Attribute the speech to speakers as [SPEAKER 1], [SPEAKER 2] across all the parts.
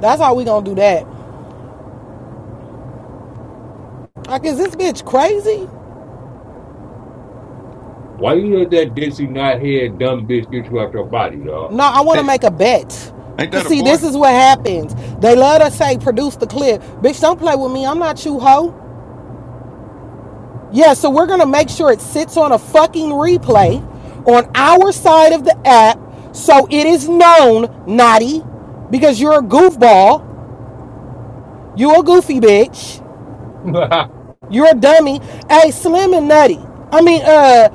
[SPEAKER 1] That's how we gonna do that. Like, is this bitch crazy?
[SPEAKER 2] Why you let that dizzy, not head dumb bitch get you out your body, dog?
[SPEAKER 1] No, I wanna
[SPEAKER 3] Hey,
[SPEAKER 1] make a bet.
[SPEAKER 3] ain't
[SPEAKER 1] Cause
[SPEAKER 3] that a
[SPEAKER 1] see,
[SPEAKER 3] boy?
[SPEAKER 1] this is what happens. They let us say produce the clip. Bitch, don't play with me. I'm not you hoe. Yeah, so we're gonna make sure it sits on a fucking replay on our side of the app so it is known, naughty, because you're a goofball, you a goofy bitch, you're a dummy. Hey, slim and nutty. I mean, uh,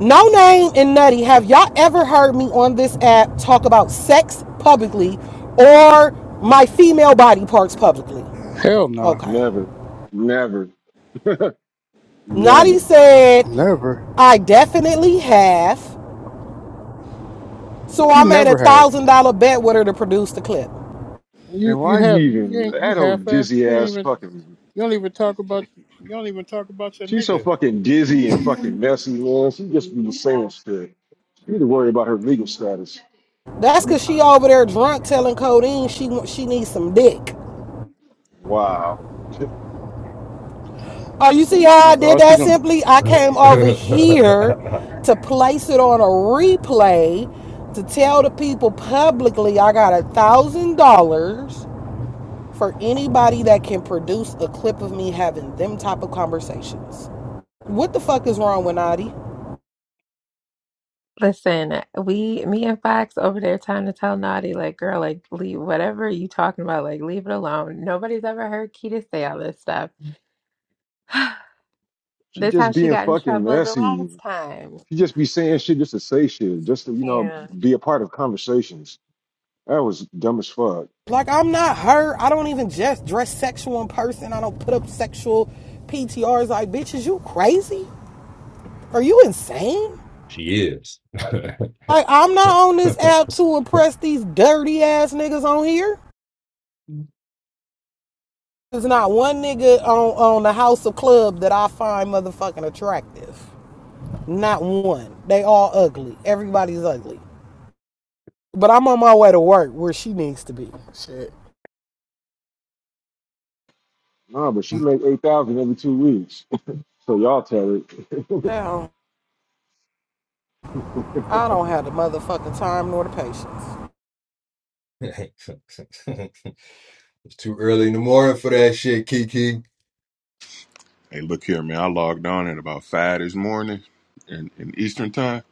[SPEAKER 1] No Name and Nutty, have y'all ever heard me on this app talk about sex publicly or my female body parts publicly?
[SPEAKER 4] Hell no,
[SPEAKER 1] Okay.
[SPEAKER 5] Never, never,
[SPEAKER 1] Nutty
[SPEAKER 5] never.
[SPEAKER 1] said,
[SPEAKER 4] never.
[SPEAKER 1] I definitely have. So
[SPEAKER 4] You
[SPEAKER 1] I made a
[SPEAKER 4] never
[SPEAKER 1] one
[SPEAKER 4] have.
[SPEAKER 1] thousand dollar bet with her to produce the clip.
[SPEAKER 5] Man,
[SPEAKER 4] You you
[SPEAKER 5] why you
[SPEAKER 4] have you
[SPEAKER 5] even
[SPEAKER 4] ain't you
[SPEAKER 5] that
[SPEAKER 4] half
[SPEAKER 5] old
[SPEAKER 4] assed.
[SPEAKER 5] dizzy
[SPEAKER 4] You ain't
[SPEAKER 5] ass
[SPEAKER 4] even
[SPEAKER 5] fucking?
[SPEAKER 4] you don't even talk about you don't even talk about your
[SPEAKER 5] She's so
[SPEAKER 4] nigga.
[SPEAKER 5] fucking dizzy and fucking messy, man. She just be saying shit. You need to worry about her legal status.
[SPEAKER 1] That's cause she over there drunk telling Codeine she she needs some dick.
[SPEAKER 5] Wow,
[SPEAKER 1] Oh, you see how I
[SPEAKER 4] Well,
[SPEAKER 1] did
[SPEAKER 4] All she
[SPEAKER 1] that
[SPEAKER 4] gon'
[SPEAKER 1] simply? I came over here to place it on a replay to tell the people publicly I got a thousand dollars for anybody that can produce a clip of me having them type of conversations. What the fuck is wrong with Nadi?
[SPEAKER 6] Listen, we, me and Fox over there trying to tell Naughty, like, girl, like, leave whatever you talking about, like, leave it alone. Nobody's ever heard Kita say all this stuff.
[SPEAKER 5] she
[SPEAKER 6] this
[SPEAKER 5] just
[SPEAKER 6] how she
[SPEAKER 5] being
[SPEAKER 6] got in
[SPEAKER 5] fucking
[SPEAKER 6] trouble the
[SPEAKER 5] messy.
[SPEAKER 6] last time.
[SPEAKER 5] She just be saying shit just to say shit, just to you know
[SPEAKER 6] Yeah.
[SPEAKER 5] be a part of conversations. That was dumb as fuck.
[SPEAKER 1] Like I'm not her. I don't even just dress sexual in person. I don't put up sexual PTRs like bitches. You crazy? Are you insane?
[SPEAKER 2] she is.
[SPEAKER 1] Like I'm not on this app to impress these dirty ass niggas on here. There's not one nigga on on the House of Club that I find motherfucking attractive. Not one. They all ugly. Everybody's ugly. But I'm on my way to work where she needs to be.
[SPEAKER 5] Nah, but she make eight thousand every two weeks. So y'all tell it.
[SPEAKER 1] Damn, I don't have the motherfucking time nor the patience.
[SPEAKER 2] it's too early in the morning for that shit, Kiki.
[SPEAKER 3] Hey, look here, man. I logged on at about five this morning in, in Eastern time,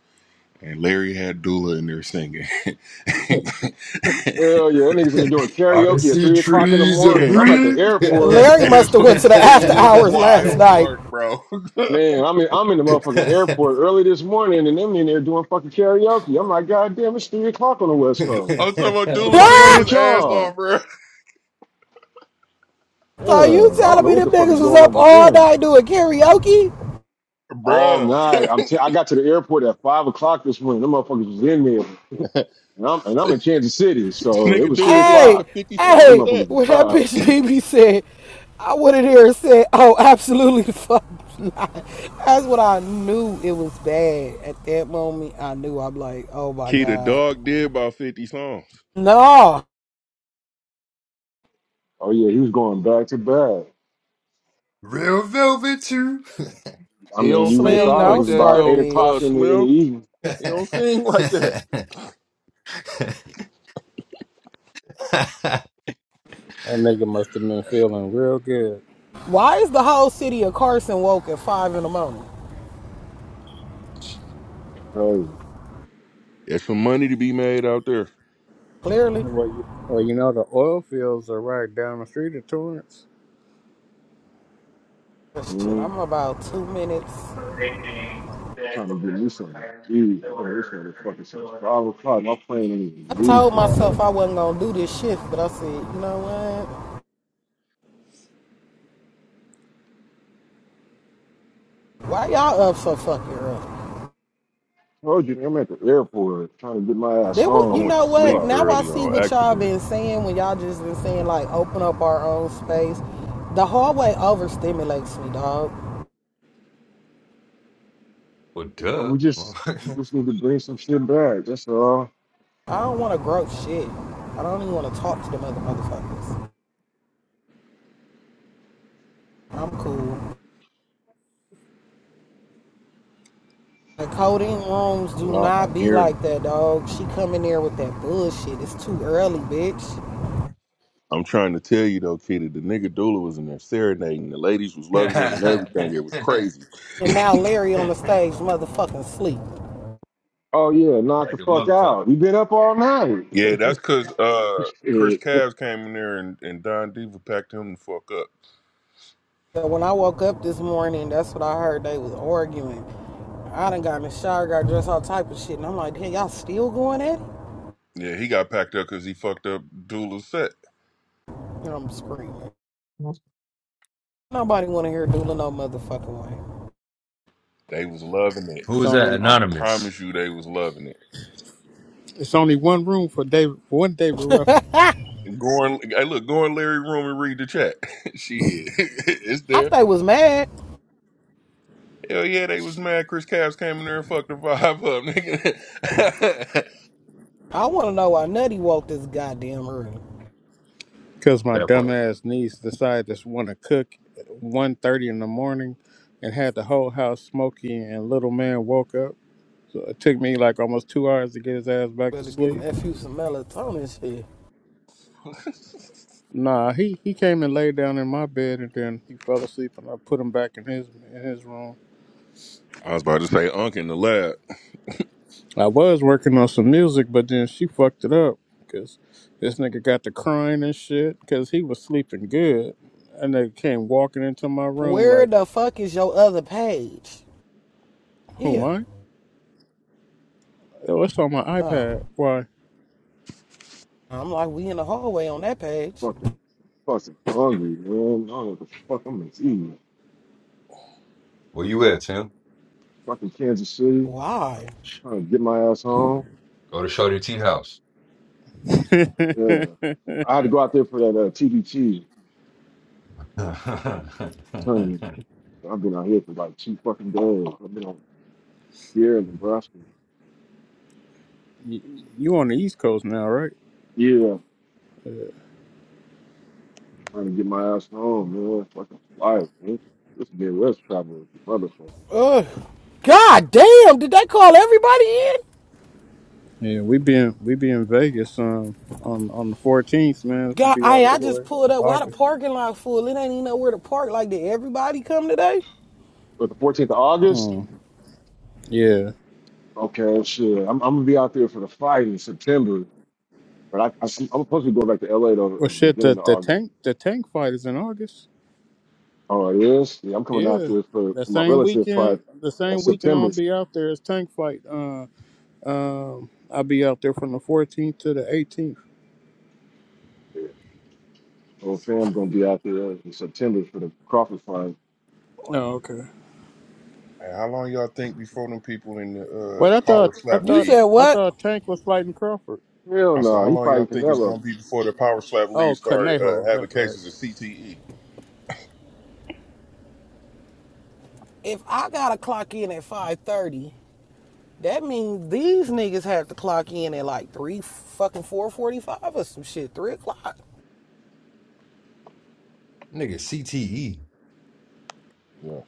[SPEAKER 3] and Larry had Dula in there singing. it,
[SPEAKER 5] Hell yeah, that niggas in the doing
[SPEAKER 2] I
[SPEAKER 5] karaoke at
[SPEAKER 2] see
[SPEAKER 5] three o'clock in the
[SPEAKER 2] trees of
[SPEAKER 5] morning. I'm at the
[SPEAKER 2] green.
[SPEAKER 5] airport.
[SPEAKER 1] Larry must have
[SPEAKER 3] wa-
[SPEAKER 1] went to the
[SPEAKER 3] it
[SPEAKER 1] after
[SPEAKER 3] was
[SPEAKER 1] hours last
[SPEAKER 3] wild
[SPEAKER 1] night.
[SPEAKER 3] work, bro.
[SPEAKER 5] Man, I'm in, I'm in the motherfucking airport early this morning, and them in there doing fucking karaoke. I'm like, God damn, it's three o'clock on the West Coast.
[SPEAKER 3] I'm talking about
[SPEAKER 5] The
[SPEAKER 3] Dula
[SPEAKER 5] fuck
[SPEAKER 3] singing
[SPEAKER 5] wrong
[SPEAKER 3] his
[SPEAKER 5] with
[SPEAKER 1] so
[SPEAKER 3] ass
[SPEAKER 5] y'all?
[SPEAKER 3] off, bro.
[SPEAKER 5] Yeah, I
[SPEAKER 1] you
[SPEAKER 5] don't
[SPEAKER 1] telling
[SPEAKER 5] know
[SPEAKER 1] me
[SPEAKER 5] what
[SPEAKER 1] them
[SPEAKER 5] the fuck
[SPEAKER 1] niggas
[SPEAKER 5] is
[SPEAKER 1] was
[SPEAKER 5] going
[SPEAKER 1] up
[SPEAKER 5] on with
[SPEAKER 1] all
[SPEAKER 5] them.
[SPEAKER 1] night doing karaoke?
[SPEAKER 5] All night,
[SPEAKER 3] Bruh.
[SPEAKER 5] I'm. T- I got to the airport at five o'clock this morning. Them motherfuckers was in there, and I'm and I'm in Kansas City, so it
[SPEAKER 3] Nigga
[SPEAKER 5] was
[SPEAKER 3] Dula
[SPEAKER 5] three
[SPEAKER 3] did like
[SPEAKER 1] Hey,
[SPEAKER 3] a
[SPEAKER 5] o'clock.
[SPEAKER 3] 50 song
[SPEAKER 5] Them
[SPEAKER 1] hey,
[SPEAKER 3] set.
[SPEAKER 5] motherfuckers was
[SPEAKER 1] when that
[SPEAKER 5] up.
[SPEAKER 1] bitch BB said, I went in here and said, oh, absolutely fuck not. That's what I knew it was bad. At that moment, I knew I'm like, oh my
[SPEAKER 3] Key the
[SPEAKER 1] God.
[SPEAKER 3] dog did about 50 songs.
[SPEAKER 1] No,
[SPEAKER 5] Oh yeah, he was going back to back.
[SPEAKER 2] Real velvet too.
[SPEAKER 5] I
[SPEAKER 3] He
[SPEAKER 5] mean,
[SPEAKER 3] don't
[SPEAKER 5] you would have
[SPEAKER 1] slam
[SPEAKER 3] sing
[SPEAKER 5] thought it
[SPEAKER 3] like
[SPEAKER 1] down
[SPEAKER 5] was
[SPEAKER 3] that
[SPEAKER 1] star,
[SPEAKER 5] about eight
[SPEAKER 3] though, uh
[SPEAKER 5] o'clock
[SPEAKER 1] bitch.
[SPEAKER 5] in the in the
[SPEAKER 3] Slim.
[SPEAKER 5] evening.
[SPEAKER 3] He don't sing like that.
[SPEAKER 4] that nigga must have been feeling real good.
[SPEAKER 1] Why is the whole city of Carson woke at 5 in the morning?
[SPEAKER 5] Crazy.
[SPEAKER 3] There's some money to be made out there.
[SPEAKER 1] Clearly.
[SPEAKER 4] Well, you well you know the oil fields are right down the street of Torrance.
[SPEAKER 1] Shit,
[SPEAKER 5] Mm-hmm.
[SPEAKER 1] I'm about two minutes.
[SPEAKER 5] trying to get me some weed. Man, this motherfucker since five o'clock. My plane ain't even
[SPEAKER 1] I
[SPEAKER 5] leave
[SPEAKER 1] told
[SPEAKER 5] till
[SPEAKER 1] myself
[SPEAKER 5] eleven.
[SPEAKER 1] I wasn't gonna do this shift, but I said, you know what? Why y'all up so fucking early?
[SPEAKER 5] Told you, I'm at the airport trying to get my ass
[SPEAKER 1] They would,
[SPEAKER 3] I
[SPEAKER 1] you
[SPEAKER 3] went
[SPEAKER 5] home.
[SPEAKER 3] to
[SPEAKER 1] know what?
[SPEAKER 3] sleep
[SPEAKER 5] Fuck.
[SPEAKER 1] Now I
[SPEAKER 3] early
[SPEAKER 1] see
[SPEAKER 3] on
[SPEAKER 1] what y'all
[SPEAKER 3] accident.
[SPEAKER 1] been saying when y'all just been saying like open up our own space. The hallway overstimulates me, dog.
[SPEAKER 2] well,
[SPEAKER 5] And
[SPEAKER 2] duh.
[SPEAKER 5] we just we just need to bring some shit back. That's all.
[SPEAKER 1] I don't want to grow shit. I don't even want to talk to them other motherfuckers. I'm cool. The coding rooms do
[SPEAKER 3] Y'all
[SPEAKER 1] not
[SPEAKER 3] not
[SPEAKER 1] be
[SPEAKER 3] hearing.
[SPEAKER 1] like that, dog. She come in there with that bullshit. It's too early, bitch.
[SPEAKER 3] I'm trying to tell you though, Kitty, the nigga Dula was in there serenading. The ladies was loving it and everything. It was crazy.
[SPEAKER 1] And now Larry on the stage, motherfucking sleep.
[SPEAKER 5] Oh yeah, knock the fuck
[SPEAKER 2] Motherfucker.
[SPEAKER 5] out. You been up all night.
[SPEAKER 3] Yeah, that's cause uh Chris
[SPEAKER 5] shit.
[SPEAKER 3] Cavs came in there and, and Don Diva packed him the fuck up.
[SPEAKER 1] So when I woke up this morning, that's what I heard. They was arguing. I done got in the shower, got dressed, all type of shit, and I'm like, "Hey, y'all still going at it?"
[SPEAKER 3] Yeah, he got packed up because he fucked up Dula's set.
[SPEAKER 1] And I'm screaming. Nobody want to hear Dula no motherfucking
[SPEAKER 3] They was loving it.
[SPEAKER 2] Who
[SPEAKER 4] It's
[SPEAKER 2] was
[SPEAKER 3] I,
[SPEAKER 2] that?
[SPEAKER 4] only
[SPEAKER 3] I
[SPEAKER 2] Anonymous.
[SPEAKER 3] promise you, they was loving it.
[SPEAKER 4] it's only one room for David for one David
[SPEAKER 1] way.
[SPEAKER 4] Ruffin.
[SPEAKER 3] Go in, hey, look, go in Larry room and read the chat. she hit. it's
[SPEAKER 1] I
[SPEAKER 3] there.
[SPEAKER 1] they was mad.
[SPEAKER 3] Hell yeah, they was mad. Chris Caps came in there and fucked the vibe up, nigga.
[SPEAKER 1] I want to know why Nutty woke this goddamn early.
[SPEAKER 4] Cause my
[SPEAKER 2] That part.
[SPEAKER 4] dumbass niece decided to want to cook at one thirty in the morning, and had the whole house smoky. And little man woke up. So it took me like almost two hours to get his ass back to
[SPEAKER 1] Better get him
[SPEAKER 4] sleep.
[SPEAKER 1] F you some melatonin shit.
[SPEAKER 4] Nah, he, he came and laid down in my bed and then he fell asleep and I put him back in his in his room.
[SPEAKER 3] I was about to say Unk in the lab.
[SPEAKER 4] I was working on some music, but then she fucked it up because this nigga got to crying and shit because he was sleeping good. And they came walking into my room
[SPEAKER 1] Where
[SPEAKER 4] like,
[SPEAKER 1] the fuck is your other page?
[SPEAKER 4] who am
[SPEAKER 1] Yeah.
[SPEAKER 4] I? Oh, it's on my
[SPEAKER 1] Oh.
[SPEAKER 4] iPad. Why?
[SPEAKER 1] I'm like, we in the hallway on that page.
[SPEAKER 5] Fucking fucking hungry, man. I don't know what the fuck I'm gonna eat.
[SPEAKER 2] Where you at, Tim?
[SPEAKER 5] Fucking Kansas City.
[SPEAKER 1] Why?
[SPEAKER 5] Trying to get my ass home.
[SPEAKER 2] Go to Shorty T house.
[SPEAKER 5] Yeah. I had to go out there for that uh, TBT
[SPEAKER 2] Nigga,
[SPEAKER 5] tournament. I've been out here for like two fucking days. I've been on here in Nebraska.
[SPEAKER 4] you, you on the East Coast now, right?
[SPEAKER 5] Yeah, trying to get my ass home, man. Fucking life. man. This Midwest travel, is motherfucker.
[SPEAKER 1] Ugh. God damn, did they call everybody in?
[SPEAKER 4] Yeah, we be in we be in Vegas um on on the fourteenth, man. If you
[SPEAKER 1] God,
[SPEAKER 4] be out
[SPEAKER 1] I I
[SPEAKER 4] this
[SPEAKER 1] just
[SPEAKER 4] way,
[SPEAKER 1] pulled up. Why the
[SPEAKER 4] August.
[SPEAKER 1] parking lot full? It ain't even nowhere to park. Like, did everybody come today?
[SPEAKER 5] But the 14th of August,
[SPEAKER 4] Mm, yeah.
[SPEAKER 5] okay, shit. I'm, I'm gonna be out there for the fight in September. But I, I, am supposed to be going back to LA though at
[SPEAKER 4] Well,
[SPEAKER 5] the
[SPEAKER 4] shit. The
[SPEAKER 5] beginning of
[SPEAKER 4] the
[SPEAKER 5] August.
[SPEAKER 4] tank the tank fight is in August.
[SPEAKER 5] Oh, it is. Yeah, I'm coming out
[SPEAKER 4] Yeah.
[SPEAKER 5] there for,
[SPEAKER 4] The
[SPEAKER 5] for my
[SPEAKER 4] same
[SPEAKER 5] relative's fight.
[SPEAKER 4] weekend, the same
[SPEAKER 5] That's
[SPEAKER 4] weekend
[SPEAKER 5] September.
[SPEAKER 4] I'll be out there is tank fight. Uh, um, I'll be out there from the 14th to the 18th.
[SPEAKER 5] Yeah. Whole fam gonna be out there in September for the Crawford fight.
[SPEAKER 4] Oh, okay.
[SPEAKER 3] Hey, how long y'all think before them people in the
[SPEAKER 4] Wait, I
[SPEAKER 3] uh, power
[SPEAKER 4] thought I
[SPEAKER 3] slap
[SPEAKER 1] You
[SPEAKER 4] thought
[SPEAKER 3] league?
[SPEAKER 1] said
[SPEAKER 4] I
[SPEAKER 1] what?
[SPEAKER 4] thought Tank was fighting Crawford.
[SPEAKER 5] Hell
[SPEAKER 3] I said,
[SPEAKER 5] no,
[SPEAKER 3] how
[SPEAKER 5] he
[SPEAKER 3] long
[SPEAKER 5] fighting
[SPEAKER 3] y'all think it's
[SPEAKER 5] Canelo.
[SPEAKER 3] gonna be before the power slap league
[SPEAKER 4] Oh,
[SPEAKER 3] start uh,
[SPEAKER 4] Conejo.
[SPEAKER 3] having
[SPEAKER 4] That's right.
[SPEAKER 3] cases of CTE?
[SPEAKER 1] If I gotta clock in at five thirty, that means these niggas have to clock in at like three fucking four forty five or some shit, three o'clock.
[SPEAKER 2] CTE.
[SPEAKER 3] Yeah,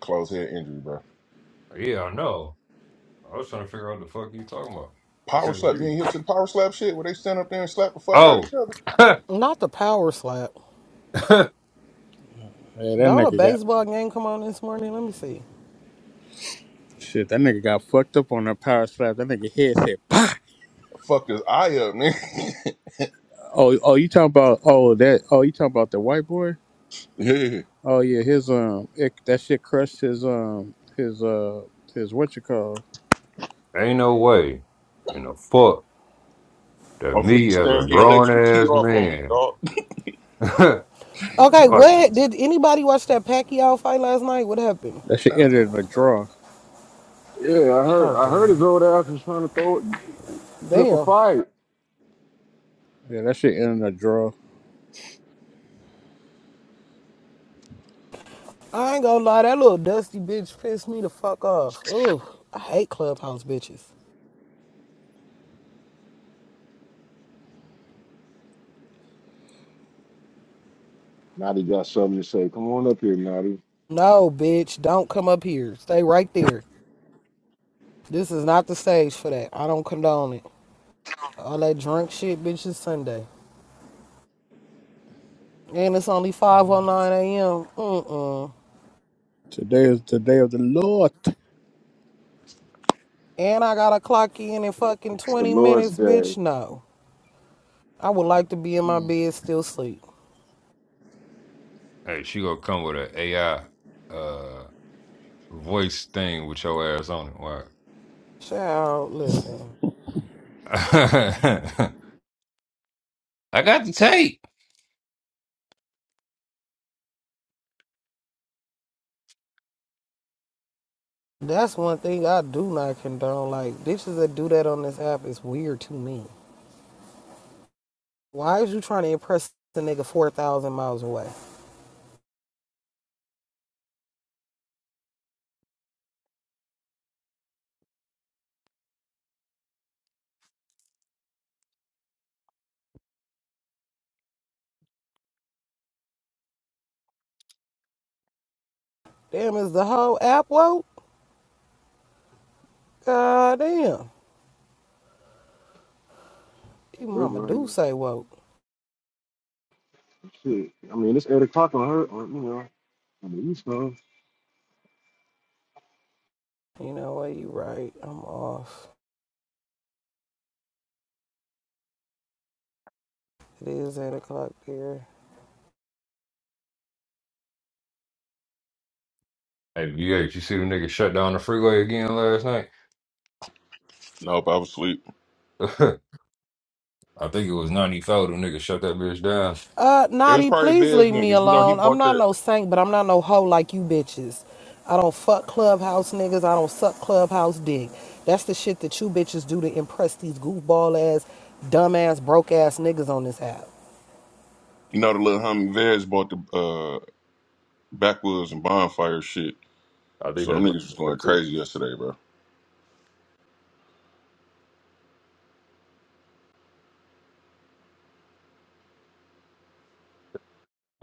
[SPEAKER 3] close head injury, bro.
[SPEAKER 2] yeah, I know. I was trying to figure out what the fuck you talking about. I
[SPEAKER 3] Power
[SPEAKER 2] couldn't
[SPEAKER 3] slap.
[SPEAKER 2] hear
[SPEAKER 3] You ain't
[SPEAKER 2] you.
[SPEAKER 3] hip to the power slap shit where they stand up there and slap the fuck out of
[SPEAKER 2] Oh,
[SPEAKER 3] each other.
[SPEAKER 1] Not the power slap.
[SPEAKER 4] Yeah, that
[SPEAKER 1] Don't a
[SPEAKER 4] nigga got
[SPEAKER 1] baseball game come on this morning? Let me see.
[SPEAKER 4] shit. That nigga got fucked up on that power slap. That nigga head said, "Pah!"
[SPEAKER 3] Fuck this eye up, nigga.
[SPEAKER 4] Oh, oh, you talking about oh that oh you talking about the white boy?
[SPEAKER 3] yeah,
[SPEAKER 4] Oh yeah, his um it, that shit crushed his um his uh his what you call
[SPEAKER 2] ain't no way in the fuck that
[SPEAKER 3] I'm finna
[SPEAKER 2] me as a
[SPEAKER 3] stand here and
[SPEAKER 2] grown
[SPEAKER 3] let you tee
[SPEAKER 2] ass
[SPEAKER 3] off on me,
[SPEAKER 2] man.
[SPEAKER 3] dog.
[SPEAKER 2] fuck
[SPEAKER 1] Okay,
[SPEAKER 2] this.
[SPEAKER 1] what did anybody watch that Pacquiao fight last night? What happened?
[SPEAKER 4] that shit ended in a draw.
[SPEAKER 5] Yeah, I heard.
[SPEAKER 1] Oh
[SPEAKER 5] I heard his
[SPEAKER 1] damn,
[SPEAKER 5] old ass was trying to throw it, put up a
[SPEAKER 1] damn.
[SPEAKER 5] fight.
[SPEAKER 4] Yeah, that shit ended in a draw.
[SPEAKER 1] I ain't gonna lie, that little dusty bitch pissed me the fuck off. Ugh, I hate clubhouse bitches.
[SPEAKER 5] Natty got something to say. Come on up here, Natty.
[SPEAKER 1] No, bitch, don't come up here. Stay right there. This is not the stage for that. I don't condone it. All that drunk shit, bitch, is Sunday. And it's only 5.09 a.m. Mm-mm.
[SPEAKER 4] Today is the day of the Lord.
[SPEAKER 1] And I gotta clock in in fucking
[SPEAKER 5] It's the
[SPEAKER 1] 20
[SPEAKER 5] Lord's
[SPEAKER 1] minutes,
[SPEAKER 5] day.
[SPEAKER 1] bitch. No. I would like to be in my bed still sleep.
[SPEAKER 2] Hey, she gonna come with an a AI uh voice thing with your ass on it. Why?
[SPEAKER 1] Child, listen.
[SPEAKER 2] I got the tape.
[SPEAKER 1] That's one thing I do not condone. Like, bitches that do that on this app is weird to me. Why is you trying to impress the nigga 4,000 miles away? Damn, is the whole app woke? God damn. Even
[SPEAKER 5] We're
[SPEAKER 1] mama
[SPEAKER 5] going.
[SPEAKER 1] do
[SPEAKER 5] to-
[SPEAKER 1] say woke.
[SPEAKER 5] Shit. I mean, it's eight o'clock on her. On, you know, on the East Coast.
[SPEAKER 1] You know what? You right. I'm off. It is 8 o'clock there.
[SPEAKER 2] Hey, VH, you see them niggas shut down the freeway again last night?
[SPEAKER 3] Nope, I was asleep.
[SPEAKER 2] I think it was 94. Them niggas shut that bitch down.
[SPEAKER 1] Uh,
[SPEAKER 3] It was
[SPEAKER 1] Naughty,
[SPEAKER 3] probably
[SPEAKER 1] please
[SPEAKER 3] Vez
[SPEAKER 1] leave me
[SPEAKER 3] niggas. You know, he
[SPEAKER 1] alone. I'm
[SPEAKER 3] bought
[SPEAKER 1] not
[SPEAKER 3] that.
[SPEAKER 1] no saint, but I'm not no hoe like you bitches. I don't fuck clubhouse niggas. I don't suck clubhouse dick. That's the shit that you bitches do to impress these goofball ass, dumb ass, broke ass niggas on this app.
[SPEAKER 3] You know, the little homie Vez bought the uh, backwoods and bonfire shit.
[SPEAKER 2] I think
[SPEAKER 3] So them
[SPEAKER 2] that's
[SPEAKER 3] niggas
[SPEAKER 2] what
[SPEAKER 3] was going
[SPEAKER 2] that's it.
[SPEAKER 3] crazy yesterday, bro.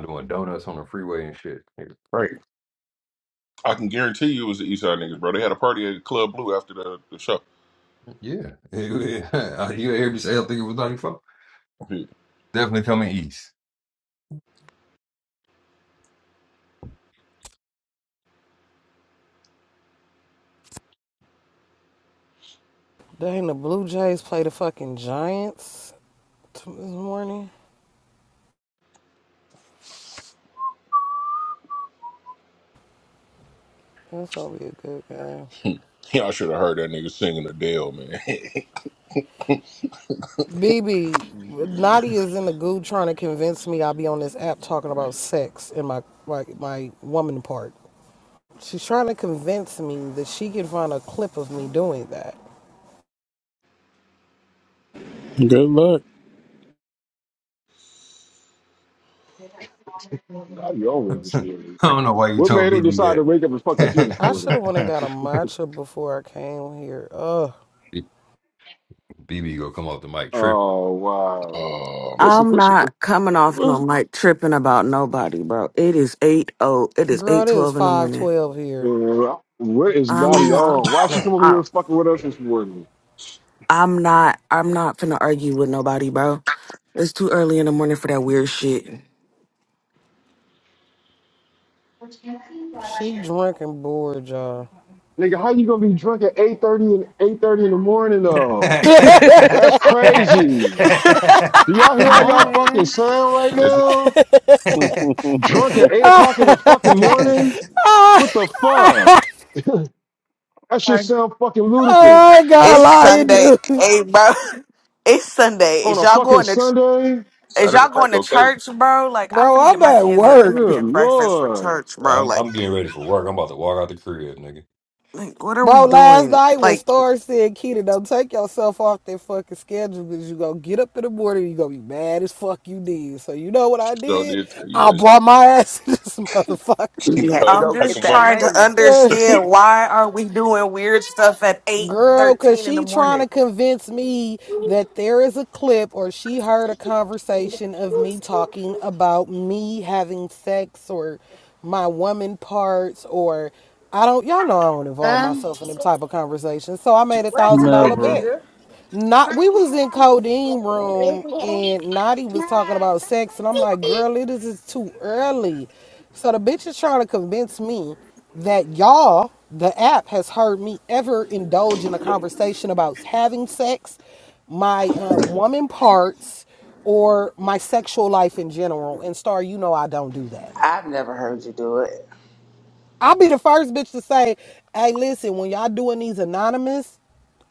[SPEAKER 2] Doing donuts on the freeway and shit. Niggas crazy.
[SPEAKER 3] I can guarantee you it was the Eastside niggas, bro. They had a party at Club Blue after the, the show.
[SPEAKER 2] Yeah. you hear me say I think it was 94?
[SPEAKER 3] Yeah,
[SPEAKER 2] Definitely coming east.
[SPEAKER 1] Dang, the Blue Jays play the fucking Giants. This morning, that's gonna be a good game.
[SPEAKER 3] Y'all should have heard that nigga singing Adele, man.
[SPEAKER 1] BB, Naughty is in the goo trying to convince me I'll be on this app talking about sex and my like my woman part. She's trying to convince me that she can find a clip of me doing that.
[SPEAKER 4] Good luck.
[SPEAKER 5] Natty over this
[SPEAKER 2] I
[SPEAKER 5] morning.
[SPEAKER 2] don't know why you
[SPEAKER 5] What
[SPEAKER 2] told
[SPEAKER 5] made her
[SPEAKER 2] BB
[SPEAKER 5] decide to wake up and fuck with you this
[SPEAKER 1] I should
[SPEAKER 5] morning?
[SPEAKER 1] have went and
[SPEAKER 2] that.
[SPEAKER 1] got a matcha before I came here. Ugh.
[SPEAKER 2] B- BB gonna come off the mic trip.
[SPEAKER 5] Oh wow.
[SPEAKER 3] oh
[SPEAKER 5] What's
[SPEAKER 3] man,
[SPEAKER 7] I'm
[SPEAKER 5] what's
[SPEAKER 7] not coming off no
[SPEAKER 5] what's
[SPEAKER 7] mic tripping about nobody, bro. It is eight oh, it is
[SPEAKER 1] Girl,
[SPEAKER 7] eight
[SPEAKER 1] it is
[SPEAKER 7] twelve in the morning.
[SPEAKER 1] 512 here.
[SPEAKER 5] uh, what is Natty
[SPEAKER 7] I'm not.
[SPEAKER 1] Mm.
[SPEAKER 5] on? Why she come over
[SPEAKER 7] I,
[SPEAKER 5] here fucking with us this morning?
[SPEAKER 7] I'm not. I'm not finna argue with nobody, bro. It's too early in the morning for that weird shit.
[SPEAKER 1] She drinking bored, y'all.
[SPEAKER 5] Nigga, how you gonna be drunk at eight thirty and eight thirty in the morning though? That's crazy. Do y'all hear how y'all fucking
[SPEAKER 8] Morning.
[SPEAKER 5] sound right
[SPEAKER 3] it's
[SPEAKER 5] now? Drunk at eight o'clock in the fucking morning?
[SPEAKER 1] I
[SPEAKER 5] What the fuck? That shit sound fucking ludicrous.
[SPEAKER 1] I ain't got
[SPEAKER 7] It's
[SPEAKER 1] lying,
[SPEAKER 7] Sunday.
[SPEAKER 1] dude.
[SPEAKER 7] Hey, bro. It's Sunday.
[SPEAKER 5] On
[SPEAKER 7] Is
[SPEAKER 5] a
[SPEAKER 7] y'all
[SPEAKER 5] fucking
[SPEAKER 7] going to ch-
[SPEAKER 5] Sunday?
[SPEAKER 7] is
[SPEAKER 3] Saturday
[SPEAKER 7] y'all
[SPEAKER 3] night
[SPEAKER 7] going to
[SPEAKER 3] go crazy.
[SPEAKER 7] church, bro? Like I'm
[SPEAKER 1] Bro,
[SPEAKER 7] finna get
[SPEAKER 1] I'm
[SPEAKER 7] my
[SPEAKER 1] at
[SPEAKER 7] kids up
[SPEAKER 1] work.
[SPEAKER 7] and make
[SPEAKER 5] Good
[SPEAKER 7] them breakfast for
[SPEAKER 5] lord.
[SPEAKER 7] church, bro.
[SPEAKER 2] I'm,
[SPEAKER 7] Like,
[SPEAKER 2] I'm getting ready for work. I'm about to walk out the crib, nigga.
[SPEAKER 7] like what are we
[SPEAKER 1] Bro, last
[SPEAKER 7] doing?
[SPEAKER 1] night when
[SPEAKER 7] Like
[SPEAKER 1] Star said, Keita, don't take yourself off that fucking schedule because you gonna get up in the morning you gonna be mad as fuck you did. So you know what
[SPEAKER 3] She
[SPEAKER 1] I
[SPEAKER 3] sure
[SPEAKER 1] did?
[SPEAKER 3] did tell you
[SPEAKER 1] I
[SPEAKER 3] that.
[SPEAKER 1] brought my ass to this
[SPEAKER 3] She
[SPEAKER 1] motherfucker.
[SPEAKER 9] You had to
[SPEAKER 3] told you
[SPEAKER 7] I'm
[SPEAKER 9] go
[SPEAKER 3] like
[SPEAKER 9] get
[SPEAKER 7] just
[SPEAKER 3] a
[SPEAKER 9] that
[SPEAKER 7] trying
[SPEAKER 9] money.
[SPEAKER 7] to
[SPEAKER 3] motherfucker.
[SPEAKER 7] understand why are we doing weird stuff at eight
[SPEAKER 1] Girl, cause
[SPEAKER 7] thirteen in the
[SPEAKER 1] she trying
[SPEAKER 7] morning?
[SPEAKER 1] to convince me that there is a clip or she heard a conversation of me talking about me having sex or my woman parts or I don't y'all know I don't involve myself in them type of conversations. So I made a
[SPEAKER 9] What
[SPEAKER 1] thousand dollar
[SPEAKER 9] happened,
[SPEAKER 4] Never.
[SPEAKER 1] bet.
[SPEAKER 9] Keita?
[SPEAKER 1] Not we was in codeine room and Naughty was talking about sex and I'm like, girl, it is just too early. So the bitch is trying to convince me that y'all, the app, has heard me ever indulge in a conversation about having sex, my uh, woman parts, or my sexual life in general. And Star, you know I don't do that.
[SPEAKER 9] I've never heard you do it.
[SPEAKER 1] I'll be the first bitch to say, hey, listen, when y'all doing these anonymous,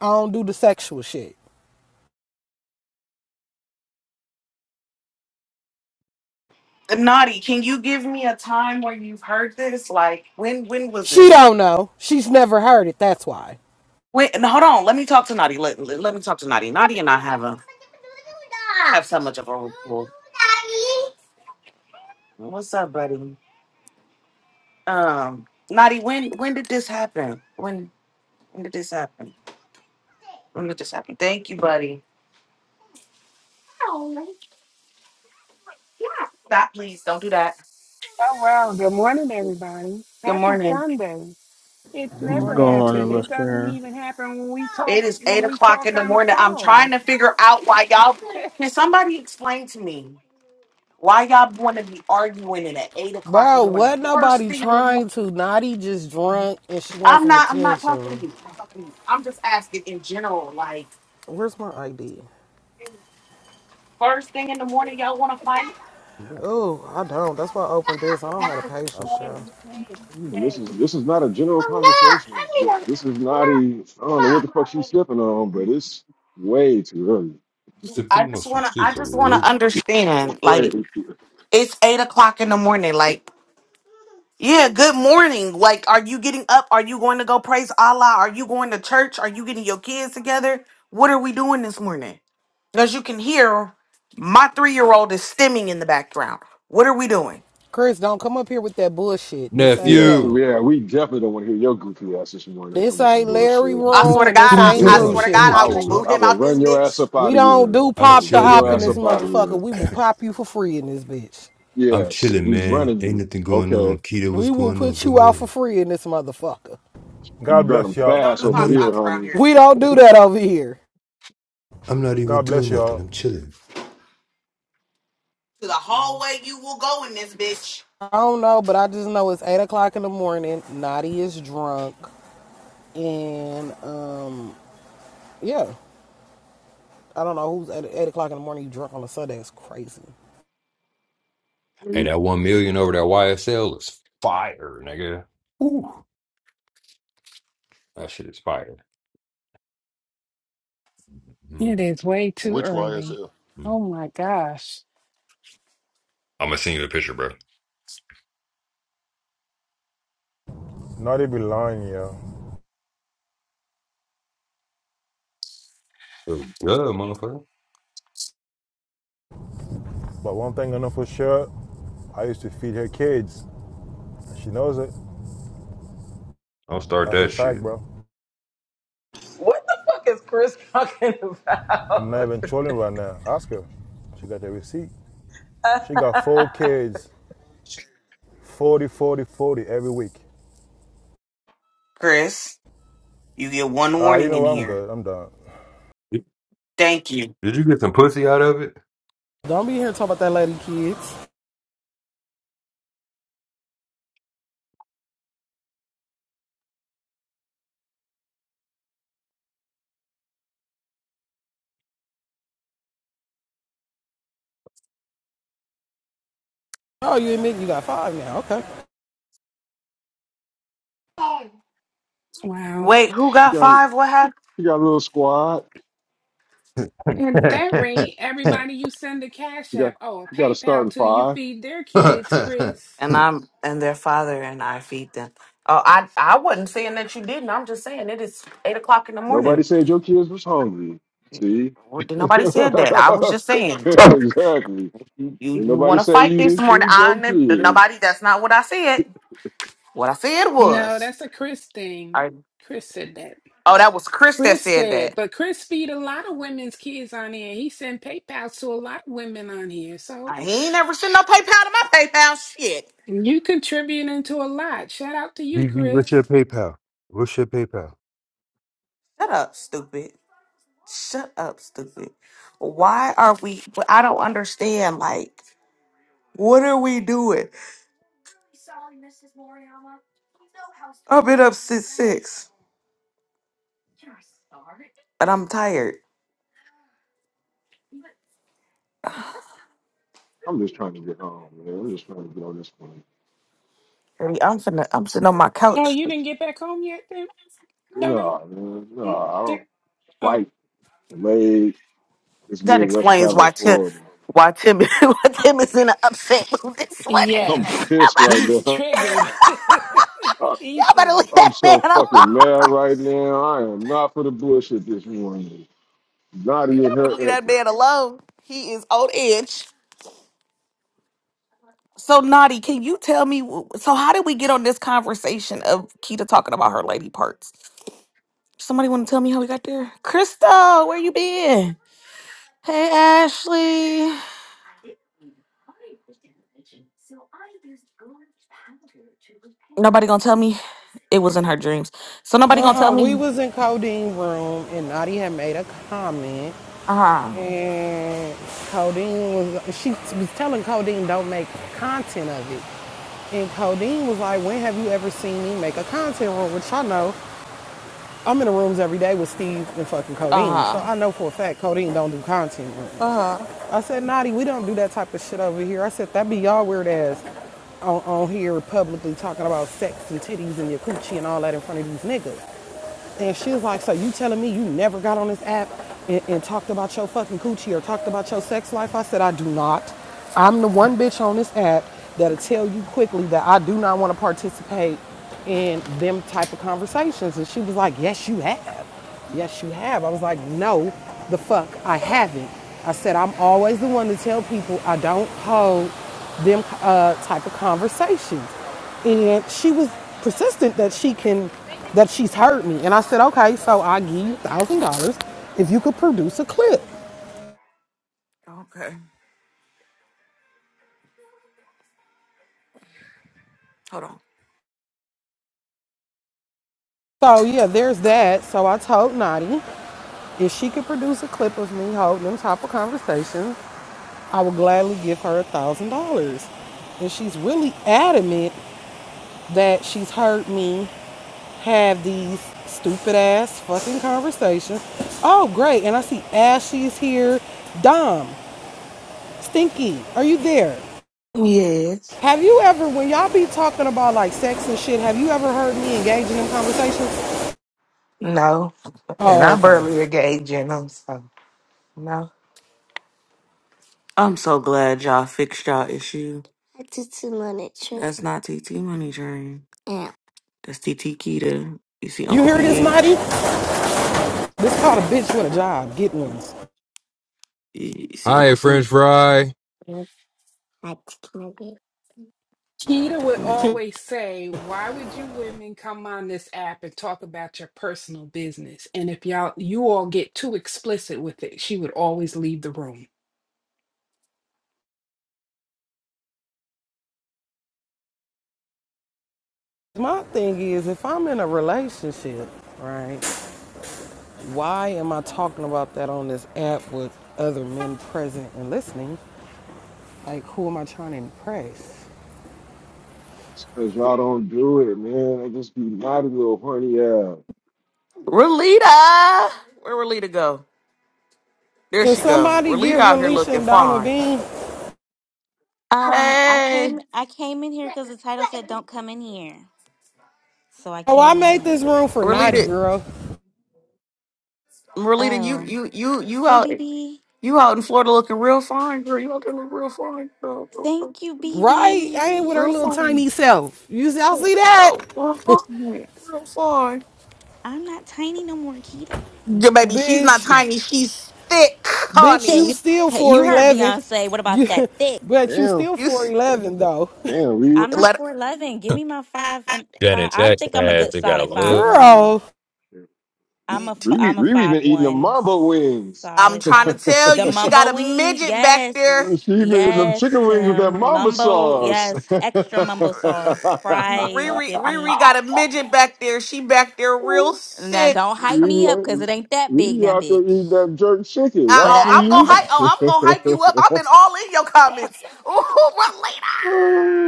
[SPEAKER 1] I don't do the sexual shit.
[SPEAKER 7] Naughty, can you give me a time where you've heard this? Like when when was
[SPEAKER 1] She
[SPEAKER 7] this?
[SPEAKER 1] don't know. She's never heard it. That's why.
[SPEAKER 7] Wait, and hold on. Let me talk to Naughty. Let, let, let me talk to Naughty. Naughty and I have a have so much of a rapport. What's up, buddy? Um, Naughty, when when did this happen? When when did this happen? When did this happen? Thank you, buddy. Stop, please. Don't do that.
[SPEAKER 8] Oh, well, good morning, everybody.
[SPEAKER 7] Good
[SPEAKER 8] Happy
[SPEAKER 7] morning.
[SPEAKER 8] Sunday. It's
[SPEAKER 1] Good
[SPEAKER 8] never
[SPEAKER 4] Go
[SPEAKER 1] morning,
[SPEAKER 4] on and
[SPEAKER 8] happened.
[SPEAKER 1] Auntie.
[SPEAKER 8] It
[SPEAKER 4] look
[SPEAKER 8] doesn't
[SPEAKER 4] here.
[SPEAKER 8] even happen when we talk
[SPEAKER 7] It is
[SPEAKER 8] when
[SPEAKER 7] eight
[SPEAKER 8] we
[SPEAKER 7] o'clock
[SPEAKER 8] talk
[SPEAKER 7] in the
[SPEAKER 8] on the
[SPEAKER 7] morning. I'm trying
[SPEAKER 8] phone.
[SPEAKER 7] to figure out why y'all. Can somebody explain to me why y'all want to be arguing it at eight o'clock in
[SPEAKER 1] Bro,
[SPEAKER 7] the morning?
[SPEAKER 1] what
[SPEAKER 7] The first
[SPEAKER 1] nobody
[SPEAKER 7] thing in the
[SPEAKER 1] trying
[SPEAKER 7] morning.
[SPEAKER 1] to? Naughty just drunk and she wants
[SPEAKER 7] I'm
[SPEAKER 1] some
[SPEAKER 7] not. I'm not talking
[SPEAKER 1] attention.
[SPEAKER 7] to you. I'm, talking to you. I'm just asking in general. Like
[SPEAKER 1] Where's my ID?
[SPEAKER 7] first thing in the morning, y'all want to fight.
[SPEAKER 2] Yeah,
[SPEAKER 1] Oh, I don't. That's why I opened this. I don't have a
[SPEAKER 2] I'm
[SPEAKER 1] patience show.
[SPEAKER 5] Mm, This is this is not a general conversation. This is not a I don't know what the fuck she's sipping on, but it's way too early.
[SPEAKER 7] I
[SPEAKER 2] sipping on
[SPEAKER 7] just
[SPEAKER 2] some
[SPEAKER 7] wanna. I just wanna
[SPEAKER 2] scissors.
[SPEAKER 7] understand. Like
[SPEAKER 5] Wait.
[SPEAKER 7] it's eight o'clock in the morning. Like Yeah, good morning. Like, are you getting up? Are you going to go praise Allah? Are you going to church? Are you getting your kids together? What are we doing this morning? As you can hear, my three year old is stimming in the background. What are we doing?
[SPEAKER 1] Chris, don't come up here with that bullshit. This ain't
[SPEAKER 5] Yeah,
[SPEAKER 2] Nephew.
[SPEAKER 1] that.
[SPEAKER 5] yeah, we definitely don't want to hear your goofy ass this morning
[SPEAKER 1] This
[SPEAKER 5] come with some
[SPEAKER 1] ain't Larry
[SPEAKER 5] bullshit.
[SPEAKER 7] I
[SPEAKER 2] What are,
[SPEAKER 7] swear
[SPEAKER 1] room
[SPEAKER 7] to
[SPEAKER 1] and
[SPEAKER 7] God,
[SPEAKER 1] this
[SPEAKER 2] what are
[SPEAKER 5] For
[SPEAKER 7] I,
[SPEAKER 2] you
[SPEAKER 1] ain't
[SPEAKER 7] I
[SPEAKER 2] talking
[SPEAKER 1] Drew
[SPEAKER 7] swear
[SPEAKER 5] real.
[SPEAKER 2] about?
[SPEAKER 7] to
[SPEAKER 2] I'm
[SPEAKER 7] God,
[SPEAKER 1] shit.
[SPEAKER 5] I
[SPEAKER 7] I
[SPEAKER 2] not
[SPEAKER 7] will
[SPEAKER 5] will
[SPEAKER 7] boot
[SPEAKER 2] you.
[SPEAKER 5] I
[SPEAKER 7] him
[SPEAKER 5] will
[SPEAKER 7] out this
[SPEAKER 5] run your ass
[SPEAKER 7] bitch.
[SPEAKER 5] up
[SPEAKER 1] We
[SPEAKER 5] out of
[SPEAKER 1] don't
[SPEAKER 5] here.
[SPEAKER 1] do
[SPEAKER 5] I
[SPEAKER 2] I'm
[SPEAKER 5] will
[SPEAKER 1] pop the
[SPEAKER 5] run
[SPEAKER 2] chilling,
[SPEAKER 1] op
[SPEAKER 5] your
[SPEAKER 1] in
[SPEAKER 5] ass
[SPEAKER 1] this
[SPEAKER 5] up
[SPEAKER 2] man.
[SPEAKER 5] out of
[SPEAKER 1] motherfucker.
[SPEAKER 5] here.
[SPEAKER 1] We will pop you for free in this bitch.
[SPEAKER 2] I'm
[SPEAKER 5] Yes,
[SPEAKER 2] chilling,
[SPEAKER 5] we
[SPEAKER 2] man.
[SPEAKER 5] running
[SPEAKER 2] Ain't
[SPEAKER 5] you.
[SPEAKER 2] nothing going on.
[SPEAKER 5] Okay,
[SPEAKER 2] Keita, what's
[SPEAKER 1] We will
[SPEAKER 2] going on?
[SPEAKER 1] put
[SPEAKER 2] Good
[SPEAKER 1] you out for
[SPEAKER 2] morning.
[SPEAKER 1] free in this motherfucker.
[SPEAKER 5] you
[SPEAKER 10] God
[SPEAKER 5] run them
[SPEAKER 10] bless
[SPEAKER 7] We
[SPEAKER 10] y'all.
[SPEAKER 7] don't
[SPEAKER 5] fast
[SPEAKER 7] do
[SPEAKER 2] I'm
[SPEAKER 5] over
[SPEAKER 2] not
[SPEAKER 7] pop
[SPEAKER 5] here,
[SPEAKER 2] even
[SPEAKER 7] talk around
[SPEAKER 5] homie.
[SPEAKER 7] here.
[SPEAKER 1] We don't do that over here.
[SPEAKER 2] I'm not even
[SPEAKER 10] God
[SPEAKER 2] doing
[SPEAKER 10] bless
[SPEAKER 2] nothing.
[SPEAKER 10] y'all.
[SPEAKER 2] I'm chilling.
[SPEAKER 7] To the
[SPEAKER 5] Mhm.
[SPEAKER 7] hallway you will go in this bitch.
[SPEAKER 1] I don't know, but I just know it's eight o'clock in the morning. Naughty is drunk, and um, yeah, I don't know who's at eight o'clock in the morning. You drunk on a Sunday? It's crazy.
[SPEAKER 2] Hey,
[SPEAKER 5] We-
[SPEAKER 2] that one million over that YSL is fire, nigga. Ooh, that shit is fire.
[SPEAKER 8] It
[SPEAKER 2] Mhm.
[SPEAKER 8] is way too
[SPEAKER 3] Which
[SPEAKER 8] early.
[SPEAKER 3] YSL?
[SPEAKER 8] Oh
[SPEAKER 2] I'm
[SPEAKER 8] my gosh.
[SPEAKER 2] gonna send you a picture, bro.
[SPEAKER 10] Not they be lying, y'all.
[SPEAKER 2] Yeah, motherfucker.
[SPEAKER 10] But one thing I know for sure, I used to feed her kids. She knows it.
[SPEAKER 2] I'll start
[SPEAKER 10] That's a
[SPEAKER 2] that
[SPEAKER 10] fact,
[SPEAKER 2] shit.
[SPEAKER 10] bro.
[SPEAKER 9] What the fuck is Chris talking
[SPEAKER 10] I'm not
[SPEAKER 9] about?
[SPEAKER 10] even trolling right now. Ask her. She got the receipt. She got four kids, 40, 40, 40 every week.
[SPEAKER 7] Chris, you get one
[SPEAKER 10] Ah, uh, you
[SPEAKER 7] warning
[SPEAKER 10] know
[SPEAKER 7] in
[SPEAKER 10] what? I'm
[SPEAKER 7] here.
[SPEAKER 10] good. I'm done.
[SPEAKER 7] Thank you.
[SPEAKER 2] Did you get some pussy out of it?
[SPEAKER 1] Don't be here talking about that lady, kids. Oh, you admit you got five now? Okay.
[SPEAKER 8] Wow.
[SPEAKER 7] Wait, who
[SPEAKER 5] She
[SPEAKER 7] got
[SPEAKER 5] got
[SPEAKER 7] five? What happened?
[SPEAKER 5] she got a little squad.
[SPEAKER 8] at that rate, everybody you send a
[SPEAKER 5] She
[SPEAKER 8] Cash App,
[SPEAKER 5] got
[SPEAKER 8] oh, a
[SPEAKER 5] she got a
[SPEAKER 8] PayPal
[SPEAKER 5] starting
[SPEAKER 8] to, you
[SPEAKER 5] five.
[SPEAKER 8] feed their kids, Chris.
[SPEAKER 7] and I'm and their father and I feed them. Oh, I I wasn't saying that you didn't. I'm just saying it is eight o'clock in the
[SPEAKER 5] Nobody
[SPEAKER 7] morning.
[SPEAKER 5] said your kids was hungry. See,
[SPEAKER 7] Well, did nobody said that. I was just saying
[SPEAKER 5] exactly.
[SPEAKER 7] you you,
[SPEAKER 5] Ain't
[SPEAKER 7] you want
[SPEAKER 5] nobody
[SPEAKER 7] to
[SPEAKER 5] said
[SPEAKER 7] fight
[SPEAKER 5] you
[SPEAKER 7] this
[SPEAKER 5] didn't
[SPEAKER 7] morning.
[SPEAKER 5] feed
[SPEAKER 7] I
[SPEAKER 5] your
[SPEAKER 7] ne-
[SPEAKER 5] kids.
[SPEAKER 7] nobody. That's not what I said. What I said
[SPEAKER 8] No,
[SPEAKER 7] was
[SPEAKER 8] that's a Chris thing.
[SPEAKER 7] I.
[SPEAKER 8] Chris said that.
[SPEAKER 7] Oh, that was Chris that
[SPEAKER 8] Chris
[SPEAKER 7] said that.
[SPEAKER 8] said, but Chris feed a lot of women's kids on here. He sent PayPal to a lot of women on here. So
[SPEAKER 7] I he ain't never sent no PayPal to my PayPal. Shit.
[SPEAKER 8] you contributing to a lot. Shout out to you,
[SPEAKER 2] BB, what's
[SPEAKER 8] Chris.
[SPEAKER 2] your PayPal? What's your PayPal?
[SPEAKER 7] Shut up, stupid. Shut up, stupid. Why are we? well, I don't understand. Like, what are we doing? I've been up since six. and I'm tired.
[SPEAKER 5] I'm just trying to get home, man. I'm just trying to get on this one.
[SPEAKER 7] Baby, I'm finna, I'm sitting on my
[SPEAKER 8] Oh,
[SPEAKER 7] couch.
[SPEAKER 8] you didn't get back home yet, then? Don't I?
[SPEAKER 5] Nah, man.
[SPEAKER 8] mm,
[SPEAKER 5] Nah, I don't
[SPEAKER 8] there- Oh,
[SPEAKER 5] like the way this
[SPEAKER 7] That
[SPEAKER 5] Midwest
[SPEAKER 7] explains
[SPEAKER 5] travel
[SPEAKER 7] why Tim,
[SPEAKER 5] for.
[SPEAKER 7] why Tim, why Tim is in an upset mood this morning.
[SPEAKER 5] I'm
[SPEAKER 8] yes.
[SPEAKER 7] Y'all
[SPEAKER 5] pissed
[SPEAKER 7] better,
[SPEAKER 5] right
[SPEAKER 8] He's
[SPEAKER 5] now.
[SPEAKER 8] triggered
[SPEAKER 7] y'all better
[SPEAKER 8] easily.
[SPEAKER 7] leave
[SPEAKER 5] I'm
[SPEAKER 7] that man
[SPEAKER 5] so
[SPEAKER 7] alone.
[SPEAKER 5] fucking
[SPEAKER 7] Y'all
[SPEAKER 5] mad right now. I am not for the bullshit this morning. Naughty in her
[SPEAKER 7] better leave that man
[SPEAKER 5] antics.
[SPEAKER 7] alone. He is on edge. So naughty. Can you tell me? wh- So how did we get on this conversation of Kita talking about her lady parts? Somebody want to tell me how we got there? Crystal, where you been? Hey Ashley. Nobody gonna tell me it was in her dreams. So nobody gonna
[SPEAKER 1] Uh, uh
[SPEAKER 7] tell
[SPEAKER 1] we
[SPEAKER 7] me.
[SPEAKER 1] was in Codeine room, and Naughty had made a comment,
[SPEAKER 7] Uh huh.
[SPEAKER 1] and Codeine was she was telling Codeine don't make content of it. And Codeine was like, when have you ever seen me make a content room? Which I know I'm in the rooms every day with Steve and fucking
[SPEAKER 7] Uh
[SPEAKER 1] Codeine, so
[SPEAKER 7] huh.
[SPEAKER 1] I know for a fact Codeine don't do content rooms.
[SPEAKER 7] Uh
[SPEAKER 1] I said, Naughty, we don't do that type of shit over here. I said, that be y'all weird ass on, on here publicly talking about sex and titties and your coochie and all that in front of these niggas. And she was like, so you telling me you never got on this app and, and talked about your fucking coochie or talked about your sex life? I said, I do not. I'm the one bitch on this app that'll tell you quickly that I do not want to participate in them type of conversations. And she was like, yes, you have. Yes, you have. I was like, no, the fuck, I haven't. I said, I'm always the one to tell people I don't hold them uh, type of conversations. And she was persistent that she can, that she's heard me. And I said, okay, so I'll give you a thousand dollars if you could produce a clip.
[SPEAKER 7] huh. Okay. Hold on.
[SPEAKER 1] So yeah, there's that. So I told Nadi if she could produce a clip of me holding them type of conversations, I would gladly give her a thousand dollars and she's really adamant that she's heard me have these stupid ass fucking conversations. Oh, great. And I see Ashley's here. Dom, Stinky, are you there?
[SPEAKER 11] Yes.
[SPEAKER 1] Have you ever, when y'all be talking about like sex and shit, have you ever heard me engaging in conversations?
[SPEAKER 11] No. And
[SPEAKER 1] Oh,
[SPEAKER 11] I
[SPEAKER 1] okay.
[SPEAKER 11] barely engage in them, so no.
[SPEAKER 7] I'm so glad y'all fixed y'all issue. TT Money Train. That's not TT Money Train. That's TT Kita. You see
[SPEAKER 1] You
[SPEAKER 7] Uncle
[SPEAKER 1] hear this, Naughty?
[SPEAKER 7] PH.
[SPEAKER 1] This called a bitch with a job. Get
[SPEAKER 7] You
[SPEAKER 1] one.
[SPEAKER 7] see
[SPEAKER 2] Hi,
[SPEAKER 7] Uncle
[SPEAKER 2] French
[SPEAKER 7] Slim.
[SPEAKER 2] fry.
[SPEAKER 8] Keita would always say, Why would you women come on this app and talk about your personal business? And if y'all you all get too explicit with it, she would always leave the room.
[SPEAKER 1] My thing is, if I'm in a relationship, right, why am I talking about that on this app with other men present and listening Like, who am I trying to impress?
[SPEAKER 5] It's Because y'all don't do it, man. I just be naughty little horny ass.
[SPEAKER 7] Relita. Where Relita go? There
[SPEAKER 1] Can
[SPEAKER 7] she go.
[SPEAKER 1] somebody
[SPEAKER 7] Relita
[SPEAKER 1] give
[SPEAKER 7] out here
[SPEAKER 1] Relisha
[SPEAKER 7] looking
[SPEAKER 1] and Dama
[SPEAKER 7] fine.
[SPEAKER 1] Bean?
[SPEAKER 12] Um, I
[SPEAKER 7] Hey.
[SPEAKER 12] came I came in here because the title said don't come in here. So I
[SPEAKER 1] Oh, I
[SPEAKER 12] came in
[SPEAKER 1] made this
[SPEAKER 12] here.
[SPEAKER 1] room for Naughty
[SPEAKER 7] Relita.
[SPEAKER 1] Girl.
[SPEAKER 7] Merlita, you
[SPEAKER 12] Oh.
[SPEAKER 7] you you you
[SPEAKER 12] Hey
[SPEAKER 7] out
[SPEAKER 12] BB.
[SPEAKER 7] you out in Florida looking real fine, girl. You out there looking real fine, girl.
[SPEAKER 12] Thank you,
[SPEAKER 1] Right? I ain't with
[SPEAKER 12] BB.
[SPEAKER 1] her
[SPEAKER 7] Real
[SPEAKER 1] little
[SPEAKER 7] fine.
[SPEAKER 1] tiny self. You y'all see that?
[SPEAKER 7] Oh, real fine. Real fine.
[SPEAKER 12] I'm not tiny no more, Kita.
[SPEAKER 7] Your baby, she's not
[SPEAKER 1] Bitch,
[SPEAKER 7] tiny. She's thick,
[SPEAKER 1] bitch,
[SPEAKER 12] Thick.
[SPEAKER 1] you
[SPEAKER 7] honey.
[SPEAKER 1] still
[SPEAKER 12] Hey, You heard
[SPEAKER 1] 411.
[SPEAKER 12] Beyonce. What about that
[SPEAKER 1] You,
[SPEAKER 12] thick?
[SPEAKER 1] but you
[SPEAKER 5] Damn.
[SPEAKER 1] still
[SPEAKER 7] You s-
[SPEAKER 1] 411 though.
[SPEAKER 5] Damn.
[SPEAKER 12] I'm
[SPEAKER 5] Riri,
[SPEAKER 12] not
[SPEAKER 7] let.
[SPEAKER 12] four eleven. Give me my five and five.
[SPEAKER 2] Janet
[SPEAKER 12] I
[SPEAKER 2] Jackson
[SPEAKER 12] think I'm a
[SPEAKER 2] ass.
[SPEAKER 12] good
[SPEAKER 2] They got a
[SPEAKER 12] solid five
[SPEAKER 2] love.
[SPEAKER 12] one.
[SPEAKER 1] Girl,
[SPEAKER 12] I'm a f-
[SPEAKER 5] Riri,
[SPEAKER 12] I'm a
[SPEAKER 5] Riri been
[SPEAKER 12] five
[SPEAKER 5] eating the
[SPEAKER 12] one,
[SPEAKER 5] mamba wings.
[SPEAKER 7] I'm
[SPEAKER 12] solid
[SPEAKER 7] trying to
[SPEAKER 12] five.
[SPEAKER 7] tell
[SPEAKER 12] The
[SPEAKER 7] you, she
[SPEAKER 12] mumbo
[SPEAKER 7] got a
[SPEAKER 12] wings,
[SPEAKER 7] midget back there.
[SPEAKER 12] yes,
[SPEAKER 5] She been eating them
[SPEAKER 12] yes,
[SPEAKER 5] chicken wings with that
[SPEAKER 12] Tim.
[SPEAKER 5] mamba
[SPEAKER 12] Mumbo,
[SPEAKER 5] sauce.
[SPEAKER 12] yes, extra mumbo sauce, fries.
[SPEAKER 7] Riri,
[SPEAKER 12] Give me
[SPEAKER 7] Riri got a midget back there. She back there real
[SPEAKER 12] now.
[SPEAKER 7] sick.
[SPEAKER 12] Don't hype me up because it
[SPEAKER 5] Riri,
[SPEAKER 12] ain't that big
[SPEAKER 5] Riri
[SPEAKER 12] now,
[SPEAKER 5] out there eating
[SPEAKER 12] bitch.
[SPEAKER 5] that jerk chicken.
[SPEAKER 7] Uh
[SPEAKER 12] But
[SPEAKER 5] That's
[SPEAKER 7] oh,
[SPEAKER 12] I,
[SPEAKER 7] I'm gonna
[SPEAKER 5] sweet.
[SPEAKER 12] but
[SPEAKER 7] hype. Oh, I'm gonna hype you up. I've been all in your comments. Ooh,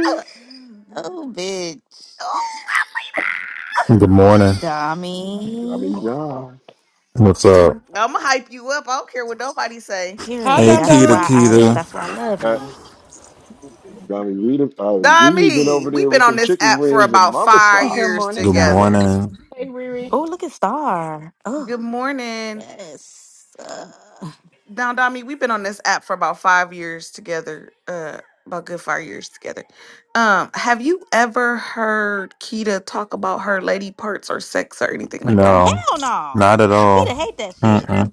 [SPEAKER 12] oh, bitch,
[SPEAKER 13] Good morning.
[SPEAKER 5] Johnny
[SPEAKER 12] dummy.
[SPEAKER 5] John.
[SPEAKER 13] What's up?
[SPEAKER 7] I'ma hype you up. I don't care what nobody say.
[SPEAKER 1] hi
[SPEAKER 12] Period.
[SPEAKER 13] Hey,
[SPEAKER 1] Dum
[SPEAKER 12] That's
[SPEAKER 13] Kita,
[SPEAKER 12] why
[SPEAKER 1] Dum.
[SPEAKER 12] I.
[SPEAKER 13] Kita.
[SPEAKER 12] That's why I love
[SPEAKER 5] Uh,
[SPEAKER 12] you.
[SPEAKER 5] Johnny Rita, uh, Riri been
[SPEAKER 7] Dami,
[SPEAKER 5] over
[SPEAKER 7] we've
[SPEAKER 5] there
[SPEAKER 7] been
[SPEAKER 5] with
[SPEAKER 7] on
[SPEAKER 5] them
[SPEAKER 7] this
[SPEAKER 5] chicken
[SPEAKER 7] app for
[SPEAKER 5] wings and
[SPEAKER 7] about
[SPEAKER 5] mama
[SPEAKER 7] five
[SPEAKER 5] side.
[SPEAKER 8] Good
[SPEAKER 7] years
[SPEAKER 8] morning,
[SPEAKER 13] Good
[SPEAKER 7] together.
[SPEAKER 8] Dami.
[SPEAKER 13] morning.
[SPEAKER 8] Hey Riri.
[SPEAKER 12] Oh, look at Star. Oh,
[SPEAKER 7] Good morning.
[SPEAKER 12] yes. Uh,
[SPEAKER 7] Now, Dami, we've been on this app for about five years together. Uh about good five years together. Um, have you ever heard Kita talk about her lady parts or sex or anything like that?
[SPEAKER 13] No,
[SPEAKER 12] hell no.
[SPEAKER 13] not at all.
[SPEAKER 12] Kita hate that shit.
[SPEAKER 13] Mm-mm.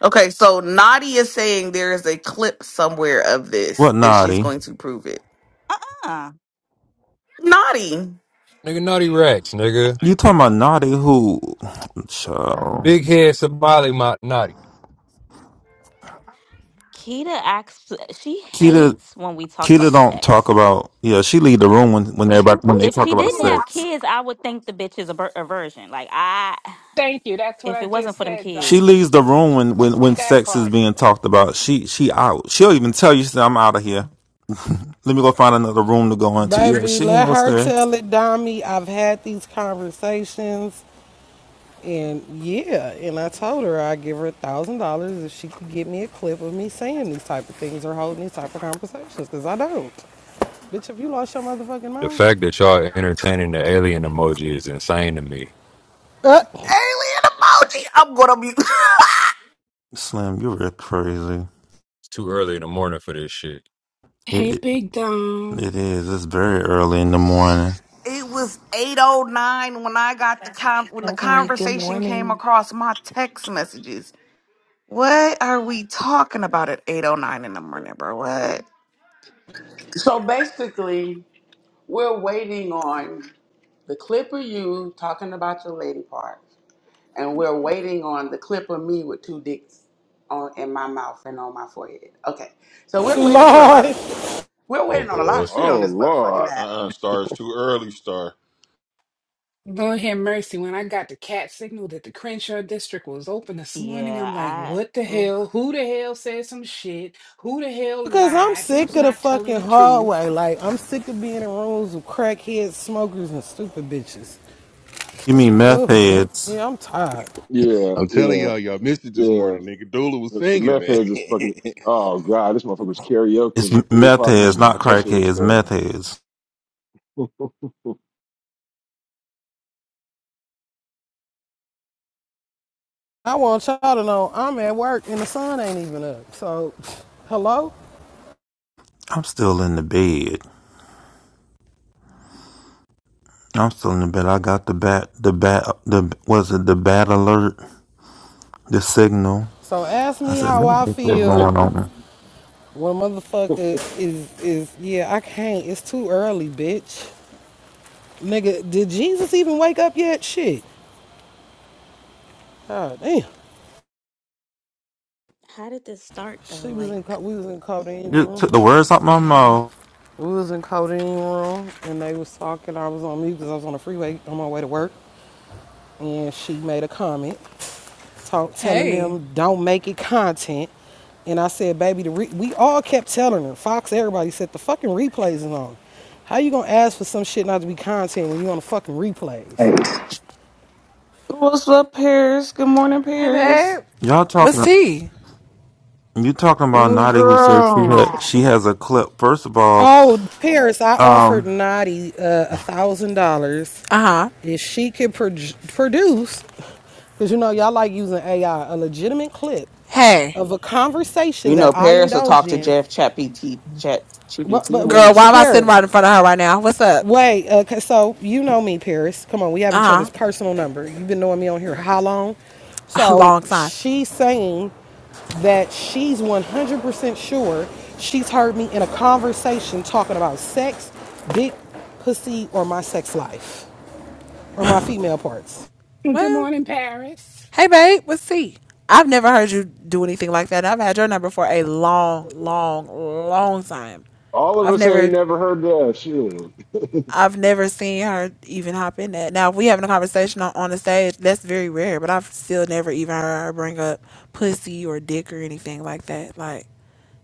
[SPEAKER 7] Okay, so Naughty is saying there is a clip somewhere of
[SPEAKER 13] What
[SPEAKER 7] this and she's
[SPEAKER 13] naughty?
[SPEAKER 7] going to prove it.
[SPEAKER 12] Uh uh.
[SPEAKER 7] Naughty. Alien
[SPEAKER 2] Nigga, naughty racks, nigga.
[SPEAKER 13] You talking about naughty? Who? Child.
[SPEAKER 2] Big head Somali Mount Naughty.
[SPEAKER 12] Keita acts. She
[SPEAKER 13] Kita,
[SPEAKER 12] hates when we talk
[SPEAKER 13] Kita
[SPEAKER 12] about
[SPEAKER 13] don't talk
[SPEAKER 12] sex.
[SPEAKER 13] about. Yeah, she leave the room when when everybody when they
[SPEAKER 12] If
[SPEAKER 13] talk
[SPEAKER 12] she
[SPEAKER 13] about
[SPEAKER 12] didn't have
[SPEAKER 13] sex.
[SPEAKER 12] kids, I would think the bitch is a, bir- a virgin. Like I,
[SPEAKER 8] Thank you. That's what
[SPEAKER 12] if
[SPEAKER 8] I
[SPEAKER 12] it wasn't
[SPEAKER 8] just
[SPEAKER 12] for them
[SPEAKER 8] said,
[SPEAKER 13] She
[SPEAKER 12] kids,
[SPEAKER 13] leaves
[SPEAKER 8] Dominique.
[SPEAKER 13] the room when when when
[SPEAKER 8] That
[SPEAKER 13] sex is
[SPEAKER 8] part.
[SPEAKER 13] being talked about. She she out. She'll even tell you, she said, "I'm out of here. Let me go find another room to go into." Yeah,
[SPEAKER 1] Baby,
[SPEAKER 13] she ain't
[SPEAKER 1] let
[SPEAKER 13] gonna
[SPEAKER 1] her
[SPEAKER 13] stay.
[SPEAKER 1] tell it, Dommy. I've had these conversations And yeah, and I told her I'd give her a thousand dollars if she could get me a clip of me saying these type of things or holding these type of conversations, because I don't. Bitch, have you lost your motherfucking
[SPEAKER 2] The
[SPEAKER 1] mind?
[SPEAKER 2] fact that y'all entertaining the alien emoji is insane to me.
[SPEAKER 1] Uh,
[SPEAKER 7] emoji. I'm gonna mute.
[SPEAKER 13] Slim, you're real crazy.
[SPEAKER 2] It's too early in the morning for this shit.
[SPEAKER 8] Hey, Big Dom.
[SPEAKER 13] It is. It's very early in the morning.
[SPEAKER 7] It was 809 when I got the con- when the
[SPEAKER 11] Stephanie, good
[SPEAKER 7] conversation came
[SPEAKER 11] morning.
[SPEAKER 7] across my text messages. What are we talking about at 809 in the morning, bro? What?
[SPEAKER 9] So basically, we're waiting on the clip of you talking about your lady part, and we're waiting on the clip of me with two dicks on in my mouth and on my forehead. Okay, so we're waiting for a lot of
[SPEAKER 1] Lord.
[SPEAKER 9] shit. We're
[SPEAKER 2] Oh,
[SPEAKER 9] waiting on a lot
[SPEAKER 2] Lord.
[SPEAKER 9] of shit on
[SPEAKER 5] Oh
[SPEAKER 9] this motherfucking
[SPEAKER 5] Lord,
[SPEAKER 9] app.
[SPEAKER 3] Uh-uh, star is too early, star.
[SPEAKER 8] Lord have mercy. When I got the cat signal that the Crenshaw district was open this morning,
[SPEAKER 12] yeah,
[SPEAKER 8] I'm like, what the
[SPEAKER 12] I. Oof.
[SPEAKER 8] hell? Who the hell said some shit? Who the hell
[SPEAKER 1] Because I'm
[SPEAKER 8] lied?
[SPEAKER 1] sick
[SPEAKER 8] Who's
[SPEAKER 1] of the
[SPEAKER 8] not telling
[SPEAKER 1] fucking
[SPEAKER 8] the truth?
[SPEAKER 1] hallway. Like, I'm sick of being in rooms with crackheads, smokers, and stupid bitches.
[SPEAKER 13] You mean meth
[SPEAKER 1] Ugh. Yeah,
[SPEAKER 13] heads?
[SPEAKER 1] I'm tired.
[SPEAKER 5] yeah,
[SPEAKER 3] I'm telling
[SPEAKER 5] yeah,
[SPEAKER 3] y'all, y'all missed it this
[SPEAKER 5] yeah.
[SPEAKER 3] morning, nigga. Dula was
[SPEAKER 5] The, the
[SPEAKER 3] singing,
[SPEAKER 5] meth
[SPEAKER 3] man.
[SPEAKER 5] heads is fucking. Oh God, this motherfucker was
[SPEAKER 13] It's
[SPEAKER 5] karaokeing at three
[SPEAKER 13] meth
[SPEAKER 5] o'clock in the
[SPEAKER 13] heads, not
[SPEAKER 5] morning. That
[SPEAKER 13] crack
[SPEAKER 5] shit was
[SPEAKER 13] heads.
[SPEAKER 5] crazy.
[SPEAKER 13] Meth heads.
[SPEAKER 1] I want y'all to know I'm at work and the sun ain't even up. So, hello?
[SPEAKER 13] I'm still in the bed. I'm still in the bed. I got the bat. The bat. The was it the bat alert? The signal.
[SPEAKER 1] So ask
[SPEAKER 13] I
[SPEAKER 1] me
[SPEAKER 13] said,
[SPEAKER 1] how
[SPEAKER 13] let me
[SPEAKER 1] I
[SPEAKER 13] think what's
[SPEAKER 1] feel
[SPEAKER 13] going on.
[SPEAKER 1] Well, motherfucker is is yeah. I can't. It's too early, bitch. Nigga, did Jesus even wake up yet? Shit. God damn.
[SPEAKER 12] How did this start
[SPEAKER 1] She
[SPEAKER 12] though?
[SPEAKER 1] was in.
[SPEAKER 12] Like
[SPEAKER 1] co- We was in codeine
[SPEAKER 13] You
[SPEAKER 1] room.
[SPEAKER 13] took the words out my mouth.
[SPEAKER 1] We was in codeine room, and they was talking. I was on mute because I was on the freeway on my way to work, and she made a comment, talk telling
[SPEAKER 14] Hey.
[SPEAKER 1] them don't make it content. And I said, baby, the re- we all kept telling her. Fox, everybody said the fucking replays is on. How you gonna ask for some shit not to be content when you on the fucking replays?
[SPEAKER 7] Hey, What's up, Paris? Good morning,
[SPEAKER 14] Hey,
[SPEAKER 7] Paris.
[SPEAKER 14] babe.
[SPEAKER 13] Y'all
[SPEAKER 14] What's
[SPEAKER 13] talking.
[SPEAKER 14] tea?
[SPEAKER 13] You talking about
[SPEAKER 7] Mm,
[SPEAKER 13] Nadi who said she
[SPEAKER 7] Girl.
[SPEAKER 13] had, she has a clip. First of all,
[SPEAKER 1] Oh, Paris, I offered
[SPEAKER 13] um,
[SPEAKER 1] Nadi a thousand dollars
[SPEAKER 14] Uh huh.
[SPEAKER 1] if she could pro- produce, because you know y'all like using AI, a legitimate clip
[SPEAKER 14] Hey,
[SPEAKER 1] of a conversation
[SPEAKER 7] You know,
[SPEAKER 1] that I
[SPEAKER 7] Paris will
[SPEAKER 1] indulged
[SPEAKER 7] talk to
[SPEAKER 1] in.
[SPEAKER 7] Jeff Chat PT Chat
[SPEAKER 1] But
[SPEAKER 7] GPT in
[SPEAKER 1] but
[SPEAKER 7] a
[SPEAKER 14] girl,
[SPEAKER 1] but
[SPEAKER 7] minute.
[SPEAKER 1] she-
[SPEAKER 14] why am I sitting
[SPEAKER 1] Paris,
[SPEAKER 14] right in front of her right now? What's up?
[SPEAKER 1] Wait, uh, 'cause- so you know me, Paris. Come on, we have each
[SPEAKER 14] Uh
[SPEAKER 1] other's personal number. You've been knowing me on here how long?
[SPEAKER 14] huh. A
[SPEAKER 1] So
[SPEAKER 14] long time.
[SPEAKER 1] she's saying that she's 100% sure she's heard me in a conversation talking about sex, big pussy, or my sex life, or my female parts.
[SPEAKER 8] Good
[SPEAKER 14] Well,
[SPEAKER 8] morning, Paris.
[SPEAKER 14] hey, babe, what's tea? I've never heard you do anything like that. I've had your number for a long, long, long time.
[SPEAKER 5] All of
[SPEAKER 14] I've
[SPEAKER 5] us ain't
[SPEAKER 14] never.
[SPEAKER 5] never heard that shit.
[SPEAKER 14] I've never seen her even hop in that. Now, if we having a conversation on, on the stage, that's very rare, but I've still never even heard her bring up pussy or dick or anything like that. Like,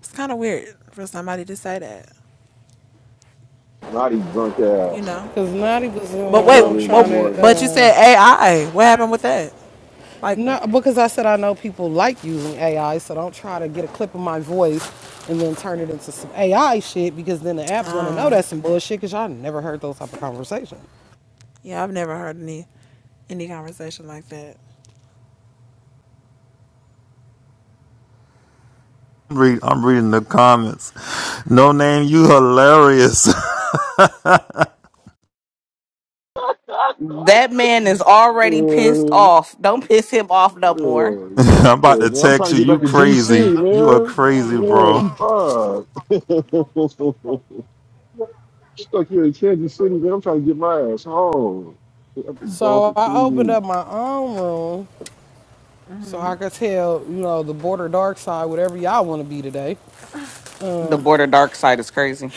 [SPEAKER 14] it's kind of weird for somebody to say that.
[SPEAKER 5] Naughty drunk
[SPEAKER 14] you
[SPEAKER 5] ass
[SPEAKER 14] know.
[SPEAKER 1] Because Naughty was in the
[SPEAKER 14] But wait,
[SPEAKER 1] room
[SPEAKER 5] early in the
[SPEAKER 1] trying
[SPEAKER 14] but
[SPEAKER 1] to
[SPEAKER 5] morning.
[SPEAKER 14] but you
[SPEAKER 1] Uh,
[SPEAKER 14] said AI. What happened with that? Like,
[SPEAKER 1] No, because I said I know people like using AI, so don't try to get a clip of my voice and then turn it into some AI shit because then the app's gonna know
[SPEAKER 14] um,
[SPEAKER 1] that's some bullshit because y'all never heard those type of conversations.
[SPEAKER 14] yeah, I've never heard any any conversation like that.
[SPEAKER 13] I'm read. I'm reading the comments. No name. You hilarious.
[SPEAKER 7] That man is already pissed
[SPEAKER 5] Uh,
[SPEAKER 7] off. Don't piss him off no more.
[SPEAKER 5] uh,
[SPEAKER 13] I'm about
[SPEAKER 5] yeah,
[SPEAKER 13] to
[SPEAKER 5] man, I'm
[SPEAKER 13] text
[SPEAKER 5] trying
[SPEAKER 13] you.
[SPEAKER 5] to get back
[SPEAKER 13] You
[SPEAKER 5] to
[SPEAKER 13] crazy.
[SPEAKER 5] DC,
[SPEAKER 13] You are
[SPEAKER 5] man.
[SPEAKER 13] crazy, bro.
[SPEAKER 5] Yeah, fuck. Stuck here in Kansas City, man. I'm trying to get my ass home. I've been gone for
[SPEAKER 1] So
[SPEAKER 5] two
[SPEAKER 1] I opened
[SPEAKER 5] weeks.
[SPEAKER 1] up my own room so I could tell, you know, the border dark side, whatever y'all wanna be today.
[SPEAKER 7] The border dark side is crazy.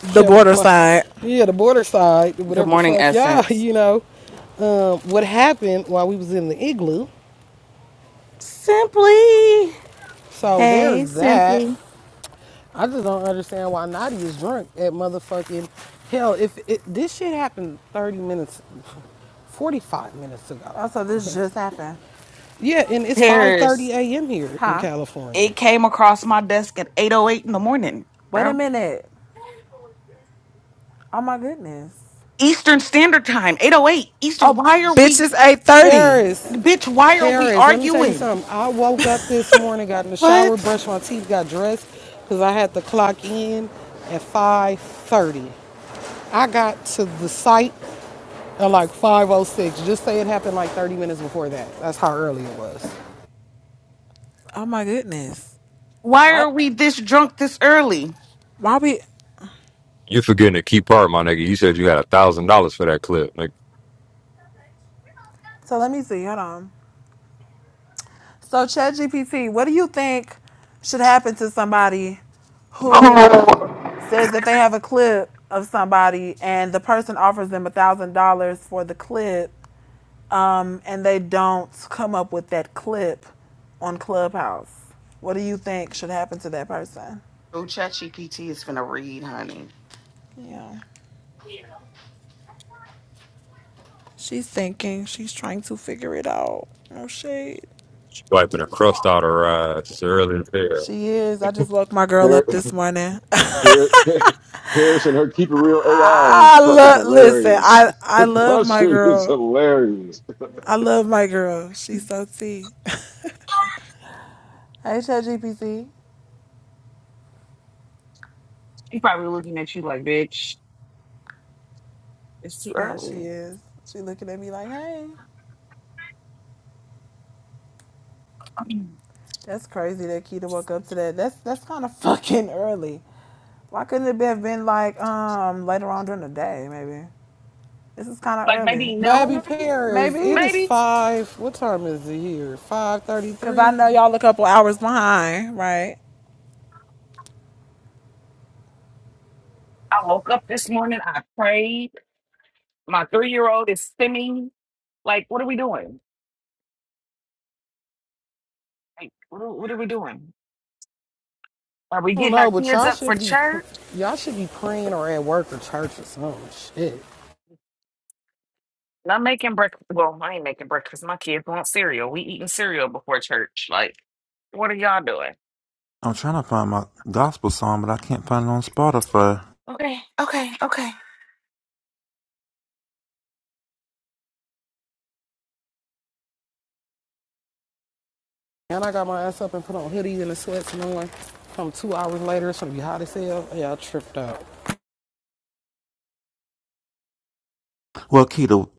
[SPEAKER 14] The
[SPEAKER 1] Whatever the
[SPEAKER 14] border
[SPEAKER 1] fuck.
[SPEAKER 14] side.
[SPEAKER 1] Yeah, the border side,
[SPEAKER 7] Good
[SPEAKER 1] whatever the
[SPEAKER 7] morning,
[SPEAKER 1] fuck y'all,
[SPEAKER 7] Essence.
[SPEAKER 1] you know. Um, what happened while we was in the igloo.
[SPEAKER 7] Simply.
[SPEAKER 1] So
[SPEAKER 7] Hey,
[SPEAKER 1] there's that.
[SPEAKER 7] Simply.
[SPEAKER 1] I just don't understand why Naughty is drunk at motherfucking hell. If it, this shit happened 30 minutes, 45 minutes ago.
[SPEAKER 14] Oh, so this just happened.
[SPEAKER 1] Yeah, and it's 5:30
[SPEAKER 7] Paris.
[SPEAKER 1] a.m. here in
[SPEAKER 14] Huh?
[SPEAKER 1] California.
[SPEAKER 7] It came across my desk at 8.08 in the morning,
[SPEAKER 14] Wait a
[SPEAKER 7] bro.
[SPEAKER 14] minute. Oh my goodness.
[SPEAKER 7] Eastern Standard Time, 8.08. Eastern,
[SPEAKER 14] Oh,
[SPEAKER 7] why are we,
[SPEAKER 14] bitch, it's eight thirty.
[SPEAKER 1] Paris,
[SPEAKER 7] bitch, why are we
[SPEAKER 1] Paris. Let me tell you
[SPEAKER 7] arguing?
[SPEAKER 1] something. I woke up this morning, got in the shower,
[SPEAKER 7] What?
[SPEAKER 1] brushed my teeth, got dressed, cause I had to clock in at 5:30. I got to the site at like 5:06. Just say it happened like 30 minutes before that. That's how early it was.
[SPEAKER 14] Oh my goodness.
[SPEAKER 7] Why are
[SPEAKER 14] What?
[SPEAKER 7] we this drunk this early?
[SPEAKER 14] Why we?
[SPEAKER 2] You forgetting the key part, my nigga. You said you had a thousand dollars for that clip. Like
[SPEAKER 14] So let me see. Hold on. So, ChatGPT, what do you think should happen to somebody who says that they have a clip of somebody and the person offers them a thousand dollars for the clip, um, and they don't come up with that clip on Clubhouse? What do you think should happen to that person?
[SPEAKER 7] Oh, ChatGPT is finna read, honey.
[SPEAKER 14] Yeah, she's thinking. She's trying to figure it out. No shade.
[SPEAKER 2] you wiping a crust out her eyes. It's early in the day.
[SPEAKER 14] She is. I just woke my girl
[SPEAKER 5] Par-
[SPEAKER 14] up this morning.
[SPEAKER 5] Par- Par- Paris and her keep it real AI is
[SPEAKER 14] I
[SPEAKER 5] fucking
[SPEAKER 14] love. Listen,
[SPEAKER 5] hilarious.
[SPEAKER 14] I I love
[SPEAKER 5] that
[SPEAKER 14] my
[SPEAKER 5] shit is
[SPEAKER 14] girl.
[SPEAKER 5] hilarious.
[SPEAKER 14] I love my girl. She's so T. Hey, ChatGPT.
[SPEAKER 7] She probably looking at you like, bitch. It's too
[SPEAKER 14] Yeah, she
[SPEAKER 7] early.
[SPEAKER 14] is. She looking at me like, hey, that's crazy that Keita woke up to that. That's that's kind of fucking early. Why couldn't it have been like um later on during the day? Maybe this is kind of
[SPEAKER 7] Like
[SPEAKER 14] early.
[SPEAKER 7] maybe
[SPEAKER 1] Baby
[SPEAKER 7] noon,
[SPEAKER 1] Paris, it
[SPEAKER 14] Maybe
[SPEAKER 1] is
[SPEAKER 7] maybe.
[SPEAKER 1] five. What time is it here? Five
[SPEAKER 14] because I
[SPEAKER 1] thirty-three.
[SPEAKER 14] know y'all a couple hours behind, right?
[SPEAKER 7] I woke up this morning. I prayed. My three year old is stimming. Like, what are we doing? Like, what are, what are we doing? Are we
[SPEAKER 1] I don't
[SPEAKER 7] getting
[SPEAKER 1] know,
[SPEAKER 7] our
[SPEAKER 1] but
[SPEAKER 7] kids
[SPEAKER 1] y'all
[SPEAKER 7] up for
[SPEAKER 1] should be
[SPEAKER 7] church?
[SPEAKER 1] y'all should be praying or at work or church or some shit.
[SPEAKER 7] And I'm making breakfast. Well, I ain't making breakfast. My kids want cereal. We eating cereal before church. Like, what are y'all doing?
[SPEAKER 13] I'm trying to find my gospel song, but I can't find it on Spotify.
[SPEAKER 7] Okay, okay, okay.
[SPEAKER 1] And I got my ass up and put on hoodies and a sweats and on. Come two hours later, it's gonna be hot as hell. Yeah, I tripped out.
[SPEAKER 13] Well, Keto,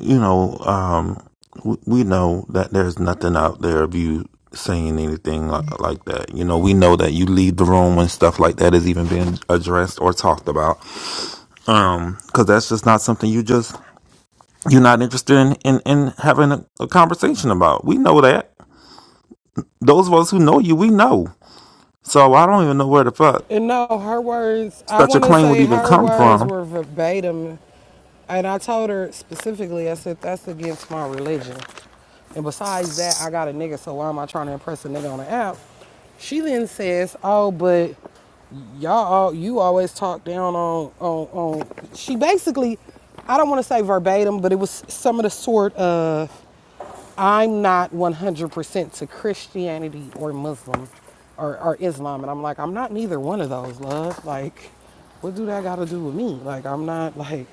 [SPEAKER 13] you know, um, we, we know that there's nothing out there of you saying anything like, like that. You know, we know that you leave the room when stuff like that is even being addressed or talked about. Um, cause that's just not something you just, you're not interested in, in, in having a, a conversation about. We know that. Those of us who know you, we know. So I don't even know where the fuck
[SPEAKER 1] And no, her words. I
[SPEAKER 13] such a
[SPEAKER 1] want to
[SPEAKER 13] claim would
[SPEAKER 1] say
[SPEAKER 13] even
[SPEAKER 1] her
[SPEAKER 13] come
[SPEAKER 1] words
[SPEAKER 13] from.
[SPEAKER 1] were verbatim, and I told her specifically. I said that's against my religion. And besides that, I got a nigga, so why am I trying to impress a nigga on the app? She then says, "Oh, but y'all, all, you always talk down on on on." She basically, I don't want to say verbatim, but it was some of the sort of I'm not 100% to Christianity or Muslim or, or Islam. And I'm like, I'm not neither one of those, love. Like, what do that got to do with me? Like, I'm not like,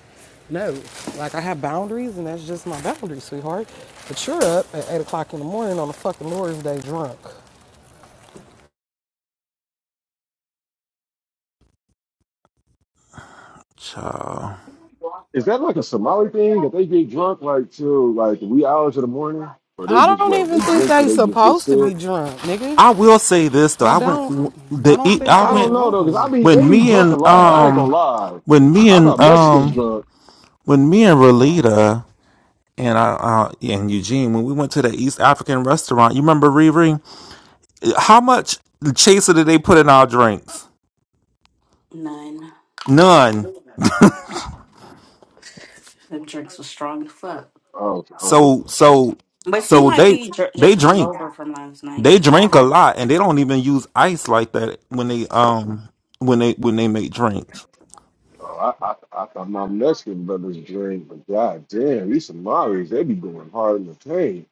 [SPEAKER 1] no. Like, I have boundaries and that's just my boundaries, sweetheart. But you're up at 8 o'clock in the morning on a fucking Lord's Day drunk.
[SPEAKER 13] Child.
[SPEAKER 5] Is that like a Somali thing that they get drunk like till like the wee hours of the morning, or they
[SPEAKER 1] I
[SPEAKER 5] just
[SPEAKER 1] don't
[SPEAKER 5] well they
[SPEAKER 1] even think
[SPEAKER 5] drink till
[SPEAKER 1] they
[SPEAKER 5] they just get
[SPEAKER 1] supposed to
[SPEAKER 5] sick?
[SPEAKER 1] be drunk, nigga.
[SPEAKER 13] I will say this though.
[SPEAKER 1] I
[SPEAKER 13] I went
[SPEAKER 1] don't. I
[SPEAKER 13] the
[SPEAKER 1] don't
[SPEAKER 13] E-
[SPEAKER 1] think
[SPEAKER 13] I
[SPEAKER 5] I
[SPEAKER 1] they
[SPEAKER 5] don't
[SPEAKER 13] went
[SPEAKER 5] know
[SPEAKER 1] supposed.
[SPEAKER 5] though, cause I
[SPEAKER 1] to.
[SPEAKER 5] be they
[SPEAKER 13] when
[SPEAKER 5] be
[SPEAKER 13] me
[SPEAKER 5] drunk a
[SPEAKER 13] and
[SPEAKER 5] lot. I ain't gonna
[SPEAKER 13] um
[SPEAKER 5] lie.
[SPEAKER 13] when me
[SPEAKER 5] I
[SPEAKER 13] and
[SPEAKER 5] thought Mexicans
[SPEAKER 13] um
[SPEAKER 5] drunk.
[SPEAKER 13] when me and Relita and I uh, and Eugene when we went to the East African restaurant. You remember Riri? How much chaser did they put in our drinks?
[SPEAKER 12] none.
[SPEAKER 13] None.
[SPEAKER 12] The drinks was strong as fuck.
[SPEAKER 5] Oh, oh,
[SPEAKER 13] So
[SPEAKER 5] okay.
[SPEAKER 13] so
[SPEAKER 12] But she
[SPEAKER 13] so
[SPEAKER 12] might
[SPEAKER 13] they
[SPEAKER 12] be dr-
[SPEAKER 13] they
[SPEAKER 12] just
[SPEAKER 13] drink.
[SPEAKER 12] hungover from last
[SPEAKER 13] They
[SPEAKER 12] night. I
[SPEAKER 13] drink
[SPEAKER 12] don't
[SPEAKER 13] a
[SPEAKER 12] think.
[SPEAKER 13] lot and they don't even use ice like that when they um when they when they make drinks.
[SPEAKER 5] Oh, I, I, I thought my Mexican brothers drink, but god damn, these Somalis, they be going hard in the paint.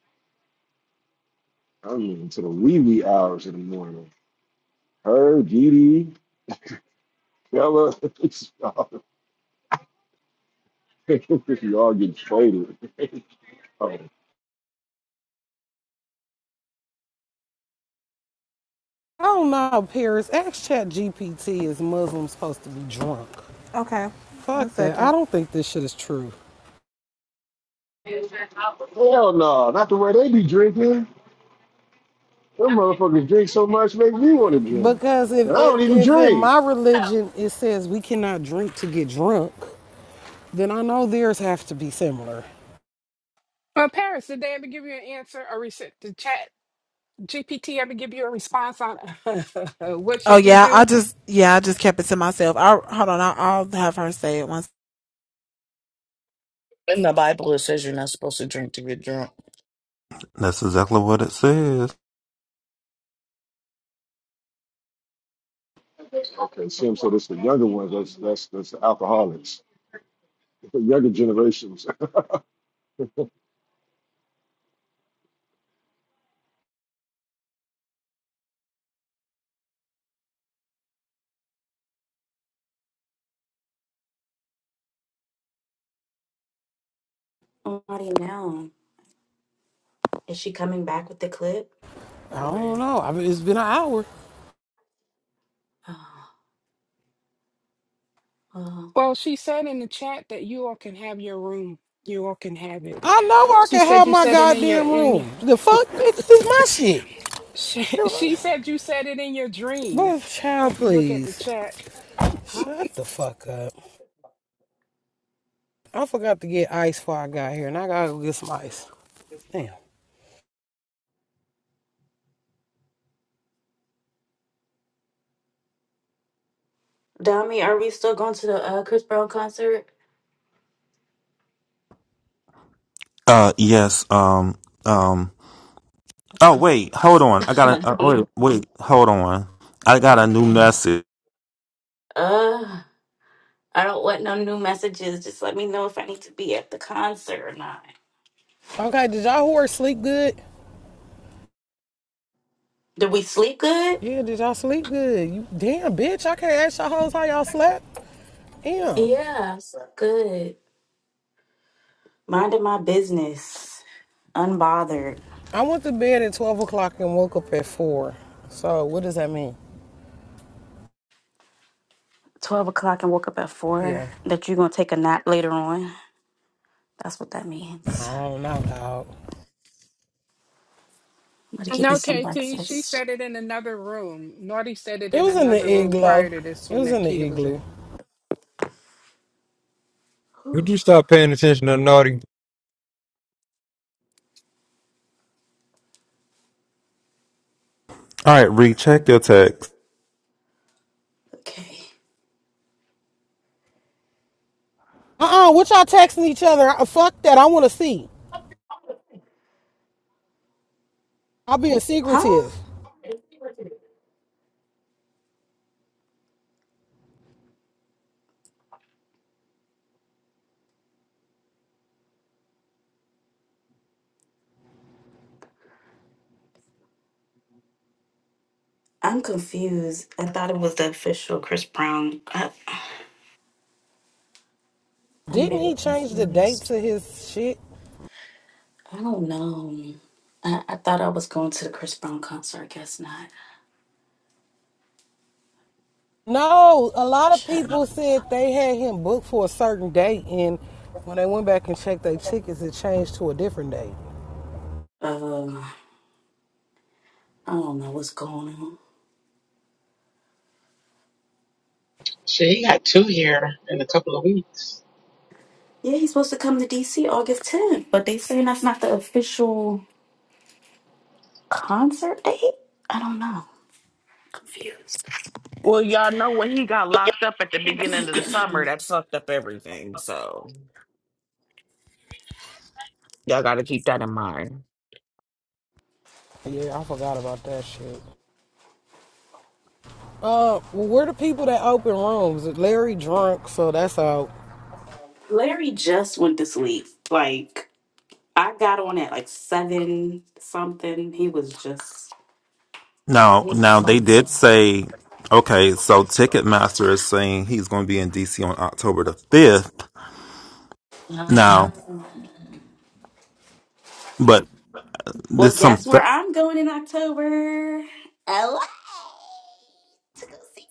[SPEAKER 5] I mean, to the wee wee hours in the morning. Her, Didi, Bella, it's all, you all get traded. Oh,
[SPEAKER 1] I don't know, Paris. Ask Chat GPT is Muslims supposed to be drunk?
[SPEAKER 14] Okay, one
[SPEAKER 1] Fuck that. I
[SPEAKER 14] second.
[SPEAKER 1] don't think this shit is true.
[SPEAKER 5] hell no, not the way they be drinking. Them motherfuckers drink so much, make me want to drink.
[SPEAKER 1] Because
[SPEAKER 5] And
[SPEAKER 1] if,
[SPEAKER 5] I
[SPEAKER 1] if
[SPEAKER 5] don't even
[SPEAKER 1] if in
[SPEAKER 5] drink.
[SPEAKER 1] my religion it says we cannot drink to get drunk, then I know theirs have to be similar.
[SPEAKER 8] Well, Paris, did they ever give you an answer or reset the chat? GPT ever give you a response on what
[SPEAKER 14] Oh
[SPEAKER 8] should you
[SPEAKER 14] yeah,
[SPEAKER 8] do?
[SPEAKER 14] I just yeah I just kept it to myself. I hold on. I, I'll have her say it once.
[SPEAKER 7] In the Bible, it says you're not supposed to drink to get drunk.
[SPEAKER 13] That's exactly what it says.
[SPEAKER 5] Okay, Sim, so this the younger ones, that's that's that's the alcoholics, the younger generations.
[SPEAKER 12] How do you know. Is she coming back with the clip
[SPEAKER 1] I don't
[SPEAKER 12] or?
[SPEAKER 1] know. I mean, it's been an hour.
[SPEAKER 12] Uh,
[SPEAKER 8] Well, she said in the chat that you all can have your room. You all can have it.
[SPEAKER 1] I know I
[SPEAKER 8] She
[SPEAKER 1] can
[SPEAKER 8] said
[SPEAKER 1] have
[SPEAKER 8] you
[SPEAKER 1] my
[SPEAKER 8] said it in your
[SPEAKER 1] goddamn
[SPEAKER 8] in your,
[SPEAKER 1] room. The fuck, bitch, this is my shit.
[SPEAKER 8] she, she said you said it in your
[SPEAKER 1] But
[SPEAKER 8] dreams.
[SPEAKER 1] child,
[SPEAKER 8] If you look at the
[SPEAKER 1] please
[SPEAKER 8] chat.
[SPEAKER 12] uh,
[SPEAKER 1] shut the fuck up. I forgot to get ice before I got here, and I gotta go get some ice.
[SPEAKER 12] huh?
[SPEAKER 1] Damn.
[SPEAKER 12] Dami, are we still going to the uh, Chris Brown concert?
[SPEAKER 13] Uh yes, um um oh wait, hold on. I got a uh, wait, wait, hold on. I got a new
[SPEAKER 12] okay.
[SPEAKER 13] message.
[SPEAKER 12] Uh, I don't want no new messages. Just let me know if I need to be at the concert or not.
[SPEAKER 1] Okay, did y'all horse sleep good?
[SPEAKER 12] Did we sleep good?
[SPEAKER 1] Yeah, did y'all sleep good? You, damn, bitch, I can't ask y'all hoes how y'all slept. Damn.
[SPEAKER 12] Yeah, I slept good. Minding my business, unbothered.
[SPEAKER 1] I went to bed at 12 o'clock and woke up at 4. So, what does that mean?
[SPEAKER 12] Twelve o'clock and woke up at four.
[SPEAKER 1] Yeah.
[SPEAKER 12] That you're gonna take a nap later on. That's what that
[SPEAKER 1] I
[SPEAKER 12] means.
[SPEAKER 1] don't know, dog.
[SPEAKER 12] I'm gonna give you
[SPEAKER 8] No,
[SPEAKER 12] some
[SPEAKER 8] KT, she
[SPEAKER 12] breakfast.
[SPEAKER 8] said it in another room. Naughty said it
[SPEAKER 1] It
[SPEAKER 8] in
[SPEAKER 1] was in
[SPEAKER 8] another
[SPEAKER 1] the
[SPEAKER 8] room prior
[SPEAKER 1] igloo.
[SPEAKER 8] to this
[SPEAKER 1] It
[SPEAKER 8] one
[SPEAKER 1] was
[SPEAKER 8] that
[SPEAKER 1] in the
[SPEAKER 8] Keita was
[SPEAKER 1] igloo.
[SPEAKER 8] in.
[SPEAKER 12] Whew,
[SPEAKER 2] Would you stop paying attention to naughty?
[SPEAKER 13] All right, recheck your text.
[SPEAKER 12] okay.
[SPEAKER 1] Uh-uh, what y'all texting each other? Uh, Fuck that, I want to see. I'll be
[SPEAKER 12] Huh?
[SPEAKER 1] secretive.
[SPEAKER 12] I'm confused. I thought it was the official Chris Brown. I'm
[SPEAKER 1] Didn't
[SPEAKER 12] very
[SPEAKER 1] he change the date
[SPEAKER 12] confused.
[SPEAKER 1] to his shit?
[SPEAKER 12] I don't know. I, I thought I was going to the Chris Brown concert. I guess not.
[SPEAKER 1] No, a lot of people
[SPEAKER 12] Child.
[SPEAKER 1] said they had him booked for a certain date, and when they went back and checked their tickets, it changed to a different date.
[SPEAKER 12] Uh, I don't know what's going on.
[SPEAKER 9] Shit, he got two here in a couple of weeks.
[SPEAKER 12] Yeah, he's supposed to come to DC August 10th, but they saying that's not the official concert date. I don't know. Confused.
[SPEAKER 7] When he got locked up at the beginning of the summer, that fucked up everything. So. Y'all got to keep that in mind.
[SPEAKER 1] Yeah, I forgot about that shit. Uh, well, we're the people that open rooms. Larry drunk, so that's out.
[SPEAKER 12] Larry just went to sleep. Like I got on at like seven something. He was just
[SPEAKER 13] Now,
[SPEAKER 12] he was
[SPEAKER 13] now they
[SPEAKER 12] something.
[SPEAKER 13] did say okay, so Ticketmaster is saying he's going to be in DC on October the 5th. Now,
[SPEAKER 12] Ah.
[SPEAKER 13] but
[SPEAKER 12] Well,
[SPEAKER 13] There's some,
[SPEAKER 12] guess where
[SPEAKER 13] th-
[SPEAKER 12] I'm going in October? LA to go see.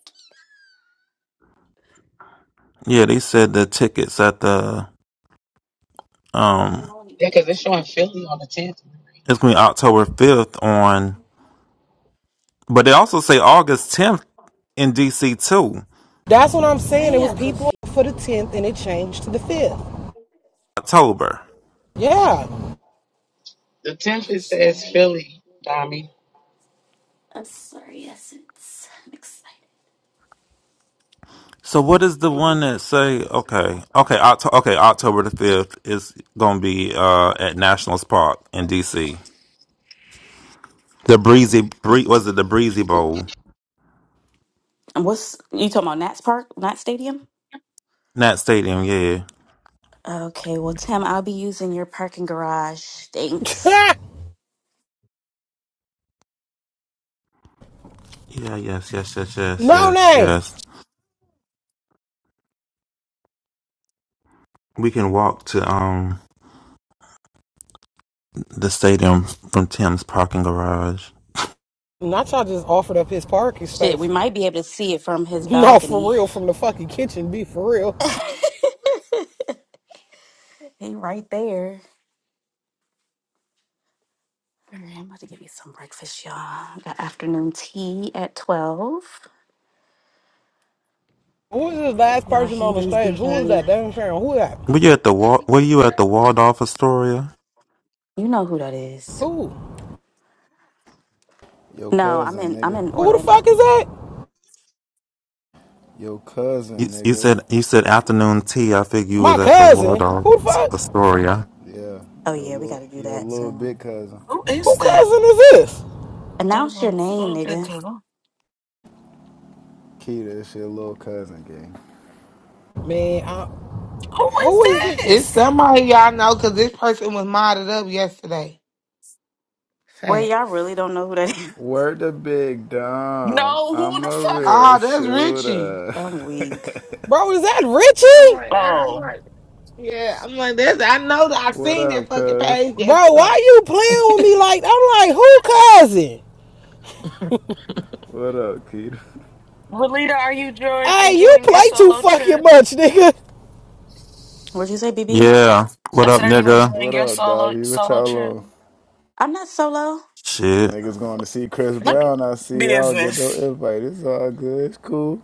[SPEAKER 13] yeah, they said the tickets at the,
[SPEAKER 12] Because I
[SPEAKER 13] um,
[SPEAKER 12] all need to
[SPEAKER 9] Yeah, because
[SPEAKER 12] get
[SPEAKER 9] 'cause
[SPEAKER 12] it
[SPEAKER 9] they're showing
[SPEAKER 12] together.
[SPEAKER 9] Philly on the 10th.
[SPEAKER 13] it's going to be October 5th on, but they also say August 10th in DC too,
[SPEAKER 1] That's
[SPEAKER 12] That's
[SPEAKER 1] what
[SPEAKER 12] what I'm
[SPEAKER 1] I'm saying. It
[SPEAKER 12] saying.
[SPEAKER 1] was
[SPEAKER 12] I'm
[SPEAKER 1] people
[SPEAKER 12] confused.
[SPEAKER 1] for the 10th and it changed to the 5th.
[SPEAKER 13] October.
[SPEAKER 1] Yeah.
[SPEAKER 9] The tenth
[SPEAKER 12] I'm
[SPEAKER 9] it says
[SPEAKER 12] sorry.
[SPEAKER 9] Philly, Dami.
[SPEAKER 12] I'm sorry, Essence. I'm excited.
[SPEAKER 13] So what is the one that say, okay, okay, Octo- okay, October the 5th is going to be, uh, at Nationals Park in DC. The Breezy, Bree- was it the Breezy Bowl?
[SPEAKER 12] And what's you talking about? Nats Park, Nats Stadium.
[SPEAKER 13] Nat Stadium, yeah.
[SPEAKER 12] Okay, well, Tim, I'll be using your parking garage. Thanks.
[SPEAKER 13] Yeah, yes, yes, yes, yes,
[SPEAKER 1] no
[SPEAKER 13] yes,
[SPEAKER 1] name.
[SPEAKER 13] yes. We can walk to, um, the stadium from Tim's parking garage.
[SPEAKER 1] Not y'all just offered up his parking
[SPEAKER 12] Shit,
[SPEAKER 1] space.
[SPEAKER 12] we might be able to see it from his
[SPEAKER 1] No, for
[SPEAKER 12] balcony.
[SPEAKER 1] real, from the fucking kitchen, be for real.
[SPEAKER 12] he right there. All right, I'm about to give you some breakfast, y'all. I got afternoon tea at twelve.
[SPEAKER 1] Who was this last
[SPEAKER 12] Y'all
[SPEAKER 1] person on the
[SPEAKER 12] heathens
[SPEAKER 1] stage? Who was that?
[SPEAKER 12] behave.
[SPEAKER 1] Damn Sharon, who that?
[SPEAKER 13] Were you at the Wa- Were you at the Waldorf Astoria?
[SPEAKER 12] You know who that is.
[SPEAKER 1] Who?
[SPEAKER 15] Your
[SPEAKER 12] No, I'm
[SPEAKER 15] cousin,
[SPEAKER 12] in I'm
[SPEAKER 15] nigga.
[SPEAKER 12] in
[SPEAKER 1] Who the
[SPEAKER 12] Orlando.
[SPEAKER 1] fuck is that?
[SPEAKER 15] Your
[SPEAKER 13] You,
[SPEAKER 15] cousin,
[SPEAKER 13] you
[SPEAKER 15] nigga.
[SPEAKER 13] said you said afternoon tea. I figured you
[SPEAKER 1] My
[SPEAKER 13] was at the
[SPEAKER 1] cousin.
[SPEAKER 13] Waldorf
[SPEAKER 1] Who the fuck?
[SPEAKER 13] Astoria.
[SPEAKER 15] Yeah.
[SPEAKER 12] Oh
[SPEAKER 15] Your
[SPEAKER 12] yeah, we
[SPEAKER 15] little,
[SPEAKER 12] gotta do
[SPEAKER 15] your
[SPEAKER 12] that
[SPEAKER 15] little
[SPEAKER 12] soon.
[SPEAKER 15] big cousin.
[SPEAKER 7] Who
[SPEAKER 1] Who
[SPEAKER 7] is that?
[SPEAKER 1] cousin is this?
[SPEAKER 12] Announce your
[SPEAKER 7] Little-
[SPEAKER 12] name,
[SPEAKER 7] little bit
[SPEAKER 12] nigga.
[SPEAKER 7] cousin.
[SPEAKER 15] Keita, it's your little cousin, gang.
[SPEAKER 1] Man, I,
[SPEAKER 7] Who is
[SPEAKER 1] who is this?
[SPEAKER 11] It's
[SPEAKER 7] this?
[SPEAKER 11] somebody y'all know because this person was modded up yesterday.
[SPEAKER 12] Wait, y'all
[SPEAKER 11] Facts.
[SPEAKER 12] really don't know who that is.
[SPEAKER 15] Word to big Dom.
[SPEAKER 7] No, who
[SPEAKER 15] I'm
[SPEAKER 7] the
[SPEAKER 15] a
[SPEAKER 7] fuck?
[SPEAKER 15] real
[SPEAKER 11] Ah, that's Richie.
[SPEAKER 15] shooter.
[SPEAKER 12] I'm weak.
[SPEAKER 1] Bro, is that
[SPEAKER 11] I'm
[SPEAKER 1] Richie?
[SPEAKER 11] like, ah, I'm
[SPEAKER 7] Oh.
[SPEAKER 11] like, yeah, I'm like, that's, I know that I
[SPEAKER 15] what
[SPEAKER 11] seen that
[SPEAKER 15] up,
[SPEAKER 11] fucking
[SPEAKER 15] cuz?
[SPEAKER 11] page
[SPEAKER 1] Bro,
[SPEAKER 11] yesterday.
[SPEAKER 1] why you playing with me like I'm like who cousin?
[SPEAKER 15] What up, Keita?
[SPEAKER 7] Relita, are you enjoying,
[SPEAKER 1] Hey, you
[SPEAKER 7] enjoying your
[SPEAKER 1] play too
[SPEAKER 7] solo
[SPEAKER 1] fucking
[SPEAKER 7] trip?
[SPEAKER 1] much, nigga.
[SPEAKER 12] What'd you say, BB?
[SPEAKER 13] Yeah.
[SPEAKER 7] I
[SPEAKER 13] What
[SPEAKER 7] said,
[SPEAKER 13] up,
[SPEAKER 7] are you
[SPEAKER 13] nigga?
[SPEAKER 7] enjoying
[SPEAKER 15] What
[SPEAKER 7] your
[SPEAKER 15] up,
[SPEAKER 7] solo
[SPEAKER 15] Dobby? What
[SPEAKER 7] solo
[SPEAKER 15] y'all
[SPEAKER 7] trip?
[SPEAKER 15] on?
[SPEAKER 12] I'm not solo.
[SPEAKER 13] Shit,
[SPEAKER 15] Niggas going to see Chris Brown. I see y'all get no invite. It's all good. It's cool.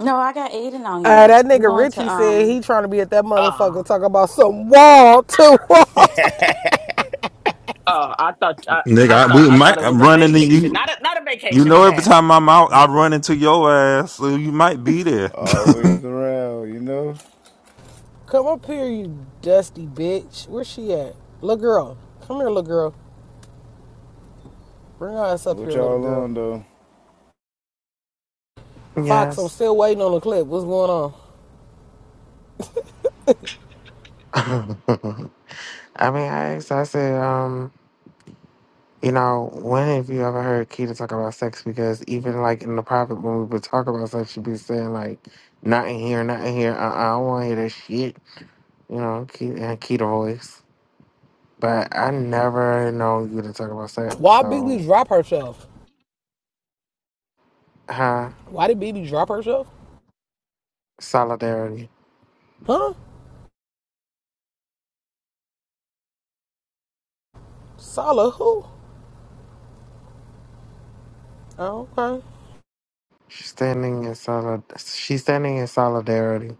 [SPEAKER 12] No, I got Aiden on
[SPEAKER 1] Uh,
[SPEAKER 12] here.
[SPEAKER 1] that
[SPEAKER 12] We're
[SPEAKER 1] nigga
[SPEAKER 12] going
[SPEAKER 1] Richie
[SPEAKER 12] to
[SPEAKER 1] said he
[SPEAKER 12] um
[SPEAKER 1] trying to be at that
[SPEAKER 7] Oh,
[SPEAKER 1] motherfucker talking about some wall to wall.
[SPEAKER 7] oh! I thought I,
[SPEAKER 13] nigga.
[SPEAKER 7] I
[SPEAKER 13] I,
[SPEAKER 7] thought
[SPEAKER 13] we
[SPEAKER 7] I thought
[SPEAKER 13] might
[SPEAKER 7] it was
[SPEAKER 13] I'm
[SPEAKER 7] a
[SPEAKER 13] running into
[SPEAKER 7] vacation.
[SPEAKER 13] you.
[SPEAKER 7] Not a not a
[SPEAKER 13] You
[SPEAKER 7] vacation, my
[SPEAKER 13] know, every
[SPEAKER 7] bad.
[SPEAKER 13] time I'm out, I run into your ass, so you might be there.
[SPEAKER 15] Always around, you know?
[SPEAKER 1] Come up here, you dusty bitch. Where she at? Little girl. Come here, little girl. Bring her ass up
[SPEAKER 15] What
[SPEAKER 1] here, little
[SPEAKER 15] y'all
[SPEAKER 1] girl.
[SPEAKER 15] on, though?
[SPEAKER 1] Fox, I'm
[SPEAKER 16] Yes.
[SPEAKER 1] still waiting on the clip. What's going on?
[SPEAKER 16] I mean, I asked, I said, um, you know, when have you ever heard Keita talk about sex? Because even like in the private, when we would talk about sex, she'd be saying, like, not in here, not in here. Uh-uh, I don't want to hear that shit. You know, Keita, and Keita voice. But I never know you to talk about sex.
[SPEAKER 1] Why BB
[SPEAKER 16] So,
[SPEAKER 1] drop herself?
[SPEAKER 16] huh?
[SPEAKER 1] Why did BB drop herself?
[SPEAKER 16] Solidarity.
[SPEAKER 1] Huh? Sala who? Oh, okay.
[SPEAKER 16] She's standing in solid. She's standing in solidarity.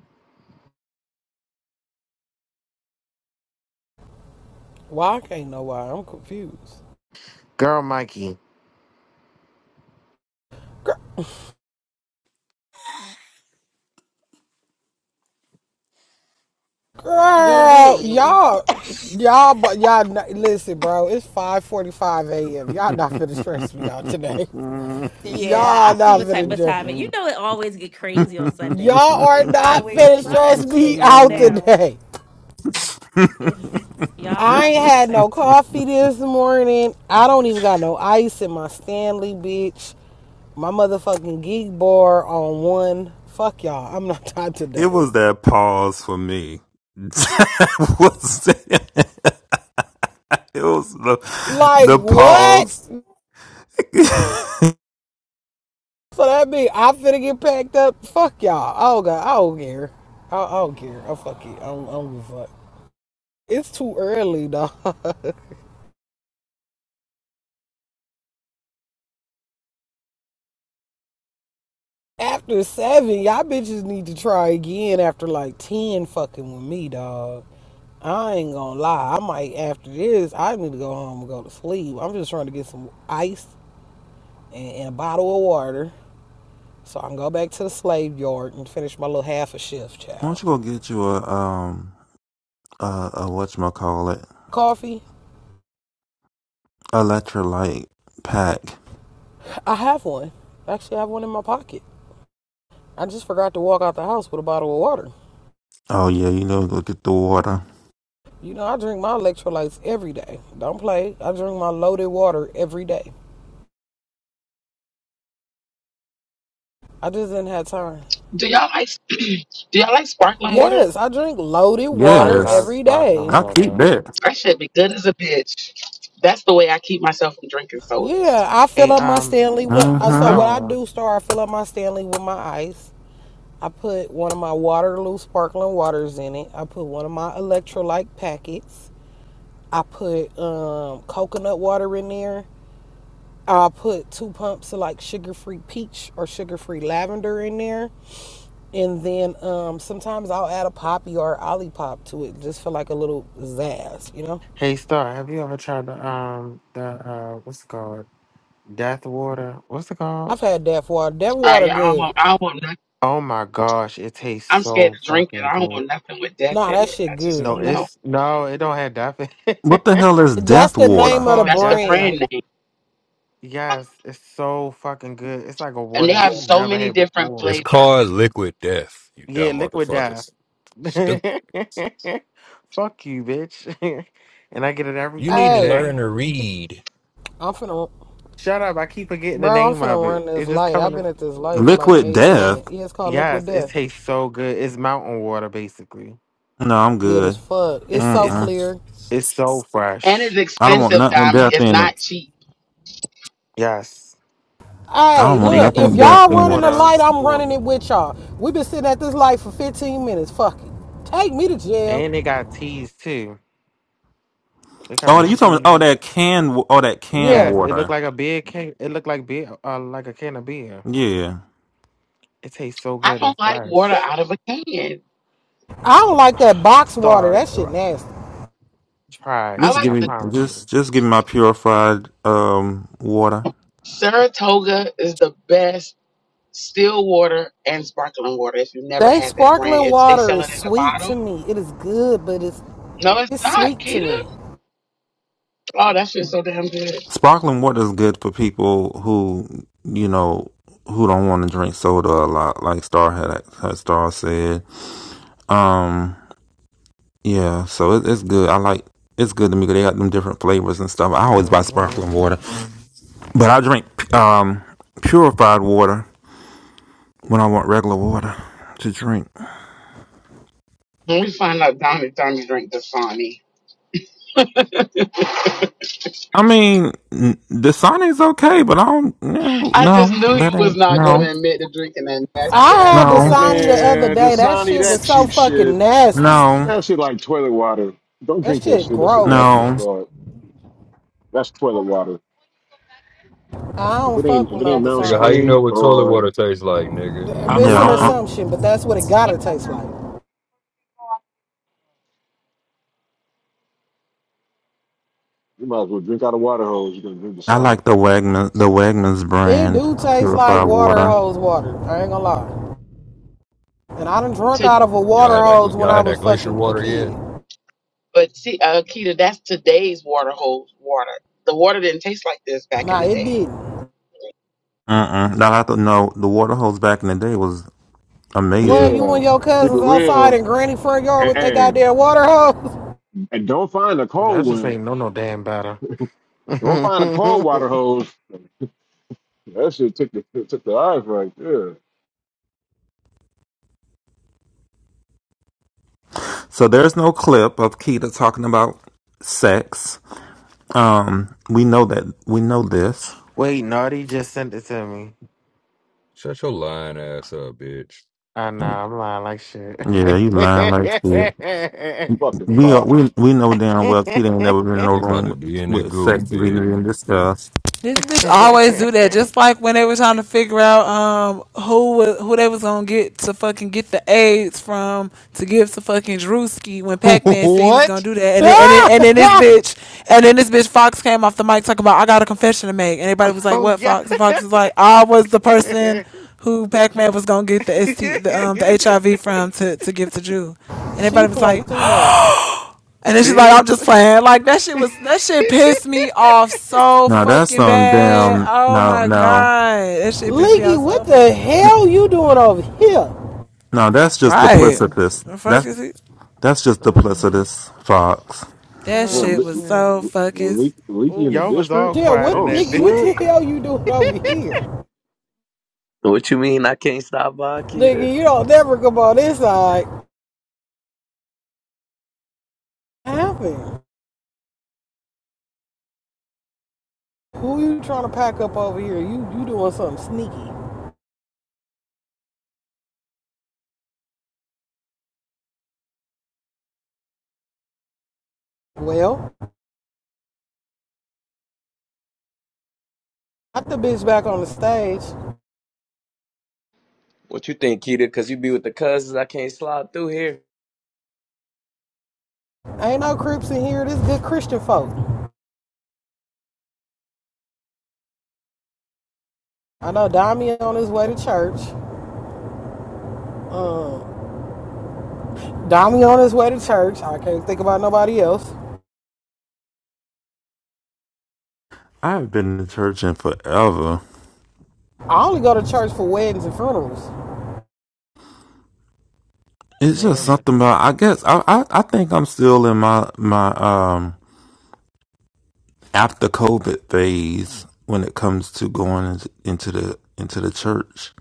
[SPEAKER 1] Why I can't know why? I'm confused.
[SPEAKER 16] Girl, Mikey.
[SPEAKER 1] Girl,
[SPEAKER 12] BB.
[SPEAKER 1] y'all, y'all, but y'all, listen, bro. It's 5:45 a.m. Y'all not finna stress me out today.
[SPEAKER 12] Yeah,
[SPEAKER 1] Y'all
[SPEAKER 12] I see
[SPEAKER 1] not
[SPEAKER 12] what type
[SPEAKER 1] finna
[SPEAKER 12] of time it. You know it always get crazy on Sundays.
[SPEAKER 1] Y'all are
[SPEAKER 12] It
[SPEAKER 1] not
[SPEAKER 12] always
[SPEAKER 1] finna
[SPEAKER 12] some
[SPEAKER 1] stress me
[SPEAKER 12] shit go
[SPEAKER 1] out
[SPEAKER 12] down.
[SPEAKER 1] today.
[SPEAKER 12] It's y'all
[SPEAKER 1] I
[SPEAKER 12] I
[SPEAKER 1] ain't
[SPEAKER 12] see what
[SPEAKER 1] had
[SPEAKER 12] type
[SPEAKER 1] no
[SPEAKER 12] of time.
[SPEAKER 1] coffee this morning. I don't even got no ice in my Stanley, bitch. My motherfucking geek bar on one. Fuck y'all. I'm not tired
[SPEAKER 13] It
[SPEAKER 1] today.
[SPEAKER 13] was that pause for me. That was it It was the
[SPEAKER 1] Like
[SPEAKER 13] the
[SPEAKER 1] what?
[SPEAKER 13] pause. Why
[SPEAKER 1] So that mean I'm finna get packed up. Fuck y'all. I don't got. I don't care. I, I don't care. I fuck it. I don't, I don't give a fuck. It's too early, dog. after seven, y'all bitches need to try again after like ten fucking with me, dog. I ain't gonna lie. I might after this. I need to go home and go to sleep. I'm just trying to get some ice and, and a bottle of water so I can go back to the slave yard and finish my little half a shift,
[SPEAKER 13] don't
[SPEAKER 1] child.
[SPEAKER 13] you go get you a um a, a whatchamacallit
[SPEAKER 1] Coffee.
[SPEAKER 13] electrolyte pack?
[SPEAKER 1] I have one. Actually, I have one in my pocket. I just forgot to walk out the house with a bottle of water.
[SPEAKER 13] Oh yeah, you know go get the water.
[SPEAKER 1] You know, I drink my electrolytes every day. Don't play. I drink my loaded water every day. I just didn't have time.
[SPEAKER 9] Do y'all like do y'all like sparkling water?
[SPEAKER 1] Yes, I drink loaded
[SPEAKER 16] I
[SPEAKER 1] water
[SPEAKER 16] love
[SPEAKER 13] Yes.
[SPEAKER 1] every
[SPEAKER 16] Sparkling
[SPEAKER 1] day.
[SPEAKER 13] I keep
[SPEAKER 16] Water.
[SPEAKER 13] that.
[SPEAKER 9] That should be good as a bitch. That's the way I keep myself from drinking sodas.
[SPEAKER 1] Yeah, I fill
[SPEAKER 16] Hey,
[SPEAKER 1] up my
[SPEAKER 16] um,
[SPEAKER 1] Stanley with. uh,
[SPEAKER 16] it's
[SPEAKER 1] So what
[SPEAKER 13] Mm-hmm.
[SPEAKER 1] I
[SPEAKER 16] Star.
[SPEAKER 1] do, Star, I fill up my Stanley with my ice. I put one of my Waterloo sparkling waters in it. I put one of my electrolyte packets. I put um, coconut water in there. I'll put two pumps of like sugar free peach or sugar free lavender in there. And then um, sometimes I'll add a poppy or olipop to it just for like a little zazz, you know?
[SPEAKER 16] Hey Star, have you ever tried the um the uh what's it called? Death water. What's it called?
[SPEAKER 1] I've had Death Water. Death
[SPEAKER 9] All right,
[SPEAKER 1] Water
[SPEAKER 9] I don't
[SPEAKER 1] good.
[SPEAKER 9] want I don't want nothing.
[SPEAKER 16] Oh my gosh, it tastes
[SPEAKER 9] I'm scared
[SPEAKER 16] so
[SPEAKER 9] to drink it.
[SPEAKER 16] fucking
[SPEAKER 9] I don't
[SPEAKER 16] good.
[SPEAKER 9] want nothing with death
[SPEAKER 1] Nah,
[SPEAKER 9] in
[SPEAKER 1] that
[SPEAKER 9] it. I
[SPEAKER 1] shit
[SPEAKER 9] just
[SPEAKER 16] No,
[SPEAKER 1] good.
[SPEAKER 9] don't know.
[SPEAKER 16] it's no, it don't have death. in
[SPEAKER 13] What the
[SPEAKER 16] it.
[SPEAKER 13] hell is
[SPEAKER 1] That's
[SPEAKER 13] death
[SPEAKER 1] the
[SPEAKER 16] it's
[SPEAKER 1] name
[SPEAKER 13] water?
[SPEAKER 1] of the
[SPEAKER 16] called
[SPEAKER 9] That's the
[SPEAKER 16] death. I,
[SPEAKER 1] brand.
[SPEAKER 9] brand name.
[SPEAKER 16] yes, it's so fucking good. It's like a
[SPEAKER 9] And they
[SPEAKER 16] water that
[SPEAKER 9] have Yeah.
[SPEAKER 16] you've
[SPEAKER 9] so
[SPEAKER 16] never
[SPEAKER 9] many
[SPEAKER 16] had
[SPEAKER 9] different
[SPEAKER 2] It's
[SPEAKER 16] before.
[SPEAKER 9] flavors.
[SPEAKER 2] called liquid death, you
[SPEAKER 16] Yeah,
[SPEAKER 2] dumb
[SPEAKER 16] liquid death.
[SPEAKER 2] motherfuckers.
[SPEAKER 16] Fuck
[SPEAKER 2] Stupid.
[SPEAKER 16] you, bitch. and I get it every
[SPEAKER 2] You need to
[SPEAKER 16] fucking
[SPEAKER 1] Hey,
[SPEAKER 16] day.
[SPEAKER 2] learn to read.
[SPEAKER 1] I'm finna,
[SPEAKER 16] Shut up! I keep forgetting the
[SPEAKER 1] bro, I'm
[SPEAKER 16] name of
[SPEAKER 1] finna
[SPEAKER 16] it.
[SPEAKER 1] run this
[SPEAKER 16] It just
[SPEAKER 1] light. I've
[SPEAKER 16] coming.
[SPEAKER 1] been at this light for like
[SPEAKER 13] Liquid
[SPEAKER 1] eight
[SPEAKER 13] death?
[SPEAKER 1] minutes. Yeah, it's called Liquid
[SPEAKER 16] Yes, it
[SPEAKER 1] Death.
[SPEAKER 16] tastes so good. It's mountain water basically.
[SPEAKER 13] No, I'm
[SPEAKER 1] Good as
[SPEAKER 13] good.
[SPEAKER 1] fuck. It's
[SPEAKER 16] It's
[SPEAKER 1] so
[SPEAKER 16] tastes
[SPEAKER 13] Mm-mm.
[SPEAKER 1] clear.
[SPEAKER 16] it's so
[SPEAKER 9] And it's
[SPEAKER 16] fresh.
[SPEAKER 13] I don't want
[SPEAKER 9] expensive,
[SPEAKER 13] nothing with
[SPEAKER 9] Dami.
[SPEAKER 13] death
[SPEAKER 9] It's
[SPEAKER 13] in
[SPEAKER 9] not
[SPEAKER 13] it.
[SPEAKER 9] cheap.
[SPEAKER 16] Yes.
[SPEAKER 13] I
[SPEAKER 1] Hey,
[SPEAKER 13] don't
[SPEAKER 16] And
[SPEAKER 13] want
[SPEAKER 16] they
[SPEAKER 1] look,
[SPEAKER 16] got
[SPEAKER 13] nothing
[SPEAKER 16] the
[SPEAKER 1] if
[SPEAKER 13] with death
[SPEAKER 1] y'all
[SPEAKER 16] sparkling
[SPEAKER 13] in it.
[SPEAKER 1] running the
[SPEAKER 16] water
[SPEAKER 1] light, I'm running
[SPEAKER 16] for it.
[SPEAKER 1] it with y'all. We've been sitting at this light for 15 minutes. Fuck it. Take me to
[SPEAKER 16] And they
[SPEAKER 1] jail.
[SPEAKER 16] got teas too. They come
[SPEAKER 13] Oh,
[SPEAKER 16] in
[SPEAKER 13] you talking? Oh,
[SPEAKER 16] teas.
[SPEAKER 13] that canned. wa- Oh, that canned
[SPEAKER 1] Yeah.
[SPEAKER 16] Yes, it looked
[SPEAKER 13] water.
[SPEAKER 16] like a beer can it looked like beer uh, like a can of beer.
[SPEAKER 13] Yeah.
[SPEAKER 16] It tastes so
[SPEAKER 9] I
[SPEAKER 16] good and
[SPEAKER 9] don't like water
[SPEAKER 16] fresh.
[SPEAKER 9] out of a can.
[SPEAKER 1] I don't like that box water.
[SPEAKER 16] Star
[SPEAKER 1] That shit
[SPEAKER 16] uh,
[SPEAKER 1] nasty.
[SPEAKER 16] try
[SPEAKER 9] I
[SPEAKER 16] it,
[SPEAKER 13] Just
[SPEAKER 9] like
[SPEAKER 13] give
[SPEAKER 16] I
[SPEAKER 9] the
[SPEAKER 13] me.
[SPEAKER 16] promise you.
[SPEAKER 13] Just just give me my purified um water.
[SPEAKER 9] Saratoga is the best still water and sparkling water. If you never
[SPEAKER 1] They
[SPEAKER 9] had that brand,
[SPEAKER 1] sparkling
[SPEAKER 9] it's they
[SPEAKER 1] water
[SPEAKER 9] sell it
[SPEAKER 1] is
[SPEAKER 9] in a
[SPEAKER 1] sweet
[SPEAKER 9] bottle.
[SPEAKER 1] to me. It is good, but it's
[SPEAKER 9] No, it's
[SPEAKER 1] it's
[SPEAKER 9] not,
[SPEAKER 1] sweet to
[SPEAKER 9] Keita.
[SPEAKER 1] me.
[SPEAKER 9] Oh, that shit's so damn good.
[SPEAKER 13] Sparkling water is good for people who you know who don't want to drink soda a lot, like Star had had Star said. Um. Yeah. So it, it's good. I like. It's good to me 'cause they got them different flavors and stuff. I always buy
[SPEAKER 16] hmm
[SPEAKER 13] sparkling water, but I drink um purified water when I want regular water to drink.
[SPEAKER 9] When we find out Donnie Donnie drink Dasani.
[SPEAKER 13] I mean, n- the Sonic's okay, but I don't. No,
[SPEAKER 9] I just
[SPEAKER 13] no,
[SPEAKER 9] knew you
[SPEAKER 13] that
[SPEAKER 9] was
[SPEAKER 13] ain't.
[SPEAKER 9] not going to
[SPEAKER 13] No,
[SPEAKER 9] admit to drinking that nasty
[SPEAKER 1] I
[SPEAKER 9] ass
[SPEAKER 1] had
[SPEAKER 13] no,
[SPEAKER 9] water.
[SPEAKER 1] Dasani the other
[SPEAKER 5] Man,
[SPEAKER 1] day. That
[SPEAKER 5] Dasani,
[SPEAKER 1] shit
[SPEAKER 5] that
[SPEAKER 1] was so
[SPEAKER 5] cheap shit.
[SPEAKER 1] fucking nasty.
[SPEAKER 13] no,
[SPEAKER 5] That shit like toilet water. Don't
[SPEAKER 1] That
[SPEAKER 5] drink that
[SPEAKER 1] shit
[SPEAKER 5] shit. That shit nasty
[SPEAKER 1] gross.
[SPEAKER 5] as
[SPEAKER 13] no.
[SPEAKER 5] fuck. That's toilet water.
[SPEAKER 1] I
[SPEAKER 5] If it
[SPEAKER 1] don't fuck
[SPEAKER 5] ain't if
[SPEAKER 1] with
[SPEAKER 5] it
[SPEAKER 1] no
[SPEAKER 5] ain't mountain
[SPEAKER 2] Nigga, how you
[SPEAKER 1] Dasani.
[SPEAKER 2] know
[SPEAKER 5] Spring
[SPEAKER 2] what toilet
[SPEAKER 5] or
[SPEAKER 2] water tastes like, nigga?
[SPEAKER 1] It's an
[SPEAKER 13] Yeah, I,
[SPEAKER 5] alkaline,
[SPEAKER 1] assumption, but that's what it gotta taste like.
[SPEAKER 5] you might as well drink out of water hose. You're gonna drink the
[SPEAKER 13] I
[SPEAKER 5] sauna.
[SPEAKER 13] like the Wegman's the Wegmans
[SPEAKER 1] It
[SPEAKER 13] brand
[SPEAKER 1] do
[SPEAKER 13] of
[SPEAKER 1] taste like
[SPEAKER 13] purified
[SPEAKER 1] water
[SPEAKER 13] water.
[SPEAKER 1] hose water. I ain't gonna lie. And I done drunk
[SPEAKER 9] To,
[SPEAKER 1] out of a
[SPEAKER 2] Y'all
[SPEAKER 1] water
[SPEAKER 2] had that
[SPEAKER 1] hose
[SPEAKER 2] gl-
[SPEAKER 1] when
[SPEAKER 2] y'all
[SPEAKER 1] I
[SPEAKER 2] had
[SPEAKER 1] was
[SPEAKER 2] that glacier
[SPEAKER 1] fucking a
[SPEAKER 2] water
[SPEAKER 1] kid.
[SPEAKER 2] yet?
[SPEAKER 9] but see, uh, Keita, that's today's water hole water. The water didn't taste like this back in
[SPEAKER 1] Nah,
[SPEAKER 9] the
[SPEAKER 1] it
[SPEAKER 9] day.
[SPEAKER 1] didn't.
[SPEAKER 13] Mm-mm. Now I have to know the water hose back in the day was
[SPEAKER 1] Well,
[SPEAKER 13] amazing.
[SPEAKER 1] you
[SPEAKER 5] Yeah.
[SPEAKER 1] and your
[SPEAKER 5] Keep it
[SPEAKER 1] cousins outside
[SPEAKER 5] real.
[SPEAKER 1] in granny front yard
[SPEAKER 5] Hey,
[SPEAKER 1] with that
[SPEAKER 5] hey,
[SPEAKER 1] goddamn water hose.
[SPEAKER 5] and don't find a
[SPEAKER 16] Y'all
[SPEAKER 5] cold
[SPEAKER 16] just
[SPEAKER 5] one.
[SPEAKER 16] ain't know no damn better.
[SPEAKER 5] Don't find a cold water hose. That shit took the took the eyes right there.
[SPEAKER 13] So there's no clip of Keita talking about sex. Um, we know that we know this.
[SPEAKER 16] Wait, Naughty just sent it to me.
[SPEAKER 2] Shut your lying ass up, bitch.
[SPEAKER 16] I know I'm lying like shit.
[SPEAKER 13] Yeah, you lying like shit.
[SPEAKER 5] Fucking
[SPEAKER 13] We are,
[SPEAKER 5] fuck.
[SPEAKER 13] we we know damn well Keita ain't never been in no
[SPEAKER 2] You about to
[SPEAKER 13] room
[SPEAKER 2] be in the
[SPEAKER 13] with
[SPEAKER 2] goo,
[SPEAKER 13] sex
[SPEAKER 2] bitch.
[SPEAKER 13] being discussed.
[SPEAKER 14] This bitch always do that. Just like when they were trying to figure out um who wa- who they was gonna get to fucking get the AIDS from to give to fucking Drewski when Pac Man said he was
[SPEAKER 2] what?
[SPEAKER 14] gonna do that, and then, and then, and then this bitch and then this bitch Fox came off the mic talking about I got a confession to make, and everybody was like,
[SPEAKER 16] oh
[SPEAKER 14] "What
[SPEAKER 16] yeah,
[SPEAKER 14] Fox?" And Fox was like, "I was the person who Pac Man was gonna get the ST the um the HIV from to to give to Drew," and
[SPEAKER 1] she
[SPEAKER 14] everybody was
[SPEAKER 1] played
[SPEAKER 14] like,
[SPEAKER 1] too much.
[SPEAKER 14] and then she's like, I'm just
[SPEAKER 16] bitch.
[SPEAKER 14] playing. Like that shit was that shit pissed me off so
[SPEAKER 13] Now that's
[SPEAKER 14] fucking
[SPEAKER 13] on
[SPEAKER 14] bad.
[SPEAKER 13] damn.
[SPEAKER 14] Oh
[SPEAKER 13] now
[SPEAKER 14] my
[SPEAKER 13] now
[SPEAKER 14] god. That shit pissed me
[SPEAKER 1] Leaky,
[SPEAKER 14] off so
[SPEAKER 1] what the
[SPEAKER 14] motherfucking
[SPEAKER 1] hell
[SPEAKER 14] bad.
[SPEAKER 1] you doing over here?
[SPEAKER 13] now That's just
[SPEAKER 14] Right.
[SPEAKER 13] duplicitous.
[SPEAKER 14] The fuck
[SPEAKER 13] That's
[SPEAKER 14] is he?
[SPEAKER 13] that's just
[SPEAKER 16] Uh,
[SPEAKER 13] duplicitous, Fox.
[SPEAKER 14] That
[SPEAKER 16] oh
[SPEAKER 5] Damn,
[SPEAKER 14] shit
[SPEAKER 5] le-
[SPEAKER 14] was
[SPEAKER 16] shit,
[SPEAKER 14] so
[SPEAKER 5] le-
[SPEAKER 14] fucking
[SPEAKER 5] le- leaky in the
[SPEAKER 16] y'all
[SPEAKER 14] oof.
[SPEAKER 16] was all
[SPEAKER 5] district.
[SPEAKER 1] Yeah,
[SPEAKER 16] quiet in
[SPEAKER 1] what
[SPEAKER 5] Oh
[SPEAKER 16] that
[SPEAKER 1] Leaky,
[SPEAKER 16] bitch.
[SPEAKER 1] what
[SPEAKER 5] shit.
[SPEAKER 1] the hell you doing over here?
[SPEAKER 17] What you mean I can't stop by,
[SPEAKER 1] Nigga,
[SPEAKER 17] Keita?
[SPEAKER 1] you don't never come on this side. What happened? Who you trying to pack up over here? You you doing something sneaky. Well, Got the bitch back on the stage.
[SPEAKER 17] What you think, Keita? Because you be with the cousins, I can't slide through here.
[SPEAKER 1] Ain't no creeps in here. This good Christian folk. I know Dami on his way to church. Um, Dami on his way to church. I can't think about nobody else.
[SPEAKER 13] I've been to church in forever.
[SPEAKER 1] I only go to church for weddings and funerals.
[SPEAKER 13] It's just
[SPEAKER 16] Damn,
[SPEAKER 13] something about. I guess I, I I think I'm still in my my um after COVID phase when it comes to going into, into the into the church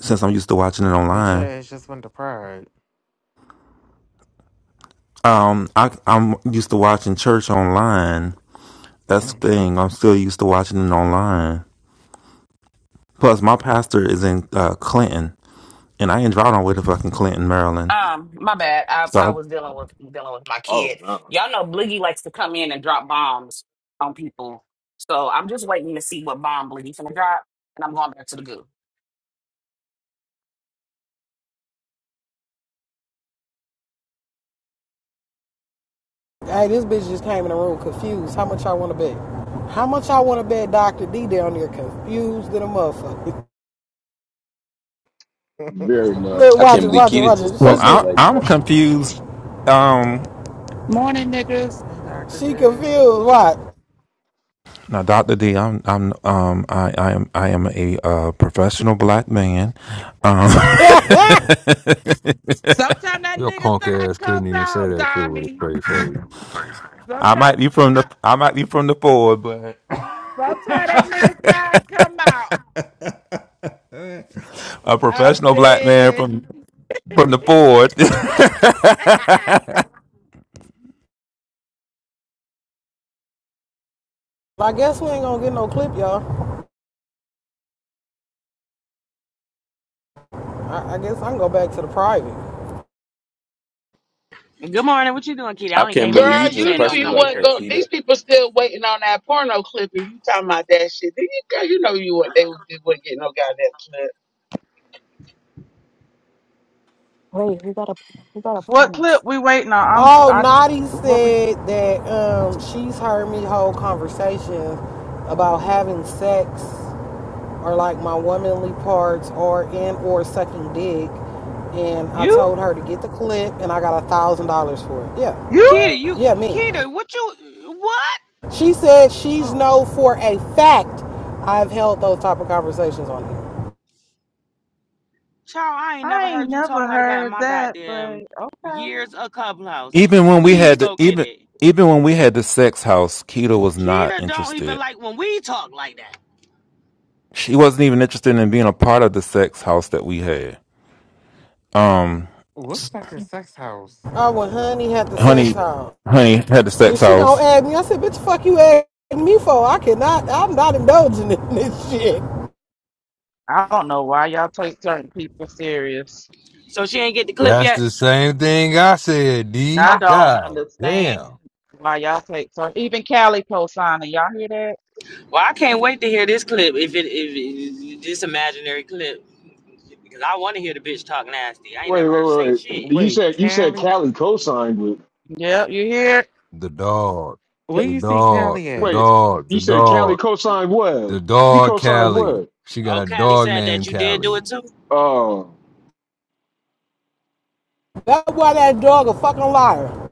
[SPEAKER 13] since I'm used to watching it
[SPEAKER 16] but your
[SPEAKER 13] online.
[SPEAKER 16] ass just went to Pride.
[SPEAKER 13] Um, I I'm used to watching church online. That's
[SPEAKER 16] Mm.
[SPEAKER 13] the thing. I'm still used to watching it online. Plus, my pastor is in uh, Clinton, and I ain't driving all the way to fucking Clinton, Maryland.
[SPEAKER 7] Um, my bad. I, I
[SPEAKER 13] So,
[SPEAKER 7] was dealing with dealing with my
[SPEAKER 5] Oh
[SPEAKER 7] kid.
[SPEAKER 5] no.
[SPEAKER 7] Y'all know Bliggy likes to come in and drop bombs on people. So I'm just waiting to see what bomb Bliggy's gonna drop and I'm going back to the goo.
[SPEAKER 1] Hey, this bitch just came in the room confused. How much I want to bet? How much I want to bet Dr. D down there confused than a motherfucker.
[SPEAKER 16] hey,
[SPEAKER 5] Very much.
[SPEAKER 1] Look,
[SPEAKER 17] I
[SPEAKER 1] watch
[SPEAKER 17] can't
[SPEAKER 1] it,
[SPEAKER 17] believe
[SPEAKER 1] watch it,
[SPEAKER 17] Keita
[SPEAKER 1] watch it.
[SPEAKER 17] just
[SPEAKER 13] well,
[SPEAKER 1] She,
[SPEAKER 17] pressed me
[SPEAKER 13] I,
[SPEAKER 17] like
[SPEAKER 13] I'm
[SPEAKER 17] that.
[SPEAKER 13] confused. Um,
[SPEAKER 18] Morning, niggas.
[SPEAKER 16] Doctor
[SPEAKER 1] she
[SPEAKER 16] J.
[SPEAKER 1] confused. Watch.
[SPEAKER 13] now, Doctor D, I'm, I'm, um, I, I am, I am a uh, professional black man. Um,
[SPEAKER 1] I
[SPEAKER 18] Sometimes that
[SPEAKER 2] Your
[SPEAKER 18] nigga
[SPEAKER 2] punk
[SPEAKER 18] side
[SPEAKER 2] ass couldn't
[SPEAKER 18] comes
[SPEAKER 2] even say
[SPEAKER 18] out,
[SPEAKER 2] that shit with a
[SPEAKER 18] Dami.
[SPEAKER 2] straight face.
[SPEAKER 13] I
[SPEAKER 18] Sometimes,
[SPEAKER 13] might be from the, I might be from the Ford, but
[SPEAKER 18] sometimes that nigga side come out.
[SPEAKER 13] a
[SPEAKER 18] I'm
[SPEAKER 13] professional black man
[SPEAKER 18] dead.
[SPEAKER 13] from from the Ford.
[SPEAKER 1] guess we ain't gonna get no clip, y'all. I, I guess I can go back to the private.
[SPEAKER 19] Good morning. What you doing, Kitty? I
[SPEAKER 17] I
[SPEAKER 19] only
[SPEAKER 17] can't
[SPEAKER 19] came in
[SPEAKER 17] believe
[SPEAKER 19] here
[SPEAKER 9] Girl,
[SPEAKER 17] you
[SPEAKER 19] because you
[SPEAKER 17] just
[SPEAKER 9] you
[SPEAKER 19] said
[SPEAKER 9] knew
[SPEAKER 17] pressed
[SPEAKER 19] don't
[SPEAKER 17] me
[SPEAKER 9] you
[SPEAKER 19] come in
[SPEAKER 17] like
[SPEAKER 9] wasn't
[SPEAKER 19] here.
[SPEAKER 17] that,
[SPEAKER 9] going.
[SPEAKER 17] Keita.
[SPEAKER 9] These people still waiting on that porno clip, and you talking about that shit. Then you, girl, you know you weren't. They was- they weren't getting no goddamn clip.
[SPEAKER 12] Wait, who got a who got a
[SPEAKER 18] What
[SPEAKER 12] partner?
[SPEAKER 18] clip we waiting on? I'm
[SPEAKER 1] Oh,
[SPEAKER 18] I
[SPEAKER 1] Nadi
[SPEAKER 18] what we
[SPEAKER 1] said that um, she's heard me hold conversations about having sex or like my womanly parts or and or sucking dick, and I
[SPEAKER 18] you
[SPEAKER 1] told her to get the clip, and I got a thousand dollars for it. Yeah,
[SPEAKER 18] you?
[SPEAKER 19] Kita.
[SPEAKER 1] yeah,
[SPEAKER 19] you,
[SPEAKER 1] me.
[SPEAKER 19] Kita. what you, what?
[SPEAKER 1] She said she's
[SPEAKER 18] Oh, j-
[SPEAKER 1] know for a fact I've held those type of conversations on here.
[SPEAKER 19] Child, I ain't
[SPEAKER 18] I
[SPEAKER 19] never
[SPEAKER 18] ain't
[SPEAKER 19] heard you talk
[SPEAKER 18] never
[SPEAKER 19] like that in
[SPEAKER 18] heard
[SPEAKER 19] my
[SPEAKER 18] that, but
[SPEAKER 19] goddamn
[SPEAKER 18] okay.
[SPEAKER 19] years of clubhouse.
[SPEAKER 13] even when we
[SPEAKER 19] Please
[SPEAKER 13] had the,
[SPEAKER 19] go get
[SPEAKER 13] even
[SPEAKER 19] it.
[SPEAKER 13] even when we had the sex house, Keto was not
[SPEAKER 19] Kita don't even
[SPEAKER 13] interested.
[SPEAKER 19] like when we talk like that.
[SPEAKER 13] she wasn't even interested in being a part of the sex house that we had. Um,
[SPEAKER 16] What fucking sex house?
[SPEAKER 1] Oh, well, honey had the sex
[SPEAKER 13] honey,
[SPEAKER 1] hall.
[SPEAKER 13] honey had the
[SPEAKER 1] And
[SPEAKER 13] sex
[SPEAKER 1] she gonna
[SPEAKER 13] house.
[SPEAKER 1] add me. I said, bitch, fuck you add me for. I cannot, I'm not indulging in this shit.
[SPEAKER 18] I don't know why y'all take certain people serious.
[SPEAKER 19] So she ain't get the clip
[SPEAKER 2] That's
[SPEAKER 19] yet.
[SPEAKER 2] the same thing I said,
[SPEAKER 18] I
[SPEAKER 2] D.
[SPEAKER 18] don't
[SPEAKER 2] God
[SPEAKER 18] understand
[SPEAKER 2] damn.
[SPEAKER 18] why y'all take certain. Even Calico signing, y'all hear that?
[SPEAKER 19] Well, I can't wait to hear this clip. If it, if it, this imaginary clip, because I want to hear the bitch talk nasty. I ain't
[SPEAKER 5] Wait,
[SPEAKER 19] never heard her say
[SPEAKER 5] wait, wait.
[SPEAKER 19] shit.
[SPEAKER 5] You
[SPEAKER 16] Wait,
[SPEAKER 5] said you said
[SPEAKER 16] Callie.
[SPEAKER 5] Cali co-signed with.
[SPEAKER 18] Yep, you hear? it?
[SPEAKER 2] The dog.
[SPEAKER 16] Where
[SPEAKER 2] The
[SPEAKER 16] you see
[SPEAKER 2] dog.
[SPEAKER 16] Callie
[SPEAKER 2] The
[SPEAKER 16] at?
[SPEAKER 5] Wait,
[SPEAKER 2] dog.
[SPEAKER 5] you
[SPEAKER 2] The
[SPEAKER 5] said Cali
[SPEAKER 2] dog.
[SPEAKER 5] co-signed what?
[SPEAKER 2] The
[SPEAKER 5] He
[SPEAKER 2] dog
[SPEAKER 5] co-signed
[SPEAKER 2] Callie.
[SPEAKER 5] what?
[SPEAKER 2] She got
[SPEAKER 19] Oh,
[SPEAKER 2] a
[SPEAKER 19] Callie
[SPEAKER 2] dog
[SPEAKER 19] said that
[SPEAKER 2] named
[SPEAKER 19] you did do
[SPEAKER 2] Callie.
[SPEAKER 19] it too.
[SPEAKER 5] Oh,
[SPEAKER 1] That's why that dog a fucking liar.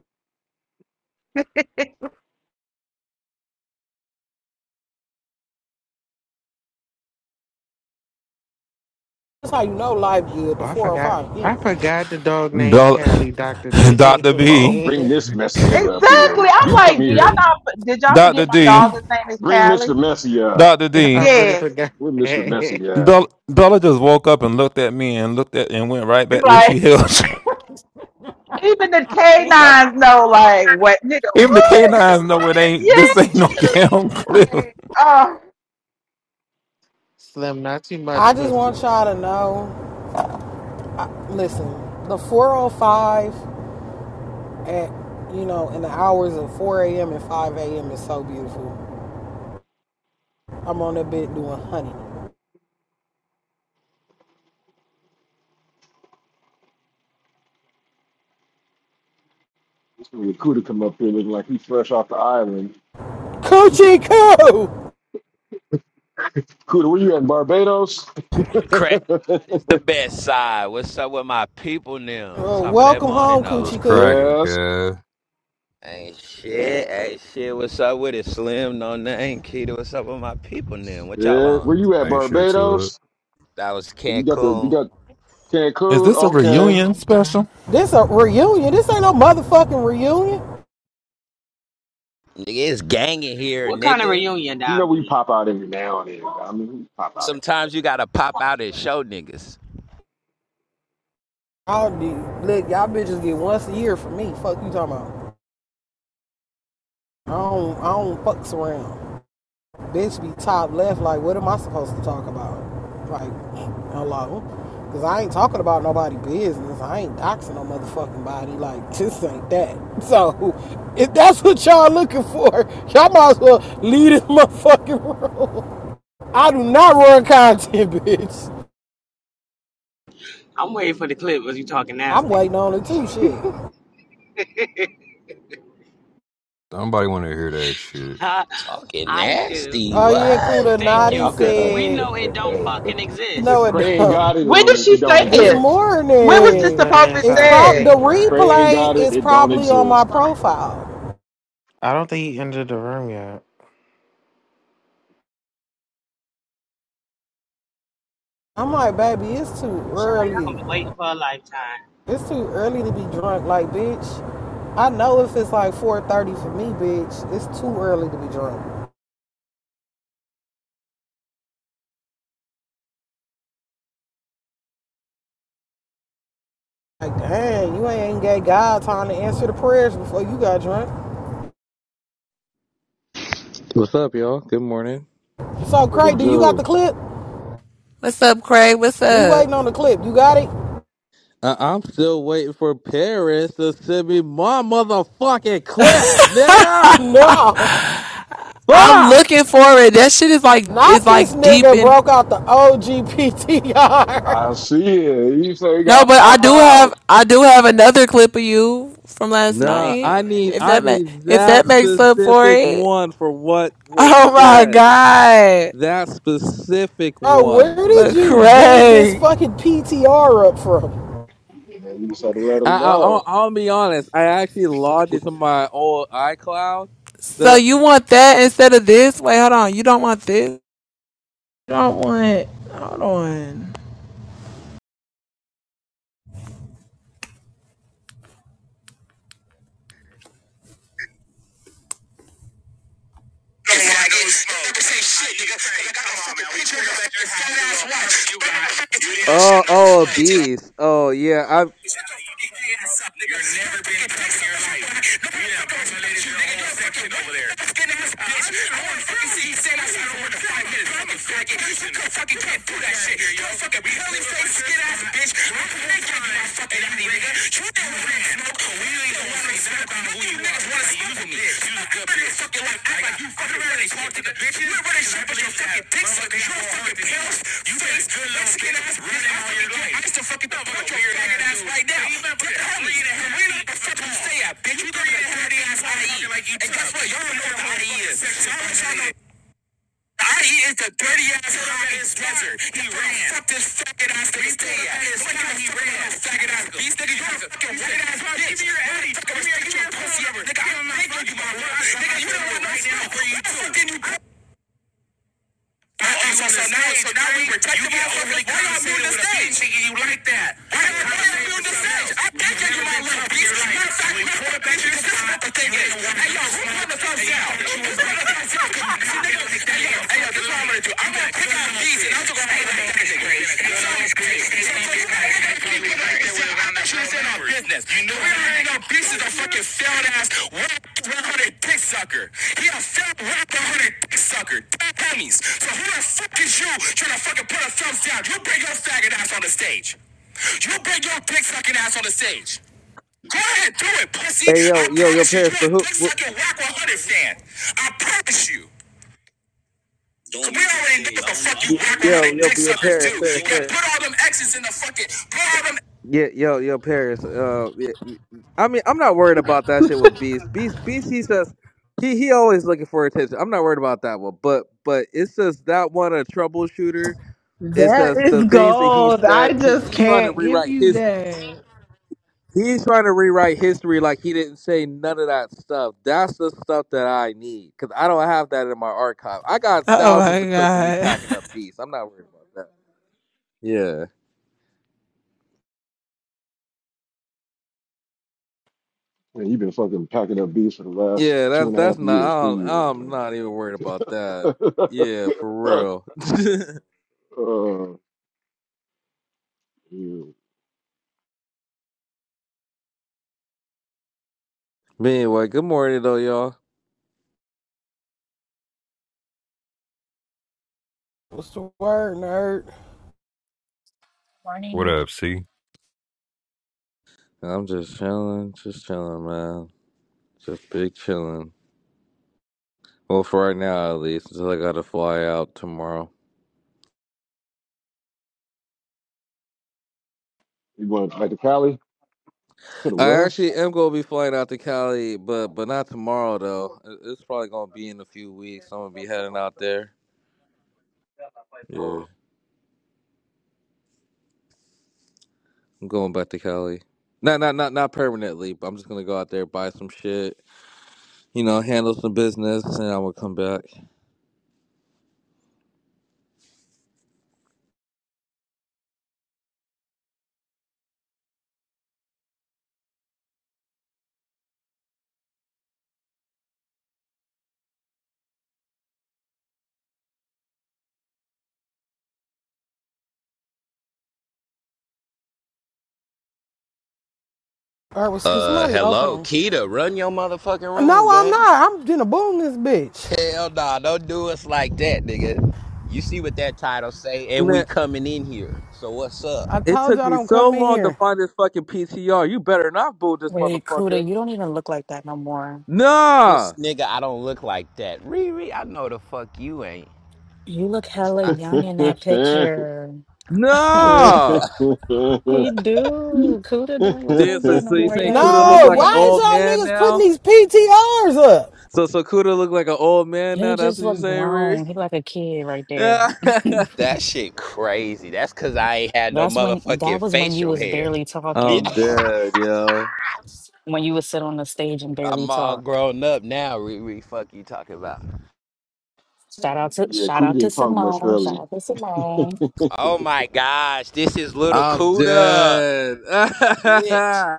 [SPEAKER 1] That's how you know life good. The
[SPEAKER 16] Oh, I forgot.
[SPEAKER 1] 405
[SPEAKER 16] I
[SPEAKER 1] empty.
[SPEAKER 16] forgot the dog named
[SPEAKER 13] Do-
[SPEAKER 16] Callie, Dr. D.
[SPEAKER 13] Doctor
[SPEAKER 5] oh,
[SPEAKER 13] B,
[SPEAKER 5] bring this messy nigga up here.
[SPEAKER 18] Exactly. I'm
[SPEAKER 5] You come
[SPEAKER 18] like, do y'all
[SPEAKER 5] here.
[SPEAKER 18] not? Did y'all
[SPEAKER 13] Doctor
[SPEAKER 18] forget my dog?
[SPEAKER 13] D,
[SPEAKER 18] His name is
[SPEAKER 5] Bring Mr.
[SPEAKER 18] Callie.
[SPEAKER 5] Messy up.
[SPEAKER 13] Doctor
[SPEAKER 16] I
[SPEAKER 13] D.
[SPEAKER 16] really
[SPEAKER 18] Yes.
[SPEAKER 16] forgot.
[SPEAKER 5] Where Mr. Messy at?
[SPEAKER 13] Bella, Bella just woke up and looked at me and looked at and went right
[SPEAKER 18] It's
[SPEAKER 13] back where
[SPEAKER 18] Like
[SPEAKER 13] she held.
[SPEAKER 18] even the
[SPEAKER 13] She was like,
[SPEAKER 18] canines know. Like what, nigga?
[SPEAKER 13] even the
[SPEAKER 18] What?
[SPEAKER 13] canines know it ain't. This ain't no
[SPEAKER 18] Yeah.
[SPEAKER 13] damn clip.
[SPEAKER 18] Like, oh.
[SPEAKER 16] Slim, not too
[SPEAKER 1] I
[SPEAKER 16] much
[SPEAKER 1] just want
[SPEAKER 16] pussy.
[SPEAKER 1] y'all to know. Listen, the 405 at you know in the hours of 4 a.m. and 5 a.m. is so beautiful. I'm on that bed doing honey.
[SPEAKER 5] This nigga Cuda come up here looking like he's fresh off the island.
[SPEAKER 1] Coochie coo.
[SPEAKER 5] Cuda, where you at, Barbados?
[SPEAKER 20] Crash side is the best side. What's up with my people now?
[SPEAKER 1] Uh,
[SPEAKER 20] Top of that
[SPEAKER 1] welcome
[SPEAKER 20] morning
[SPEAKER 1] home,
[SPEAKER 2] Was
[SPEAKER 1] Coochie
[SPEAKER 20] though.
[SPEAKER 1] coo.
[SPEAKER 2] cracking,
[SPEAKER 5] West.
[SPEAKER 2] cuz.
[SPEAKER 20] Ain't shit, ain't shit. What's up with it? Slim, no name. Keita, what's up with my people now? What y'all
[SPEAKER 5] Yeah, where you
[SPEAKER 20] on?
[SPEAKER 5] at,
[SPEAKER 2] Ain't shit to it.
[SPEAKER 5] Barbados?
[SPEAKER 20] That was
[SPEAKER 5] You got the you
[SPEAKER 20] Cancun.
[SPEAKER 5] got
[SPEAKER 13] Is
[SPEAKER 5] Cancun.
[SPEAKER 13] this a
[SPEAKER 5] Okay,
[SPEAKER 13] reunion special?
[SPEAKER 1] This a reunion. This ain't no motherfucking reunion.
[SPEAKER 20] Nigga, it's gangin' here,
[SPEAKER 19] What kind of
[SPEAKER 20] nigga.
[SPEAKER 19] reunion,
[SPEAKER 5] you know we
[SPEAKER 19] Diamond?
[SPEAKER 5] pop out every now and then. I mean, we pop out. every
[SPEAKER 20] Sometimes you gotta pop out and show niggas.
[SPEAKER 1] I'll do. Look, y'all bitches get once a year for me. Fuck you talking about. I don't. I don't fucks around. bitch be top left. Like, what am I supposed to talk about? Like, hello? Because I ain't talking about nobody business. I ain't doxing no motherfucking body. Like, this ain't that. So, if that's what y'all looking for, y'all might as well leave this motherfucking room. I do not run content, bitch.
[SPEAKER 19] I'm waiting for the clip of you talking
[SPEAKER 1] I'm waiting
[SPEAKER 19] nasty.
[SPEAKER 1] on it too, shit.
[SPEAKER 2] Nobody wanna hear that shit.
[SPEAKER 19] I
[SPEAKER 20] Talking
[SPEAKER 19] do.
[SPEAKER 20] nasty,
[SPEAKER 1] Oh, yeah,
[SPEAKER 20] what?
[SPEAKER 1] Kuda
[SPEAKER 19] Thank
[SPEAKER 5] Hey,
[SPEAKER 1] Nadi
[SPEAKER 5] I
[SPEAKER 19] you,
[SPEAKER 5] feel
[SPEAKER 19] because
[SPEAKER 5] hey,
[SPEAKER 19] we
[SPEAKER 1] said,
[SPEAKER 5] if,
[SPEAKER 19] know it
[SPEAKER 5] if,
[SPEAKER 19] don't
[SPEAKER 5] hey, if,
[SPEAKER 19] fucking
[SPEAKER 1] you
[SPEAKER 5] if
[SPEAKER 1] know
[SPEAKER 19] exist.
[SPEAKER 1] it,
[SPEAKER 5] Cray ain't got it,
[SPEAKER 18] When did
[SPEAKER 5] then
[SPEAKER 18] she
[SPEAKER 5] it don't
[SPEAKER 18] say
[SPEAKER 1] this
[SPEAKER 18] this?
[SPEAKER 5] exist.
[SPEAKER 18] When was
[SPEAKER 16] She
[SPEAKER 5] If
[SPEAKER 18] this
[SPEAKER 1] morning.
[SPEAKER 16] fat
[SPEAKER 18] supposed to be
[SPEAKER 1] It's
[SPEAKER 16] inside a
[SPEAKER 1] prob
[SPEAKER 18] said?
[SPEAKER 1] the
[SPEAKER 16] codeine. Ryan.
[SPEAKER 5] Cray ain't got
[SPEAKER 1] replay
[SPEAKER 5] it,
[SPEAKER 1] is
[SPEAKER 5] it don't
[SPEAKER 1] probably on my
[SPEAKER 5] exist.
[SPEAKER 1] profile.
[SPEAKER 16] I don't think he entered the room yet.
[SPEAKER 1] I'm like, baby, it's too
[SPEAKER 19] Child,
[SPEAKER 1] early.
[SPEAKER 19] I'm waiting for a lifetime.
[SPEAKER 1] It's too early to be drunk. Like, bitch, I know if it's like 4.30 for me, bitch, it's too early to be drunk. Like, dang, you ain't gave God time to answer the prayers before you got drunk.
[SPEAKER 21] What's up, y'all? Good morning.
[SPEAKER 1] So,
[SPEAKER 5] What it
[SPEAKER 1] Craig, do you got the
[SPEAKER 5] do?
[SPEAKER 1] clip?
[SPEAKER 14] What's up, Craig? What's
[SPEAKER 1] We
[SPEAKER 14] up?
[SPEAKER 1] waiting on the clip. You got it?
[SPEAKER 21] Uh, I'm still waiting for Paris to send me my motherfucking clip, nigga.
[SPEAKER 1] No,
[SPEAKER 14] I'm
[SPEAKER 21] Fuck.
[SPEAKER 14] looking for it. That shit is like is
[SPEAKER 1] not this
[SPEAKER 14] like deep
[SPEAKER 1] nigga
[SPEAKER 14] in
[SPEAKER 1] broke out the OG PTR.
[SPEAKER 5] I see it. You say you
[SPEAKER 14] No,
[SPEAKER 5] gotta
[SPEAKER 14] but I
[SPEAKER 5] pop
[SPEAKER 14] do have
[SPEAKER 5] out.
[SPEAKER 14] I do have another clip of you from last
[SPEAKER 21] Nah, I
[SPEAKER 14] night.
[SPEAKER 21] need
[SPEAKER 14] If
[SPEAKER 21] I
[SPEAKER 14] that ma-
[SPEAKER 21] need
[SPEAKER 14] if that
[SPEAKER 21] that
[SPEAKER 14] makes up for
[SPEAKER 21] specific
[SPEAKER 14] it.
[SPEAKER 21] one for what was
[SPEAKER 14] Oh my
[SPEAKER 21] said.
[SPEAKER 14] god.
[SPEAKER 21] That specific
[SPEAKER 1] Bro, where
[SPEAKER 21] one.
[SPEAKER 1] did
[SPEAKER 14] But
[SPEAKER 1] you dig this
[SPEAKER 14] Craig,
[SPEAKER 1] fucking PTR up from?
[SPEAKER 5] And you decided to let
[SPEAKER 21] I,
[SPEAKER 5] him
[SPEAKER 21] I I'll,
[SPEAKER 5] go.
[SPEAKER 21] I'll be honest. I actually logged into my old iCloud. That
[SPEAKER 14] so
[SPEAKER 21] I,
[SPEAKER 14] you want that instead of this? Wait, hold on. You don't want this? You don't want. Hold on. You
[SPEAKER 21] oh oh beast. Oh yeah. I
[SPEAKER 14] know we ain't no pieces of fucking failed ass one hundred dick sucker. He a failed one hundred dick sucker. Dummies. So who the fuck is you trying to fucking put a thumbs down? You bring your faggot ass on the stage. You bring your dick sucking ass on the stage. Go ahead, do it, pussy.
[SPEAKER 21] hey
[SPEAKER 14] I
[SPEAKER 21] yo yo yo
[SPEAKER 14] promise you,
[SPEAKER 21] Paris,
[SPEAKER 14] you a
[SPEAKER 21] but who?
[SPEAKER 14] dick
[SPEAKER 21] who
[SPEAKER 14] sucking whack 100 fan. I promise you. Don't 'Cause we already know what the fuck you whack
[SPEAKER 21] yo
[SPEAKER 14] 100
[SPEAKER 21] yo
[SPEAKER 14] dick
[SPEAKER 21] yo
[SPEAKER 14] suckers do.
[SPEAKER 21] Paris Paris
[SPEAKER 14] Yeah,
[SPEAKER 21] Paris.
[SPEAKER 14] put all them X's in the fucking. Put all them.
[SPEAKER 21] Yeah, yo, yo, Paris. Uh, yeah, I mean, I'm not worried about that shit with Beast. Beast, Beast, he says he he always looking for attention. I'm not worried about that one, but but it's just that one a troubleshooter. It's
[SPEAKER 14] That
[SPEAKER 21] just the
[SPEAKER 14] is
[SPEAKER 21] things that he
[SPEAKER 14] gold.
[SPEAKER 21] said.
[SPEAKER 14] I
[SPEAKER 21] He
[SPEAKER 14] just
[SPEAKER 21] he's trying to
[SPEAKER 14] can't give
[SPEAKER 21] rewrite
[SPEAKER 14] you
[SPEAKER 21] his.
[SPEAKER 14] that.
[SPEAKER 21] He's trying to rewrite history like he didn't say none of that stuff. That's the stuff that I need because I don't have that in my archive. I got
[SPEAKER 14] Oh
[SPEAKER 21] thousands
[SPEAKER 14] my
[SPEAKER 21] of clips of me
[SPEAKER 14] god.
[SPEAKER 21] packing up Beast. I'm not worried about that.
[SPEAKER 5] Man, you've been fucking packing up beats for the last
[SPEAKER 21] Yeah,
[SPEAKER 5] two
[SPEAKER 21] that's
[SPEAKER 5] and a
[SPEAKER 21] that's
[SPEAKER 5] half
[SPEAKER 21] not.
[SPEAKER 5] years,
[SPEAKER 21] I
[SPEAKER 5] three
[SPEAKER 21] don't,
[SPEAKER 5] years,
[SPEAKER 21] I'm
[SPEAKER 5] man.
[SPEAKER 21] not even worried about that. Yeah, for real. but
[SPEAKER 5] uh, you,
[SPEAKER 21] anyway, good morning though, y'all.
[SPEAKER 1] What's the word, nerd?
[SPEAKER 2] What up, C?
[SPEAKER 21] I'm just chilling, just chilling, man. Just big chilling. Well, for right now at least, until I gotta fly out tomorrow.
[SPEAKER 5] you going back to Cali? To the
[SPEAKER 21] I
[SPEAKER 5] West?
[SPEAKER 21] actually am gonna be flying out to Cali, but but not tomorrow though. It- It's probably gonna be in a few weeks. I'm gonna be heading out there. Yeah, I'm going back to Cali. Not not not not permanently, but I'm just gonna go out there buy some shit you know, handle some business, and I will come back.
[SPEAKER 1] All right, well,
[SPEAKER 20] Uh,
[SPEAKER 1] somebody open
[SPEAKER 20] hello,
[SPEAKER 1] them?
[SPEAKER 20] Keita, run your motherfucking
[SPEAKER 1] No,
[SPEAKER 20] room,
[SPEAKER 1] I'm
[SPEAKER 20] gang.
[SPEAKER 1] not. I'm gonna boom this bitch.
[SPEAKER 20] Hell nah, don't do us like that, nigga. You see what that title say, and we
[SPEAKER 21] Man,
[SPEAKER 20] coming in here. So what's up?
[SPEAKER 1] I
[SPEAKER 21] it
[SPEAKER 1] told
[SPEAKER 21] took
[SPEAKER 1] y'all
[SPEAKER 21] me
[SPEAKER 1] don't
[SPEAKER 21] so
[SPEAKER 1] come in
[SPEAKER 21] long to
[SPEAKER 1] here.
[SPEAKER 21] find this fucking PTR. You better not boo this
[SPEAKER 12] Wait, Kuda,
[SPEAKER 21] motherfucker.
[SPEAKER 12] you don't even look like that no more.
[SPEAKER 20] This
[SPEAKER 21] Nah,
[SPEAKER 20] nigga, I don't look like that. Riri, I know the fuck you ain't.
[SPEAKER 12] You look hella
[SPEAKER 20] I,
[SPEAKER 12] young in
[SPEAKER 5] yeah,
[SPEAKER 12] that picture.
[SPEAKER 21] nah.
[SPEAKER 12] He do. Kuda don't look
[SPEAKER 21] Damn.
[SPEAKER 12] like
[SPEAKER 21] so,
[SPEAKER 12] that no
[SPEAKER 21] so you
[SPEAKER 12] more. He
[SPEAKER 21] saying
[SPEAKER 12] like a
[SPEAKER 21] Kuda look
[SPEAKER 1] No,
[SPEAKER 12] grown
[SPEAKER 21] like an
[SPEAKER 1] why
[SPEAKER 12] man.
[SPEAKER 1] is
[SPEAKER 21] old
[SPEAKER 1] y'all
[SPEAKER 21] man
[SPEAKER 1] niggas putting
[SPEAKER 21] now?
[SPEAKER 1] these PTRs up?
[SPEAKER 21] So so Kuda look like an old man
[SPEAKER 12] He
[SPEAKER 21] now. That's
[SPEAKER 12] just
[SPEAKER 21] what you
[SPEAKER 12] look
[SPEAKER 21] saying, Reed?
[SPEAKER 12] grown. He like a kid right there.
[SPEAKER 21] I'm
[SPEAKER 20] that shit crazy. That's cause I ain't had no
[SPEAKER 12] That's when that
[SPEAKER 20] motherfucking
[SPEAKER 12] was when you
[SPEAKER 20] facial
[SPEAKER 12] was
[SPEAKER 20] hair.
[SPEAKER 12] barely
[SPEAKER 20] Yeah.
[SPEAKER 12] talking.
[SPEAKER 21] dead, yo.
[SPEAKER 12] When you would sit on the stage and barely
[SPEAKER 20] I'm all
[SPEAKER 12] talk.
[SPEAKER 20] grown up now, Riri. Fuck you talking about.
[SPEAKER 12] Shout out to shout
[SPEAKER 5] Cootie
[SPEAKER 12] out to
[SPEAKER 5] didn't talk much
[SPEAKER 12] Simone.
[SPEAKER 5] earlier.
[SPEAKER 12] Shout out to Simone.
[SPEAKER 20] Oh my gosh, this is little
[SPEAKER 21] I'm
[SPEAKER 20] Cuda.
[SPEAKER 21] dead.
[SPEAKER 20] Shit.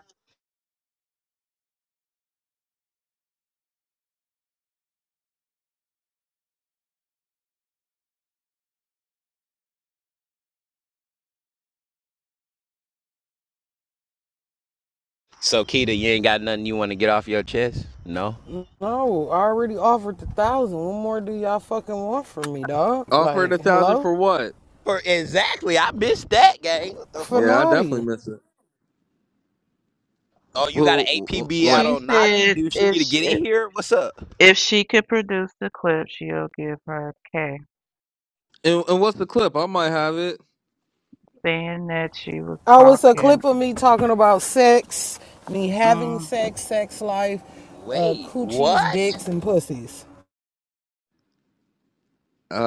[SPEAKER 20] So Kita, you ain't got nothing you want to get off your chest? No?
[SPEAKER 1] No, I already offered the thousand. What more do y'all fucking want from me, dog?
[SPEAKER 21] Offering a
[SPEAKER 1] Like,
[SPEAKER 21] thousand
[SPEAKER 1] hello?
[SPEAKER 21] for what?
[SPEAKER 20] For exactly, I missed that game. What the
[SPEAKER 21] Yeah,
[SPEAKER 20] fuck?
[SPEAKER 21] I definitely
[SPEAKER 1] Fanati.
[SPEAKER 21] miss it.
[SPEAKER 20] Oh, you got an
[SPEAKER 21] Well, well, well,
[SPEAKER 20] APB out
[SPEAKER 21] like,
[SPEAKER 18] She
[SPEAKER 20] on Naughty?
[SPEAKER 18] said
[SPEAKER 20] Do she need
[SPEAKER 18] if
[SPEAKER 20] to
[SPEAKER 18] she,
[SPEAKER 20] get in here? What's up?
[SPEAKER 18] if she could produce the clip, she'll give her a K,
[SPEAKER 21] and, and what's the clip? I might have it.
[SPEAKER 18] saying that she was
[SPEAKER 1] Oh, it's a
[SPEAKER 18] talking.
[SPEAKER 1] clip of me talking about sex, me having
[SPEAKER 18] Mm,
[SPEAKER 1] sex, sex life, uh,
[SPEAKER 20] Wait,
[SPEAKER 1] coochies,
[SPEAKER 20] what?
[SPEAKER 1] dicks, and pussies.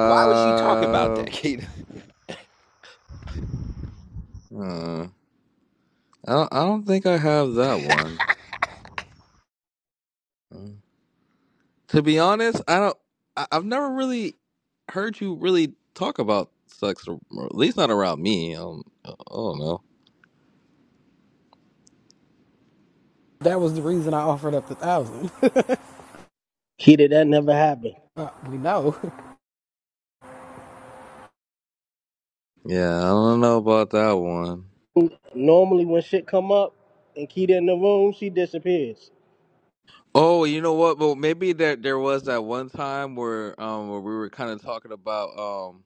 [SPEAKER 20] Why was you talking about that, Keita?
[SPEAKER 21] Hmm. I don't, I don't think I have that one. To be honest, I don't. I, have never really heard you really talk about sex, or at least not around me. Um, I don't know.
[SPEAKER 1] That was the reason I offered up the thousand.
[SPEAKER 22] Keita, that never happened.
[SPEAKER 1] we know.
[SPEAKER 21] Yeah, I don't know about that one.
[SPEAKER 22] Normally, when shit come up and Keita in the room, she disappears.
[SPEAKER 21] Oh, you know what? Well, maybe there there was that one time where um where we were kind of talking about um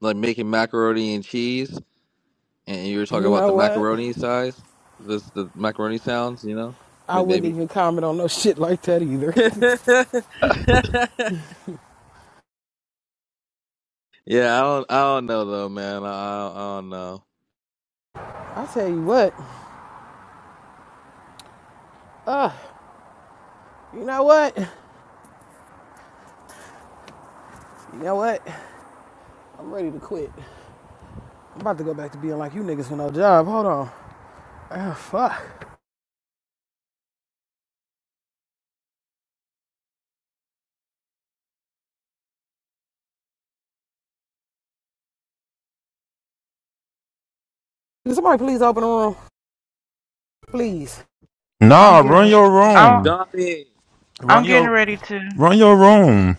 [SPEAKER 21] like making macaroni and cheese, and you were talking
[SPEAKER 1] You
[SPEAKER 21] about
[SPEAKER 1] know
[SPEAKER 21] the
[SPEAKER 1] what?
[SPEAKER 21] macaroni size, this the macaroni sounds, you know,
[SPEAKER 1] I
[SPEAKER 21] May-
[SPEAKER 1] wouldn't
[SPEAKER 21] maybe.
[SPEAKER 1] even comment on no shit like that either.
[SPEAKER 21] Yeah, I don't, I don't know though, man. I, I don't I don't know.
[SPEAKER 1] I tell you what, uh, you know what? You know what? I'm ready to quit. I'm about to go back to being like you niggas with no job. Hold on. Ah, fuck. Can somebody please open the room? Please.
[SPEAKER 18] I'm
[SPEAKER 13] Nah,
[SPEAKER 18] getting
[SPEAKER 13] run
[SPEAKER 18] ready.
[SPEAKER 13] your
[SPEAKER 18] I'm
[SPEAKER 13] room.
[SPEAKER 21] Dommy,
[SPEAKER 18] I'm
[SPEAKER 13] Run
[SPEAKER 18] getting
[SPEAKER 13] your
[SPEAKER 18] ready to.
[SPEAKER 13] run your room.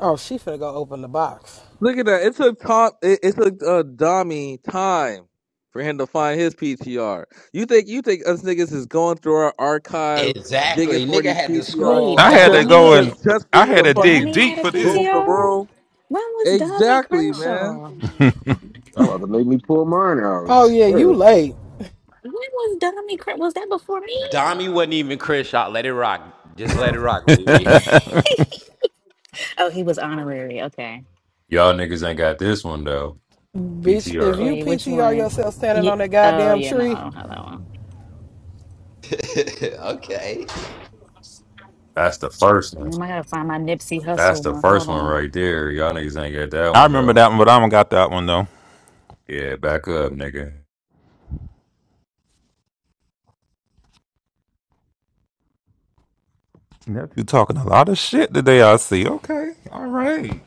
[SPEAKER 1] Oh, she finna go open the box.
[SPEAKER 21] look at that. It took Tom. It, it took uh, Dommy time for him to find his PTR. You think you think us niggas is going through our archive digging
[SPEAKER 20] Exactly,
[SPEAKER 21] for
[SPEAKER 20] nigga
[SPEAKER 21] these
[SPEAKER 20] had to
[SPEAKER 21] PTR
[SPEAKER 12] Wait,
[SPEAKER 20] scroll
[SPEAKER 13] I had to
[SPEAKER 21] just
[SPEAKER 20] hella.
[SPEAKER 13] go
[SPEAKER 12] Dami
[SPEAKER 20] Okay?
[SPEAKER 13] and
[SPEAKER 21] just just for
[SPEAKER 13] I
[SPEAKER 21] you
[SPEAKER 13] had
[SPEAKER 21] to
[SPEAKER 13] to dig
[SPEAKER 21] fucking
[SPEAKER 12] Dami
[SPEAKER 13] deep
[SPEAKER 12] had a
[SPEAKER 13] for this.
[SPEAKER 21] boom the
[SPEAKER 12] PTO?
[SPEAKER 21] room?
[SPEAKER 12] When was Dami
[SPEAKER 21] Exactly, man.
[SPEAKER 12] Crenshaw?
[SPEAKER 5] I'm about to make me pull mine out.
[SPEAKER 1] Oh yeah, you late.
[SPEAKER 12] When was Dominic Crump? Was that before me?
[SPEAKER 20] Dami wasn't even Chris shot. Let it rock. Just let it rock, Riri.
[SPEAKER 12] Oh, he was honorary. Okay.
[SPEAKER 2] Y'all niggas ain't got this one though.
[SPEAKER 1] Bitch, if
[SPEAKER 2] PTR.
[SPEAKER 1] you
[SPEAKER 12] Wait, which
[SPEAKER 1] PTR
[SPEAKER 12] one?
[SPEAKER 1] yourself standing
[SPEAKER 12] Yeah.
[SPEAKER 1] on that
[SPEAKER 12] Oh,
[SPEAKER 1] goddamn
[SPEAKER 12] yeah, no, I
[SPEAKER 1] tree,
[SPEAKER 12] don't have that one.
[SPEAKER 20] okay.
[SPEAKER 2] That's the first one.
[SPEAKER 12] Mm, I gotta find my Nipsey
[SPEAKER 2] That's
[SPEAKER 12] Hustle
[SPEAKER 2] the
[SPEAKER 12] one. Hold
[SPEAKER 2] first one
[SPEAKER 12] on.
[SPEAKER 2] right there. Y'all niggas ain't got that
[SPEAKER 13] I
[SPEAKER 2] one
[SPEAKER 13] remember
[SPEAKER 2] though.
[SPEAKER 13] that one, but I don't got that one though.
[SPEAKER 2] Yeah, back up, nigga.
[SPEAKER 13] No. You talking a lot of shit today, I see. Okay. All right.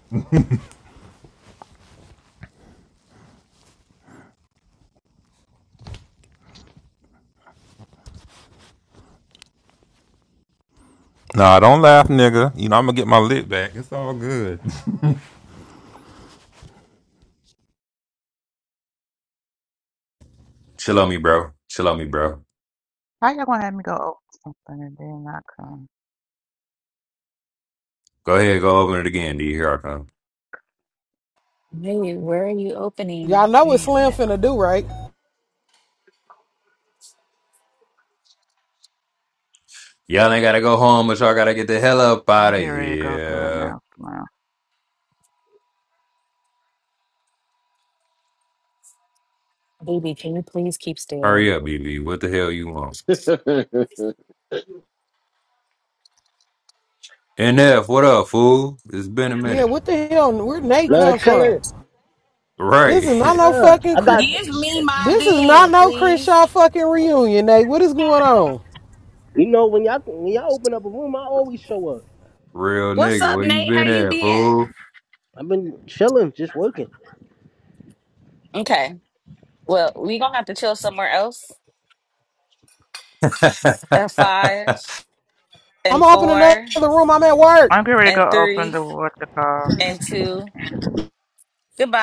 [SPEAKER 13] Nah, don't laugh, nigga. You know, I'm gonna get my lick back. It's all good.
[SPEAKER 2] Chill on me, bro. Chill on me, bro.
[SPEAKER 18] How y'all gonna have me go over something and then I come?
[SPEAKER 2] Go ahead, go open it again, D. Here I come.
[SPEAKER 12] Hey, where are you?
[SPEAKER 1] y'all know what
[SPEAKER 18] Please,
[SPEAKER 1] Slim
[SPEAKER 18] Nick.
[SPEAKER 1] finna do, right?
[SPEAKER 2] Y'all ain't gotta go home, but y'all gotta get the hell up
[SPEAKER 18] I'm
[SPEAKER 2] out of
[SPEAKER 18] getting ready to go do it
[SPEAKER 2] here.
[SPEAKER 18] now. Come on.
[SPEAKER 12] Baby, can you please keep still?
[SPEAKER 2] Hurry up, BB. What the hell you want?
[SPEAKER 5] Shit.
[SPEAKER 2] NF, what up, fool? It's been a
[SPEAKER 1] Yeah,
[SPEAKER 2] minute.
[SPEAKER 1] what the hell? Where Nate
[SPEAKER 22] Nah,
[SPEAKER 1] come from?
[SPEAKER 22] chillin'.
[SPEAKER 2] Right.
[SPEAKER 1] This is not no
[SPEAKER 22] Nah,
[SPEAKER 1] fucking
[SPEAKER 22] I
[SPEAKER 1] cr-
[SPEAKER 22] got.
[SPEAKER 7] Give me my
[SPEAKER 1] This is not
[SPEAKER 7] bean,
[SPEAKER 1] no
[SPEAKER 7] please.
[SPEAKER 1] Crenshaw fucking reunion, Nate. What is going on?
[SPEAKER 22] You know, when y'all when y'all open up a room, I always show up.
[SPEAKER 2] Real
[SPEAKER 7] What's
[SPEAKER 2] nigga,
[SPEAKER 7] up,
[SPEAKER 2] where you
[SPEAKER 7] Nate? How
[SPEAKER 2] been
[SPEAKER 7] you
[SPEAKER 2] at,
[SPEAKER 7] been?
[SPEAKER 2] fool?
[SPEAKER 22] I've been chilling, just working.
[SPEAKER 7] Okay. Well, we gonna have to chill somewhere else. And five
[SPEAKER 1] I'm
[SPEAKER 7] and
[SPEAKER 1] opening another
[SPEAKER 7] four
[SPEAKER 1] room. I'm at work.
[SPEAKER 18] I'm getting ready to
[SPEAKER 7] and
[SPEAKER 18] go open
[SPEAKER 7] three
[SPEAKER 18] the what you call.
[SPEAKER 7] and two. Goodbye.